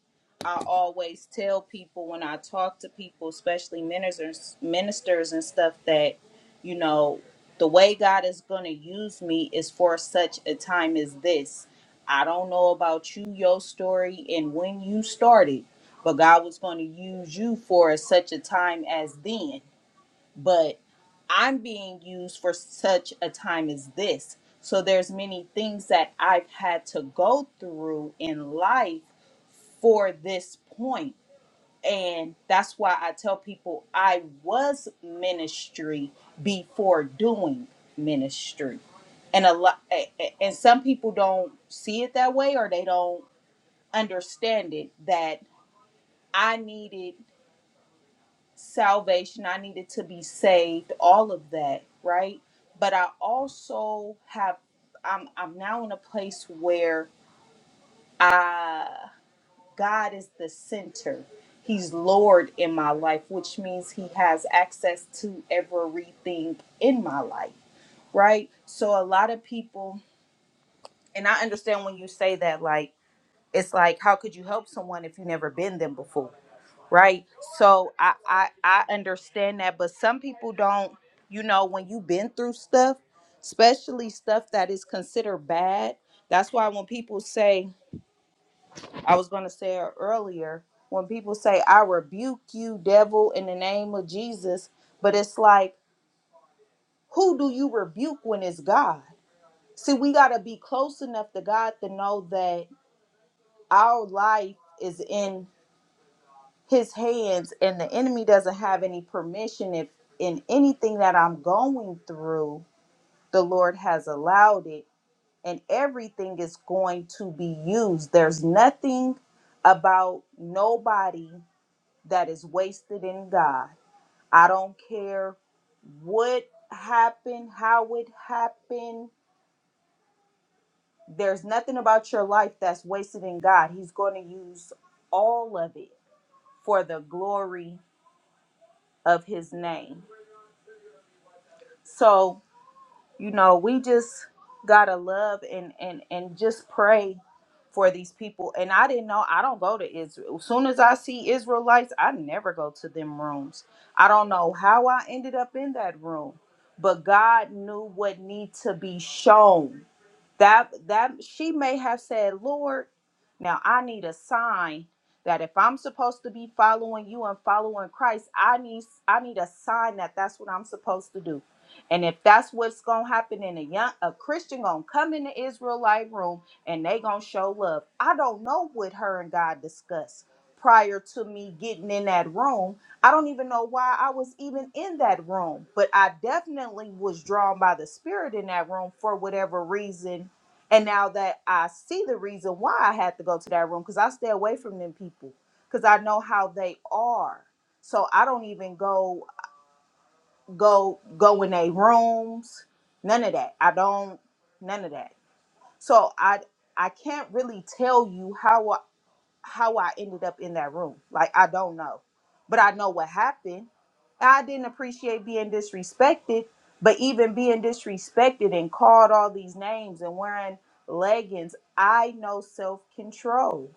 F: I always tell people when I talk to people, especially ministers, ministers and stuff, that you know the way God is going to use me is for such a time as this. I don't know about you, your story, and when you started, but God was going to use you for such a time as then. But I'm being used for such a time as this. So there's many things that I've had to go through in life for this point. And that's why I tell people I was ministry before doing ministry. And a lot and some people don't see it that way or they don't understand it that I needed salvation, I needed to be saved, all of that, right? But I also have I'm I'm now in a place where I. God is the center. He's Lord in my life, which means He has access to everything in my life, right? So a lot of people, and I understand when you say that, like, it's like, how could you help someone if you never been them before, right? So I, I, I understand that, but some people don't, you know, when you've been through stuff, especially stuff that is considered bad. That's why when people say, I was going to say it earlier when people say, I rebuke you, devil, in the name of Jesus, but it's like, who do you rebuke when it's God? See, we got to be close enough to God to know that our life is in his hands and the enemy doesn't have any permission if in anything that I'm going through, the Lord has allowed it and everything is going to be used. There's nothing about nobody that is wasted in God. I don't care what happened, how it happened. There's nothing about your life that's wasted in God. He's going to use all of it for the glory of his name. So, you know we just gotta love and and and just pray for these people and i didn't know i don't go to israel as soon as i see israelites i never go to them rooms i don't know how i ended up in that room but god knew what need to be shown that that she may have said lord now i need a sign that if i'm supposed to be following you and following christ i need i need a sign that that's what i'm supposed to do and if that's what's gonna happen in a young a christian gonna come in the israelite room and they gonna show love i don't know what her and god discussed prior to me getting in that room i don't even know why i was even in that room but i definitely was drawn by the spirit in that room for whatever reason and now that I see the reason why I had to go to that room, because I stay away from them people, because I know how they are. So I don't even go go go in their rooms. None of that. I don't. None of that. So I I can't really tell you how how I ended up in that room. Like I don't know. But I know what happened. I didn't appreciate being disrespected, but even being disrespected and called all these names and wearing leggings, I know self-control.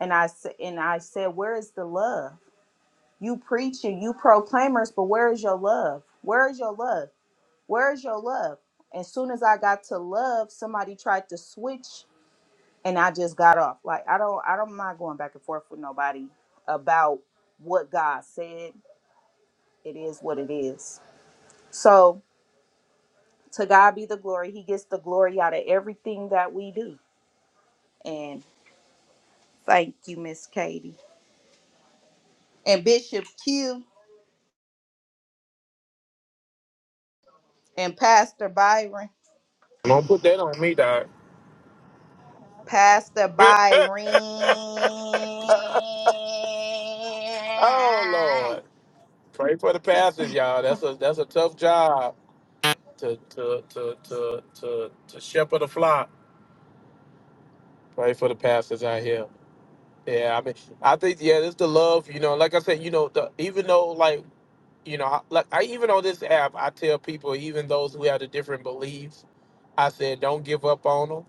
F: And I s- and I said, "Where is the love? You preaching, you proclaimers, but where is your love? Where is your love? Where is your love?" As soon as I got to love, somebody tried to switch and I just got off. Like I don't I don't mind going back and forth with nobody about what God said. It is what it is. So to God be the glory. He gets the glory out of everything that we do. And thank you, Miss Katie. And Bishop Q and Pastor Byron.
E: Don't put that on me, Doc.
F: Pastor Byron.
E: oh, Lord. Pray for the pastors, y'all. That's a that's a tough job to to to to to, to shepherd a flock. Pray for the pastors out here. Yeah, I mean, I think yeah, it's the love. You know, like I said, you know, the, even though like you know, I- like I even on this app, I tell people, even those who have the different beliefs, I said, don't give up on them.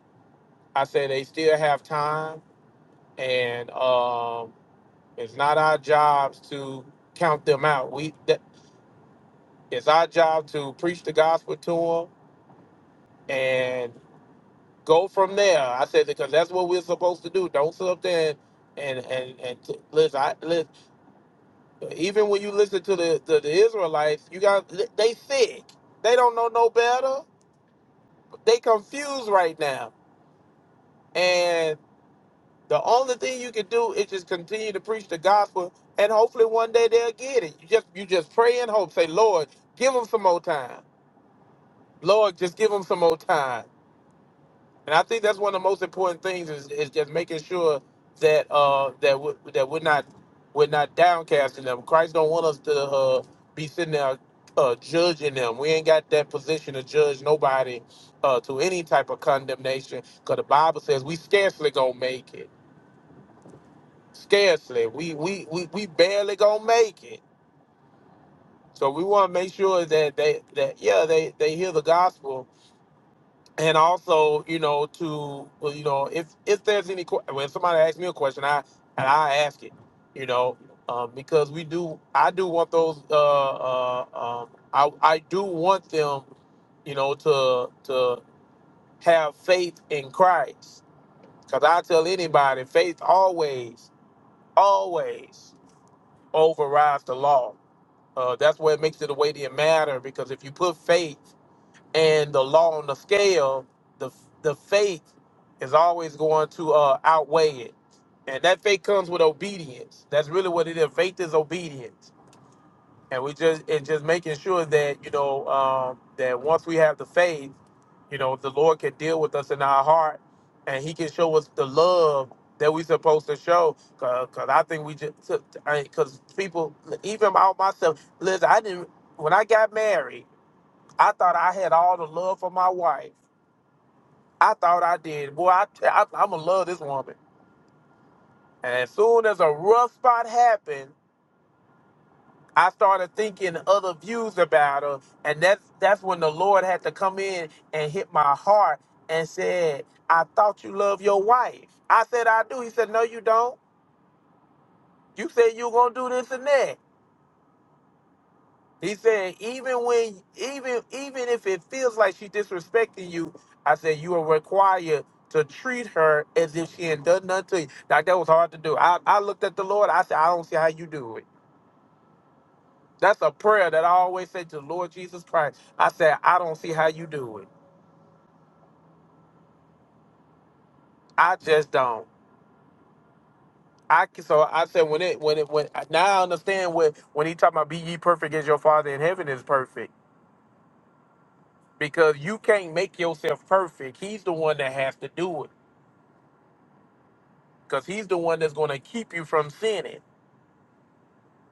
E: I said, they still have time, and um, it's not our jobs to count them out. We that, it's our job to preach the gospel to them and go from there. I said because that's what we're supposed to do. Don't sit up there and and and, and t- listen, I, listen. Even when you listen to the to the Israelites, you got they sick. They don't know no better. They confused right now, and. The only thing you can do is just continue to preach the gospel, and hopefully one day they'll get it. You just you just pray and hope. Say, Lord, give them some more time. Lord, just give them some more time. And I think that's one of the most important things is, is just making sure that uh that we, that we're not we're not downcasting them. Christ don't want us to uh, be sitting there uh, judging them. We ain't got that position to judge nobody uh, to any type of condemnation, because the Bible says we scarcely gonna make it. scarcely. We we we, we barely gonna make it. So we want to make sure that they that yeah they they hear the gospel and also you know to well, you know if if there's any que- when somebody asks me a question I and I ask it you know um, because we do I do want those uh, uh um I I do want them you know to to have faith in Christ because I tell anybody faith always always overrides the law Uh, that's where it makes it a weightier matter because if you put faith and the law on the scale, the the faith is always going to uh, outweigh it, and that faith comes with obedience. That's really what it is. Faith is obedience and we just and just making sure that you know um, that once we have the faith, you know the Lord can deal with us in our heart, and He can show us the love that we're supposed to show. Cause, 'cause I think we just because people, even my myself, listen, I didn't when I got married, I thought I had all the love for my wife. I thought I did. Boy, I, I I'm gonna love this woman. And as soon as a rough spot happened I started thinking other views about her, and that's that's when the Lord had to come in and hit my heart and said, "I thought you love your wife." I said, "I do." He said, "No, you don't. You said you were gonna do this and that." He said, "Even when, even even if it feels like she's disrespecting you, I said you are required." To treat her as if she ain't done nothing to you. Now that was hard to do. I, I looked at the Lord. I said, I don't see how you do it. That's a prayer that I always say to the Lord Jesus Christ. I said, I don't see how you do it. I just don't. I c- so I said when it when it when now I understand what when he talking about be ye perfect as your father in heaven is perfect because you can't make yourself perfect. He's the one that has to do it because he's the one that's going to keep you from sinning.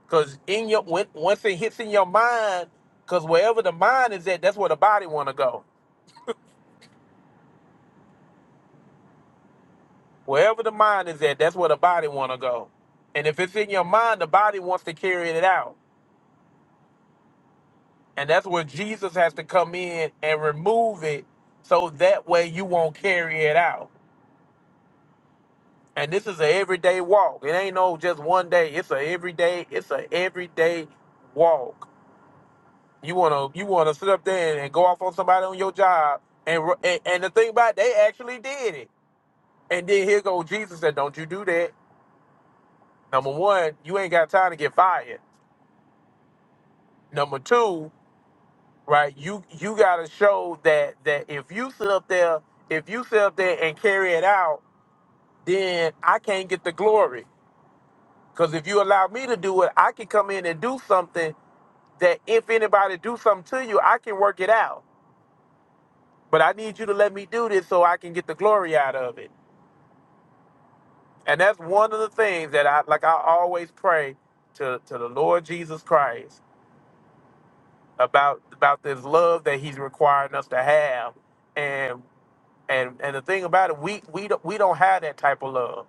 E: Because in your when, once it hits in your mind, because wherever the mind is at, that's where the body want to go. Wherever the mind is at, that's where the body want to go. And if it's in your mind, the body wants to carry it out. And that's where Jesus has to come in and remove it so that way you won't carry it out. And this is an everyday walk. It ain't no just one day. It's a everyday, it's a everyday walk. You wanna you wanna sit up there and, and go off on somebody on your job and, ru- and and the thing about it, they actually did it. And then here goes Jesus said, Don't you do that. Number one, you ain't got time to get fired. Number two, right? You you gotta show that that if you sit up there, if you sit up there and carry it out, then I can't get the glory. Cause if you allow me to do it, I can come in and do something that if anybody do something to you, I can work it out. But I need you to let me do this so I can get the glory out of it. And that's one of the things that I like I always pray to, to the Lord Jesus Christ about about this love that He's requiring us to have And and the thing about it, we we don't, we don't have that type of love.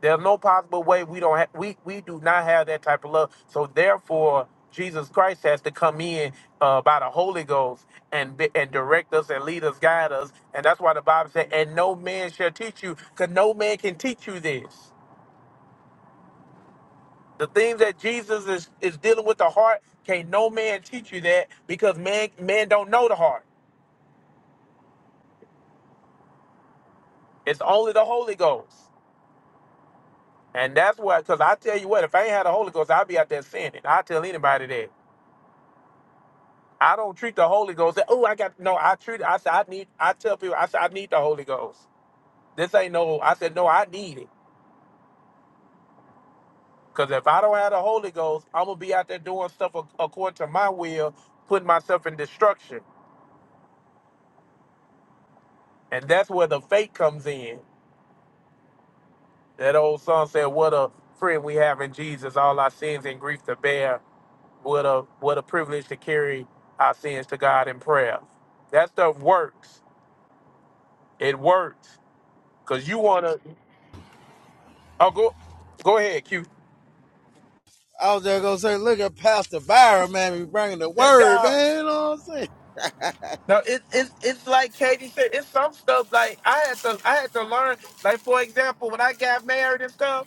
E: There's no possible way we don't have we we do not have that type of love. So therefore, Jesus Christ has to come in uh, by the Holy Ghost and be- and direct us and lead us, guide us. And that's why the Bible said, "And no man shall teach you, because no man can teach you this." The things that Jesus is is dealing with the heart, can no man teach you that because man man don't know the heart. It's only the Holy Ghost. And that's why, because I tell you what, if I ain't had the Holy Ghost, I'd be out there sinning. I tell anybody that. I don't treat the Holy Ghost. Oh, I got no. I treat. I said I need. I tell people. I said I need the Holy Ghost. This ain't no. I said no. I need it. Cause if I don't have the Holy Ghost, I'm gonna be out there doing stuff ac- according to my will, putting myself in destruction. And that's where the faith comes in. That old song said, "What a friend we have in Jesus, all our sins and grief to bear." What a what a privilege to carry our sins to God in prayer. That stuff works. It works. Cause you wanna oh go go ahead, Q.
D: I was just gonna say, look at Pastor Byron, man, be bringing the
E: That-
D: word,
E: Yeah.
D: man. You know what I'm saying?
E: No, it, it's it's like Katie said, it's some stuff like I had to I had to learn, like for example, when I got married and stuff,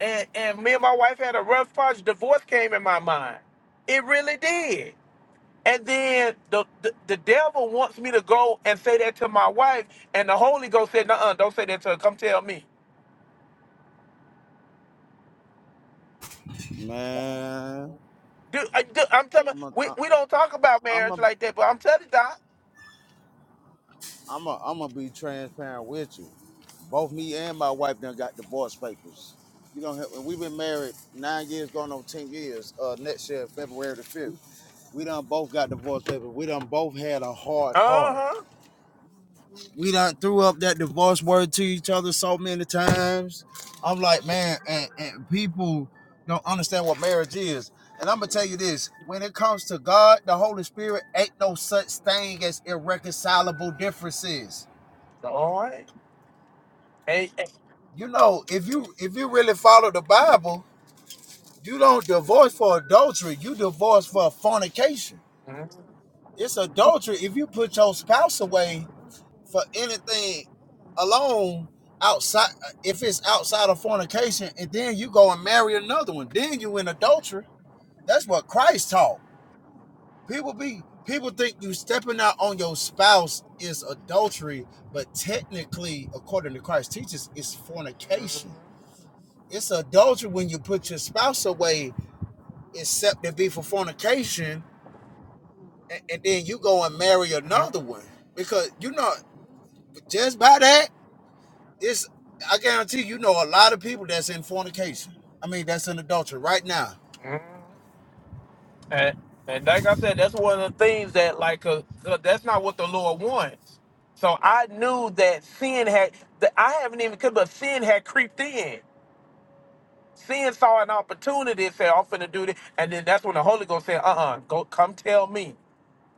E: and, and me and my wife had a rough project, divorce came in my mind. It really did. And then the, the the devil wants me to go and say that to my wife, and the Holy Ghost said, "Nuh, don't say that to her. Come tell me."
D: Man,
E: Dude, I, dude, I'm telling
D: I'm a,
E: we
D: uh,
E: we don't talk about
D: I'm
E: marriage
D: a,
E: like that, but I'm telling you, Doc.
D: I'm a, I'm gonna be transparent with you. Both me and my wife done got divorce papers. You don't have. We've been married nine years, going on ten years. Uh, next year, February the fifth, we done both got divorce papers. We done both had a hard
E: Uh
D: heart.
E: huh.
D: we done threw up that divorce word to each other so many times. I'm like, man, and, and people don't understand what marriage is. And I'm gonna tell you this: when it comes to God, the Holy Spirit ain't no such thing as irreconcilable differences.
E: All right. Hey. hey.
D: You know, if you if you really follow the Bible, you don't divorce for adultery. You divorce for fornication.
E: Mhm,
D: It's adultery if you put your spouse away for anything alone outside if it's outside of fornication and then you go and marry another one then you in adultery that's what christ taught people be people think you stepping out on your spouse is adultery but technically according to Christ's teachings, it's fornication it's adultery when you put your spouse away except it be for fornication and, and then you go and marry
E: mhm,
D: another one because you know just by that it's I guarantee you know a lot of people that's in fornication. I mean, that's in adultery right now.
E: mhm. And, and like I said, that's one of the things that like, 'cause- 'cause that's not what the Lord wants. So I knew that sin had, that I haven't even, cause, but sin had creeped in. Sin saw an opportunity and said, "I'm finna do this," and then that's when the Holy Ghost said, "Uh uh go come tell me."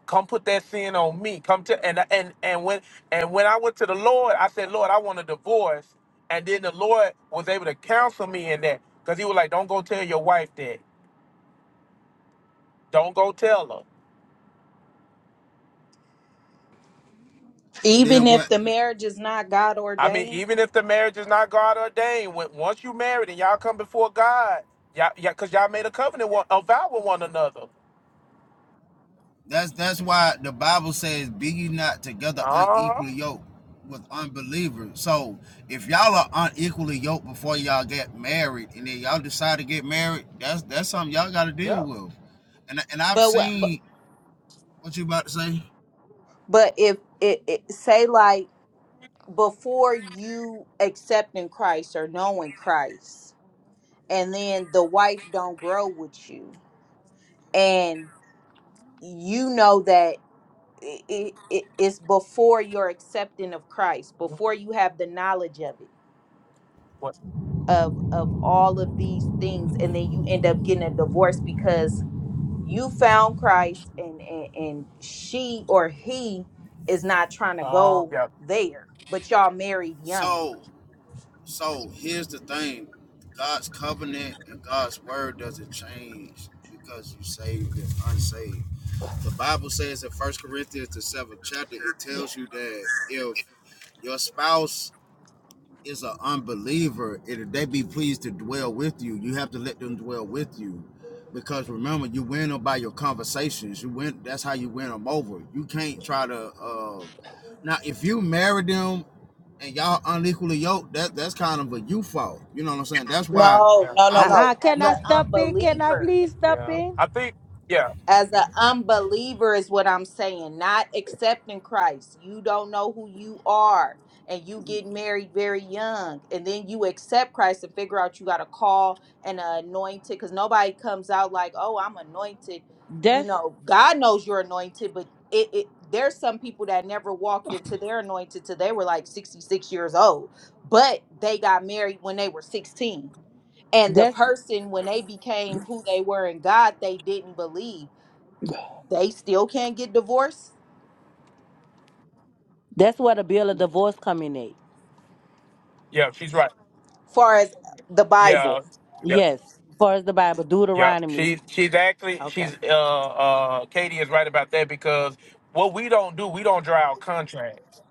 E: Come put that sin on me. Come to and and and when and when I went to the Lord, I said, Lord, I want a divorce. And then the Lord was able to counsel me in that because He was like, Don't go tell your wife that. Don't go tell her.
D: And
F: Even
D: then
F: if
D: what?
F: the marriage is not God
E: I mean,
F: ordained,
E: even if the marriage is not God ordained, when once you married and y'all come before God, y'all, yeah, cause y'all made a covenant, one, a vow with one another.
D: That's that's why the Bible says, "Be ye not together
E: Uh huh.
D: unequally yoked with unbelievers." So if y'all are unequally yoked before y'all get married, and then y'all decide to get married, that's that's something y'all got to
E: Yeah.
D: deal with. And and I've
F: but what but,
D: seen what you about to say.
F: but if it, it say like before you accepting Christ or knowing Christ, and then the wife don't grow with you, and you know that i it, it's before your accepting of Christ, before you have the knowledge of it,
E: What?
F: of of all of these things, and then you end up getting a divorce because you found Christ, and and, and she or he is not trying to
E: Oh,
F: go
E: yeah,
F: there, but y'all married young
D: So So here's the thing God's covenant and God's word doesn't change because you saved and unsaved. The Bible says in First Corinthians, the seventh chapter, it tells you that if your spouse is an unbeliever, if they be pleased to dwell with you, you have to let them dwell with you. Because remember, you win them by your conversations. You win. That's how you win them over. You can't try to. Uh, now, if you marry them and y'all unequally yoked, that that's kind of a you fault. You know what I'm saying? That's why
F: No,
E: yeah,
F: no, no,
D: I
G: Uh
D: would
F: no.
G: uh can
F: As
D: no.
G: I
F: an
G: stop in? Can I
F: unbeliever,
G: please stop
E: yeah.
G: in?
E: I think, yeah,
F: as an unbeliever is what I'm saying, not accepting Christ. You don't know who you are, and you get married very young, and then you accept Christ and figure out you got a call and a anointed because nobody comes out like, oh, I'm anointed. You
G: That's
F: know, God knows you're anointed, but it, it there's some people that never walked into their anointed till they were like 66 years old, but they got married when they were 16 and the
G: that's
F: person, when they became who they were in God, they didn't believe. They still can't get divorced,
G: that's where the bill of divorce come in at.
E: yeah. She's right.
F: far as the
E: Yeah,
F: Bible.
E: yeah.
G: Yes, far as the Bible,
E: Yep.
G: Deuteronomy.
E: She's she's actually
F: okay.
E: she's uh uh Katie is right about that because what we don't do, we don't draw out contracts.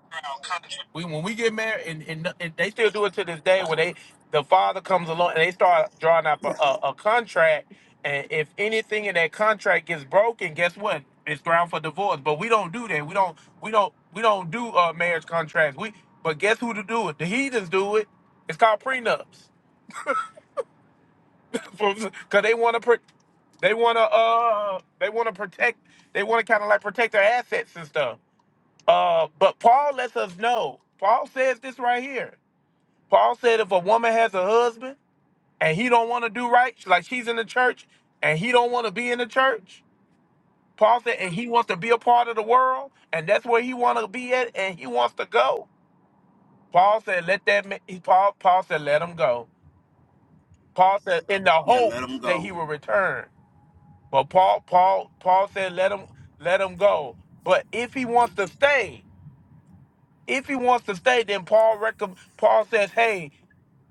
E: We when we get married and, and, and they still do it to this day where they the father comes along and they start drawing up a, a, a contract and if anything in that contract gets broken, guess what? It's ground for divorce. But we don't do that. We don't we don't we don't do uh marriage contracts. We but guess who to do it? The heathens do it. It's called prenups. Because they want to. They wanna uh they wanna protect they wanna kinda like protect their assets and stuff. Uh but Paul lets us know. Paul says this right here. Paul said if a woman has a husband and he don't wanna do right, like she's in the church and he don't wanna be in the church, Paul said and he wants to be a part of the world and that's where he wanna be at and he wants to go. Paul said let that ma- he Paul Paul said let him go. Paul said in the
D: Yeah, let them
E: hopes that he
D: go.
E: will return. But Paul, Paul, Paul said, "Let him, let him go." But if he wants to stay, if he wants to stay, then Paul recom Paul says, "Hey,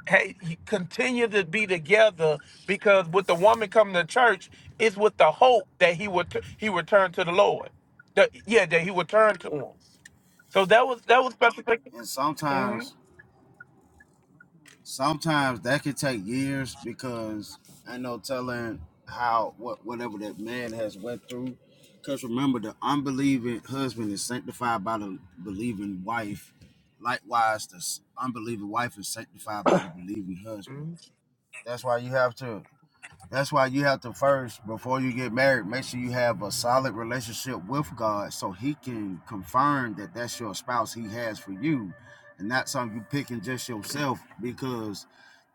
E: hey, you continue to be together because with the woman coming to church, it's with the hope that he would he would turn to the Lord. That- yeah, that he would turn to him. So that was that was specific.
D: And sometimes
E: Mhm.
D: Sometimes that could take years because I know telling how what whatever that man has went through. Because remember, the unbelieving husband is sanctified by the believing wife. Likewise, the s- unbelieving wife is sanctified by the believing husband.
E: Mhm.
D: That's why you have to. That's why you have to first, before you get married, make sure you have a solid relationship with God so He can confirm that that's your spouse He has for you and not something you picking just yourself because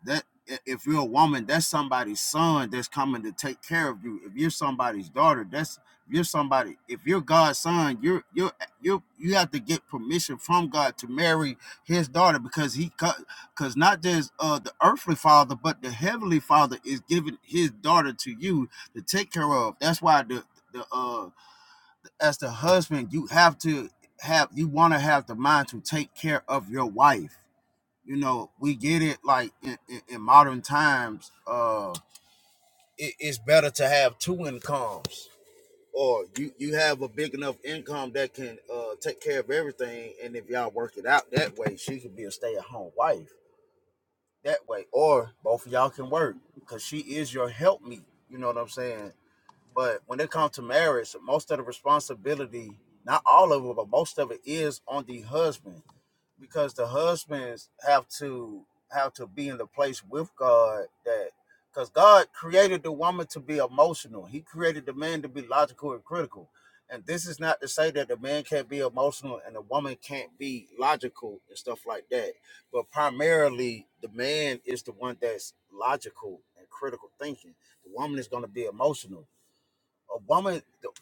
D: that if you're a woman, that's somebody's son that's coming to take care of you. If you're somebody's daughter, that's if you're somebody. If you're God's son, you're you're you you have to get permission from God to marry His daughter because He co- because not just uh the earthly father but the heavenly father is giving his daughter to you to take care of that's why the the uh as the husband you have to have you want to have the mind to take care of your wife you know we get it like in, in, in modern times uh it, it's better to have two incomes or you you have a big enough income that can uh take care of everything and if y'all work it out that way she could be a stay-at-home wife that way. Or both of y'all can work because she is your helpmeet. You know what I'm saying? But when it comes to marriage, most of the responsibility, not all of it, but most of it is on the husband because the husbands have to have to be in the place with God that because God created the woman to be emotional. He created the man to be logical and critical. And this is not to say that the man can't be emotional and the woman can't be logical and stuff like that. But primarily the man is the one that's logical and critical thinking. The woman is going to be emotional a woman th-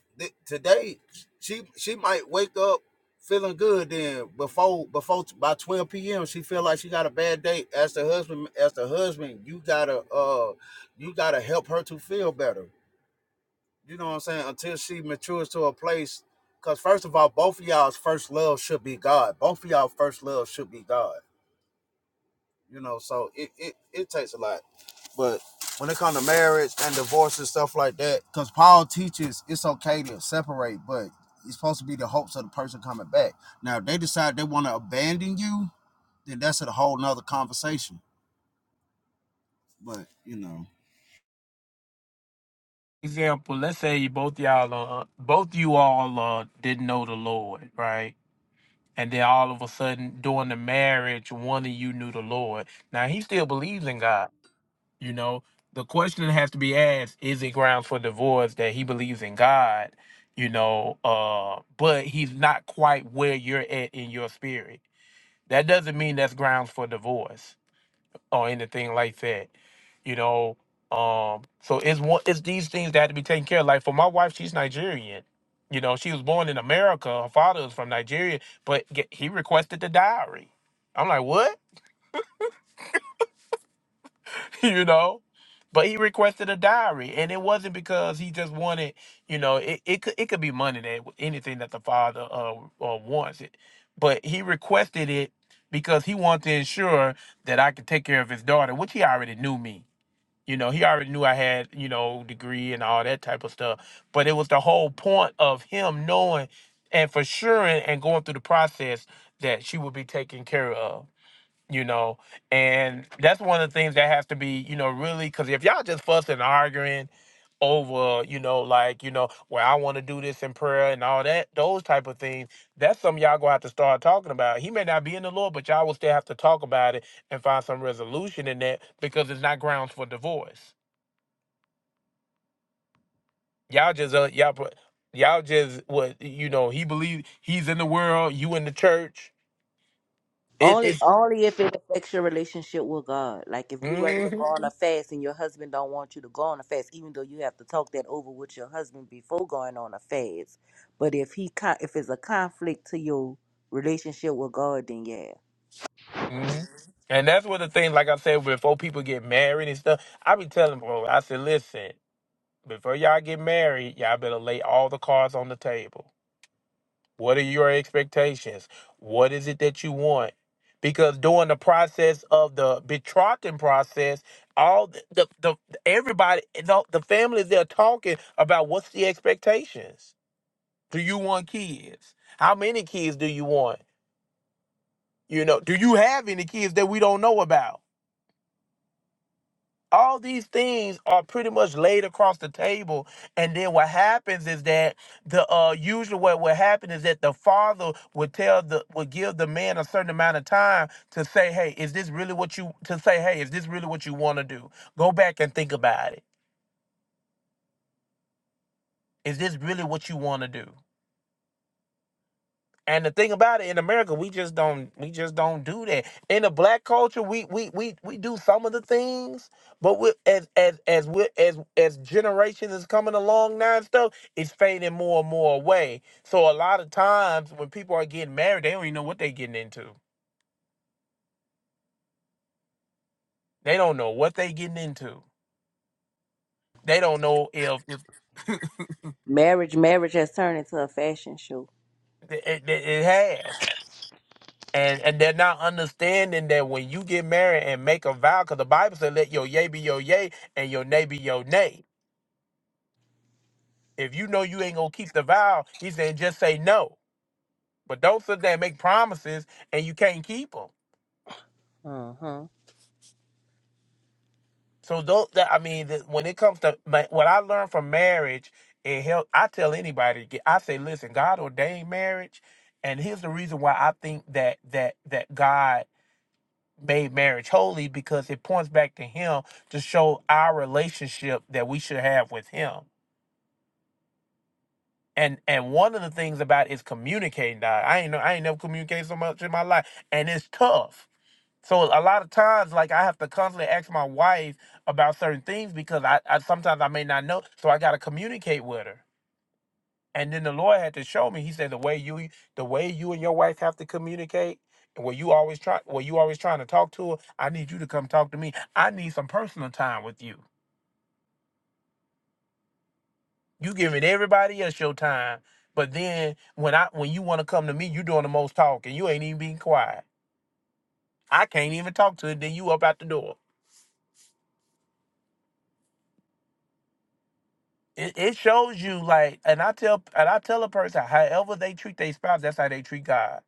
D: today she she might wake up feeling good then before before by 12 p.m she feel like she got a bad day as the husband as the husband you gotta uh you gotta help her to feel better you know what i'm saying until she matures to a place because first of all both of y'all's first love should be god both of y'all first love should be god you know, so it, it, it takes a lot. But when it comes to marriage and divorce and stuff like that, because Paul teaches it's okay to separate, but it's supposed to be the hopes of the person coming back. Now, if they decide they want to abandon you, then that's a whole nother conversation. But, you know.
E: Example: Let's say both y'all, uh, both you all uh, didn't know the Lord, right? and then all of a sudden during the marriage one of you knew the lord now he still believes in god you know the question that has to be asked is it grounds for divorce that he believes in god you know uh but he's not quite where you're at in your spirit that doesn't mean that's grounds for divorce or anything like that. You know, um, so it's one it's these things that have to be taken care of. Like for my wife, she's Nigerian. You know, she was born in America. Her father was from Nigeria, but ge- he requested the diary. I'm like, what? you know, but he requested a diary, and it wasn't because he just wanted. You know, it, it could it could be money that anything that the father uh, uh wants it, but he requested it because he wanted to ensure that I could take care of his daughter, which he already knew me You know, he already knew I had, you know, degree and all that type of stuff. But it was the whole point of him knowing and for sure and going through the process that she would be taken care of you know and that's one of the things that has to be you know really because if y'all just fussing and arguing over you know like you know well i want to do this in prayer and all that those type of things that's something y'all gonna have to start talking about he may not be in the lord but y'all will still have to talk about it and find some resolution in that because it's not grounds for divorce y'all just uh, y'all put y'all just what you know he believe he's in the world you in the church it,
G: Only
E: it's
G: only if it affects your relationship with God. Like if you ready to
E: mm-hmm.
G: go on a fast and your husband don't want you to go on a fast, even though you have to talk that over with your husband before going on a fast. But if he con- if it's a conflict to your relationship with God, then yeah.
E: hmm And that's one of the things, like I said, before people get married and stuff, I be telling bro, I said, listen, before y'all get married, y'all better lay all the cards on the table. What are your expectations? What is it that you want? Because during the process of the betrothing process, all the the, the everybody, the, the families, they're talking about what's the expectations. Do you want kids? How many kids do you want? You know, do you have any kids that we don't know about? all these things are pretty much laid across the table and then what happens is that the uh usually what would happen is that the father would tell the would give the man a certain amount of time to say hey is this really what you to say hey is this really what you want to do go back and think about it is this really what you want to do And the thing about it in America, we just don't we just don't do that. In the black culture, we we we we do some of the things, but we as as as we as as generations is coming along now and stuff, it's fading more and more away. So a lot of times when people are getting married, they don't even know what they're getting into. They don't know what they getting into. They don't know if, if
G: Marriage marriage has turned into a fashion show.
E: it, it it has. And and they're not understanding that when you get married and make a vow, because the Bible said, "Let your yea be your yea and your nay be your nay." If you know you ain't gonna keep the vow, he said just say no. But don't sit there and make promises and you can't keep them.
G: Uh-huh.
E: So don't. That, I mean, that- when it comes to ma- what I learned from marriage, it help. I tell anybody, to get- I say, listen, God ordained marriage, and here's the reason why I think that that that God made marriage holy because it points back to Him to show our relationship that we should have with Him. And and one of the things about is communicating. Dog. I ain't know I ain't never communicated so much in my life, and it's tough. So a lot of times, like I have to constantly ask my wife about certain things because I, I sometimes I may not know, so I got to communicate with her. And then the Lord had to show me. He said the way you the way you and your wife have to communicate, and where you always try where you always trying to talk to her. I need you to come talk to me. I need some personal time with you. You giving everybody else your time, but then when I when you want to come to me, you doing the most talking. You ain't even being quiet. I can't even talk to it. Then you up out the door. It, it shows you like, and I tell and I tell a person, however they treat their spouse, that's how they treat God.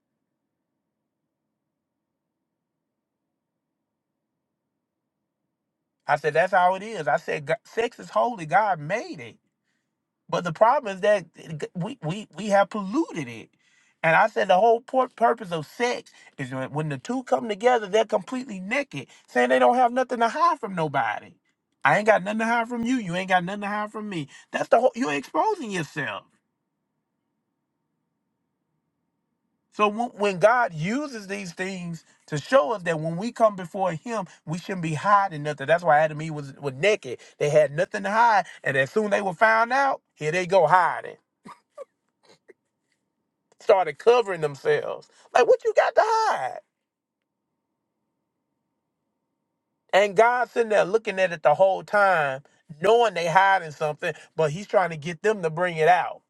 E: I said that's how it is. I said "Go- sex is holy. God made it. But the problem is that we we we have polluted it. And I said the whole pur- purpose of sex is when when the two come together, they're completely naked, saying they don't have nothing to hide from nobody. I ain't got nothing to hide from you. You ain't got nothing to hide from me. That's the whole. You're exposing yourself. So when, when God uses these things to show us that when we come before Him, we shouldn't be hiding nothing. That's why Adam and Eve was, was naked. They had nothing to hide, and as soon they were found out, here they go hiding. started covering themselves. Like, what you got to hide? And God's sitting there looking at it the whole time, knowing they hiding something, but he's trying to get them to bring it out.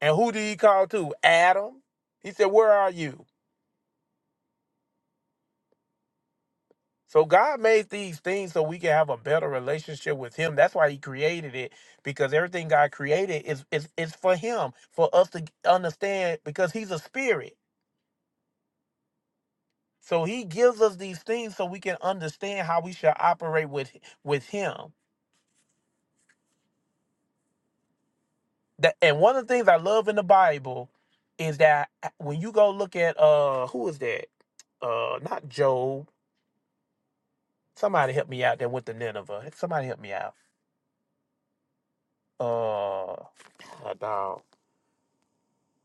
E: And who did he call to? Adam. He said, Where are you? So God made these things so we can have a better relationship with him. That's why he created it, because everything God created is is, is for him, for us to understand, because he's a spirit. So he gives us these things so we can understand how we should operate with with him. That and one of the things I love in the Bible is that uh, when you go look at uh who is that? Uh not Job. Somebody help me out that went to Nineveh. Somebody help me out. Uh uh, dog.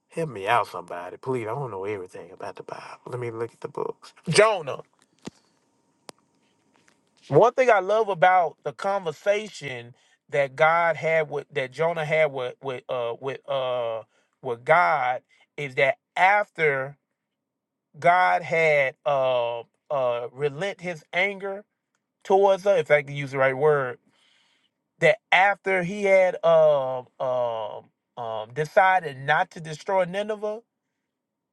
E: Help me out, somebody, please. I don't know everything about the Bible. Let me look at the books. Jonah. One thing I love about the conversation that God had with that Jonah had with with uh with uh with God is that after God had uh uh relent his anger towards her, if I can use the right word, that after he had um um um decided not to destroy Nineveh,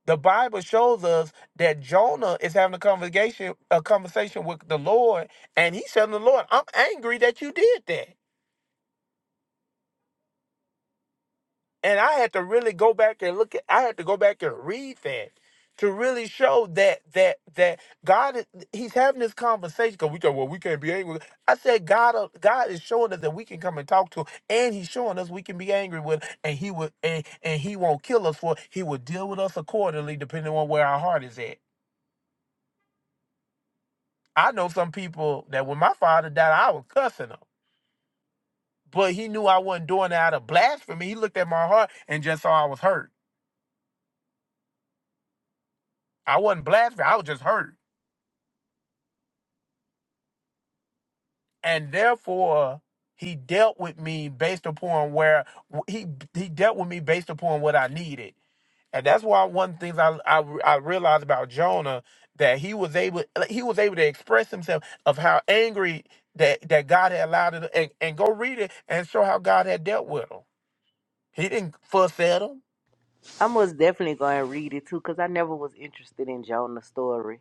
E: the Bible shows us that Jonah is having a conversation a conversation with the Lord, and he's telling the Lord, I'm angry that you did that. And I had to really go back and look at I had to go back and read that to really show that that that God is He's having this conversation because we thought, well, we can't be angry. I said God uh, God is showing us that we can come and talk to him, and He's showing us we can be angry with him, and He will and, and He won't kill us for it. He will deal with us accordingly depending on where our heart is at. I know some people that when my father died, I was cussing him. But he knew I wasn't doing it out of blasphemy. He looked at my heart and just saw I was hurt. I wasn't blaspheming, I was just hurt. and therefore he dealt with me based upon where he he dealt with me based upon what I needed, and that's why one of the things I I, I realized about Jonah that he was able he was able to express himself of how angry that that God had allowed him, and, and go read it and show how God had dealt with him. He didn't fuss at him.
G: I most definitely gonna read it too, because I never was interested in Jonah's story.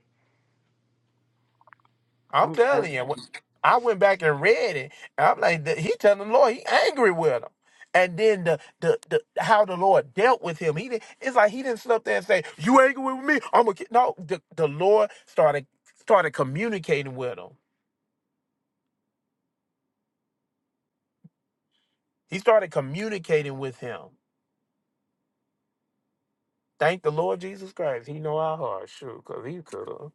E: I'm
G: I'm glad.
E: telling you, when- I went back and read it. And I'm like, the- he telling the Lord he angry with him. And then the, the the how the Lord dealt with him, he didn't. It's like he didn't sit up there and say, "You angry with me? I'm gonna get." No, the, the Lord started started communicating with him. He started communicating with him. Thank the Lord Jesus Christ. He know our hearts, sure, cause he could have.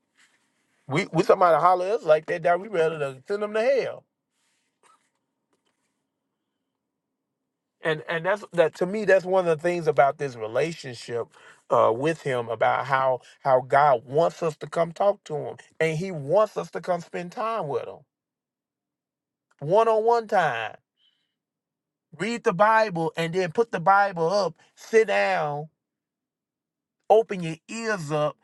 E: We we somebody holler at us like that, that we rather than send them to hell. and and that's that to me that's one of the things about this relationship uh with him about how how god wants us to come talk to him and he wants us to come spend time with him one-on-one time read the bible and then put the bible up sit down open your ears up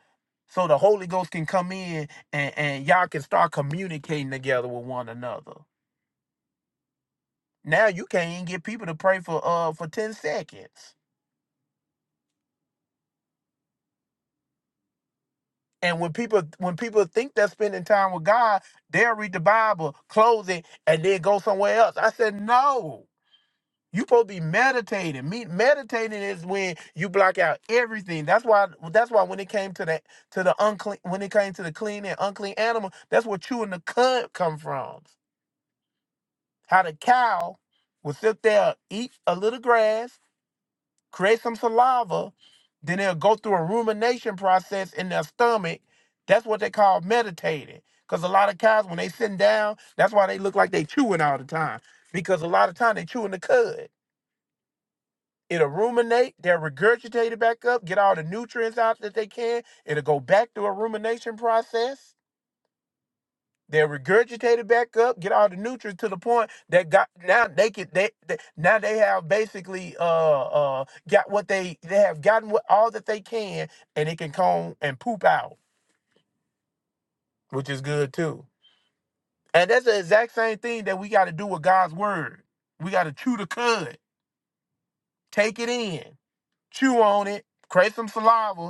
E: so the holy ghost can come in and and y'all can start communicating together with one another now you can't even get people to pray for uh for 10 seconds And when people when people think they're spending time with God, they'll read the Bible, close it, and then go somewhere else. I said, no. You supposed to be meditating. Me, meditating is when you block out everything. That's why. That's why when it came to the to the unclean, when it came to the clean and unclean animal, that's where chewing the cud come from. How the cow would sit there, eat a little grass, create some saliva, then they'll go through a rumination process in their stomach. That's what they call meditating. Because a lot of cows, when they sitting down, that's why they look like they chewing all the time. Because a lot of time they chewing the cud. It'll ruminate, they'll regurgitate it back up, get all the nutrients out that they can. It'll go back through a rumination process. They're regurgitated back up, get all the nutrients to the point that got now they could they, they now they have basically uh uh got what they they have gotten what all that they can and it can comb and poop out, which is good too. And that's the exact same thing that we got to do with God's word. We got to chew the cud, take it in, chew on it, create some saliva,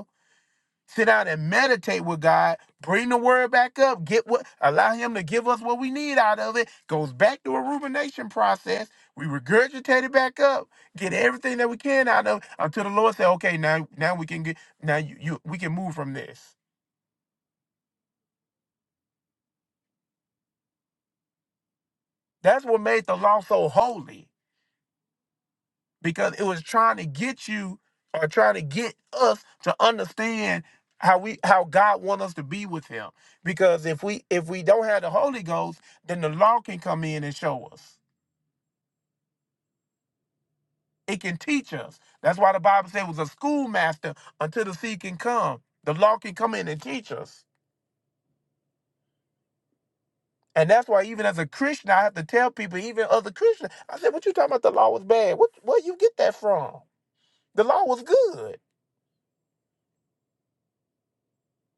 E: sit down and meditate with God, bring the word back up, get what allow him to give us what we need out of it. Goes back to a rumination process. We regurgitate it back up, get everything that we can out of it until the Lord said, okay, now now we can get now you, you we can move from this. That's what made the law so holy. because it was trying to get you or trying to get us to understand how we how God wants us to be with him. Because if we if we don't have the Holy Ghost, then the law can come in and show us. It can teach us. That's why the Bible said it was a schoolmaster until the sea can come. The law can come in and teach us. And that's why even as a Christian, I have to tell people, even other Christians, I said, what you talking about the law was bad? What where you get that from? The law was good.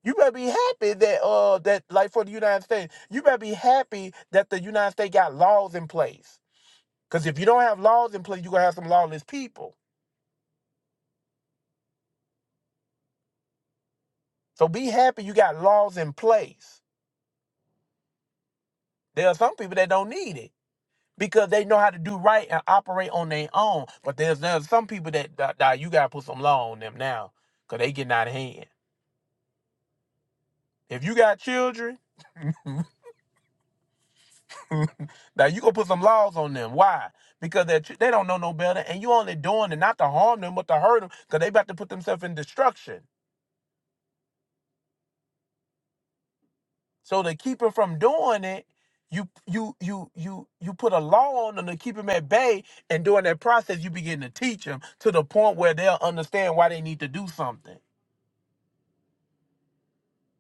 E: You better be happy that uh that like for the United States, you better be happy that the United States got laws in place. Cause if you don't have laws in place, you're gonna have some lawless people. So be happy you got laws in place. There are some people that don't need it because they know how to do right and operate on their own. But there's there's some people that, that, that you gotta put some law on them now. Cause they getting out of hand. If you got children, now you gonna put some laws on them. Why? Because they they don't know no better, and you only doing it not to harm them, but to hurt them, because they about to put themselves in destruction. So to keep them from doing it, you you you you you put a law on them to keep them at bay, and during that process, you begin to teach them to the point where they'll understand why they need to do something.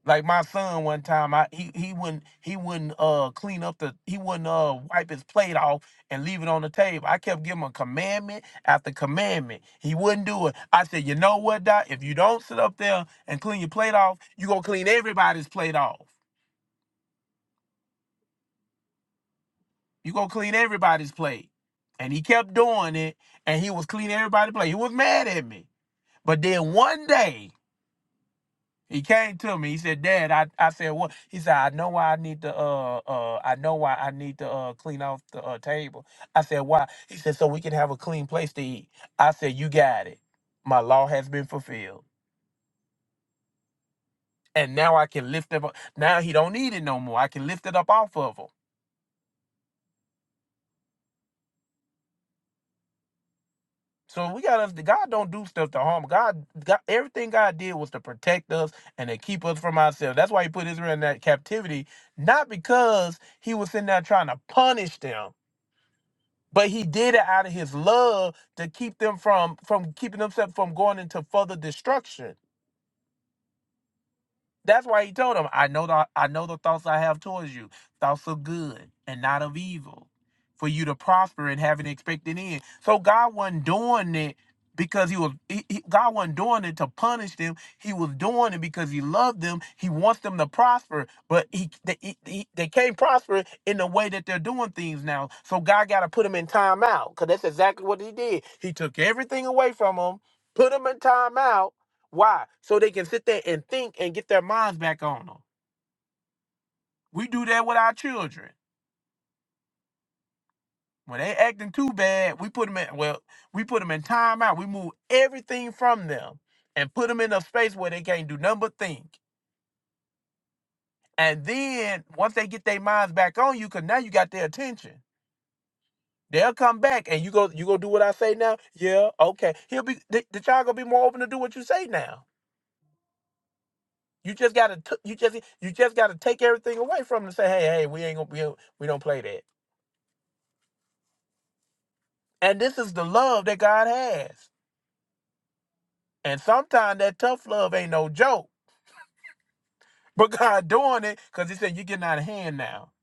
E: Like my son one time, I he he wouldn't he wouldn't uh clean up the he wouldn't uh wipe his plate off and leave it on the table. I kept giving him a commandment after commandment. He wouldn't do it. I said, you know what, Doc? If you don't sit up there and clean your plate off, you gonna clean everybody's plate off. You gonna clean everybody's plate. And he kept doing it, and he was cleaning everybody's plate. He was mad at me. But then one day He came to me. He said, "Dad, I, I said what?" He said, "I know why I need to uh uh I know why I need to uh clean off the uh, table." I said, "Why?" He said, "So we can have a clean place to eat." I said, "You got it. My law has been fulfilled, and now I can lift him up. Now he don't need it no more. I can lift it up off of him." So we got us. God don't do stuff to harm. God, God, everything God did was to protect us and to keep us from ourselves. That's why He put Israel in that captivity, not because He was sitting there trying to punish them. but he did it out of his love to keep them from from keeping themselves from going into further destruction that's why he told him, I know the I know the thoughts I have towards you, thoughts of good and not of evil, for you to prosper and have an expected end. So God wasn't doing it because he was he, he- God wasn't doing it to punish them. He was doing it because he loved them. He wants them to prosper, but he they, he, he- they can't prosper in the way that they're doing things now. So God got to put them in timeout because that's exactly what he did. He took everything away from them, put them in timeout why? So they can sit there and think and get their minds back on them. We do that with our children. When they acting too bad, we put them in well, we put them in timeout. We move everything from them and put them in a space where they can't do nothing but think. And then once they get their minds back on you, cause now you got their attention. They'll come back and you go you go do what I say now. Yeah, okay. He'll be the, the child gonna be more open to do what you say now. You just gotta t- you just you just gotta take everything away from them and say, hey, hey, we ain't gonna be we don't play that. And this is the love that God has. And sometimes that tough love ain't no joke. But God doing it because He said, You're getting out of hand now.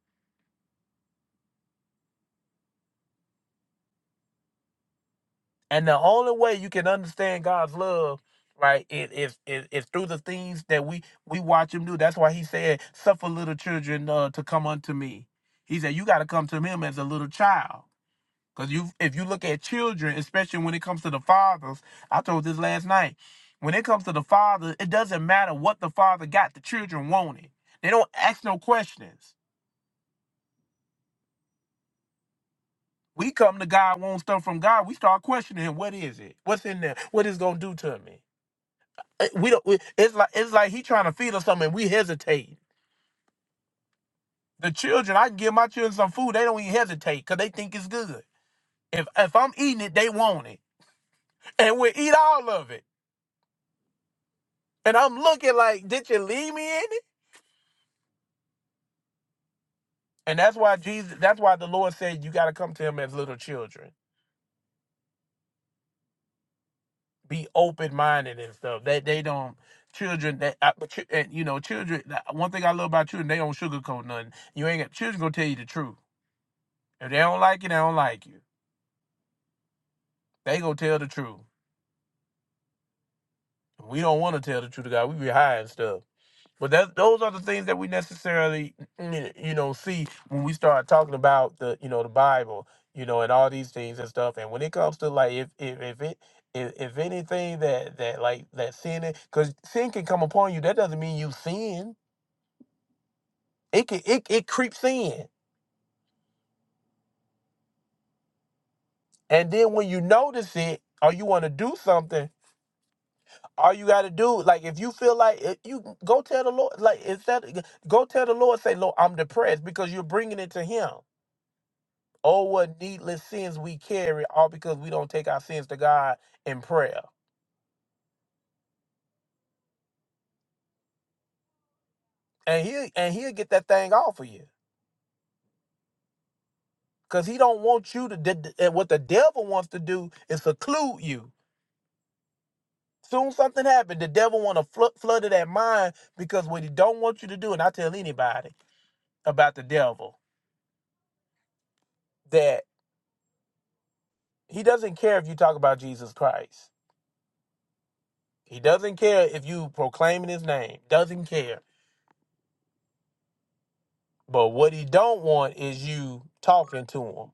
E: And the only way you can understand God's love, right, is is is is through the things that we we watch Him do. That's why He said, Suffer little children uh, to come unto me. He said, You got to come to Him as a little child. Cause you, if you look at children, especially when it comes to the fathers, I told this last night. When it comes to the father, it doesn't matter what the father got. The children want it. They don't ask no questions. We come to God, want stuff from God. We start questioning him. What is it? What's in there? What is it gonna do to me? Uh, We don't. we- It's like it's like he trying to feed us something. and We hesitate. The children, I can give my children some food. They don't even hesitate because they think it's good. If if I'm eating it, they want it, and we eat all of it. And I'm looking like, did you leave me in it? And that's why Jesus that's why the Lord said you gotta come to him as little children. Be open minded and stuff. They they don't children that uh, but chi- and, you know children that- one thing I love about children they don't sugarcoat nothing. You ain't got children gonna tell you the truth. If they don't like you, they don't like you. They gonna tell the truth. We don't want to tell the truth to God. We be hiding stuff. But that those are the things that we necessarily you know see when we start talking about the you know the Bible, you know, and all these things and stuff. And when it comes to like if if if it if, if anything that that like that sin because sin can come upon you, that doesn't mean you sin. It can it it creeps in, and then when you notice it or you want to do something. All you got to do, like, if you feel like it, you go tell the Lord, like, instead, go tell the Lord, say, Lord, I'm depressed because you're bringing it to Him Oh, what needless sins we carry, all because we don't take our sins to God in prayer. And he'll and he'll get that thing off of you. Cause he don't want you to d- d- and what the devil wants to do is seclude you. Soon something happened. The devil want to fl- flood of that mind because what he don't want you to do, and I tell anybody about the devil that he doesn't care if you talk about Jesus Christ. He doesn't care if you proclaiming his name. Doesn't care. But what he don't want is you talking to him.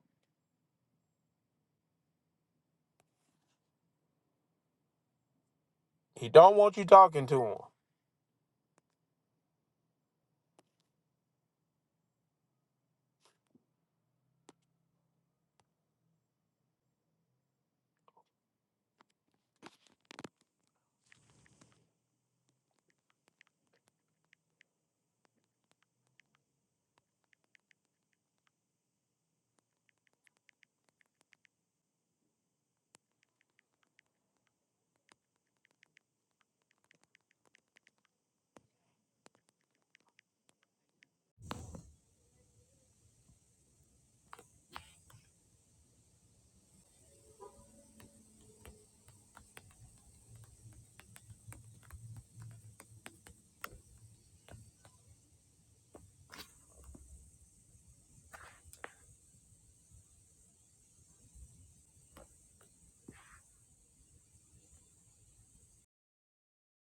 E: He don't want you talking to him.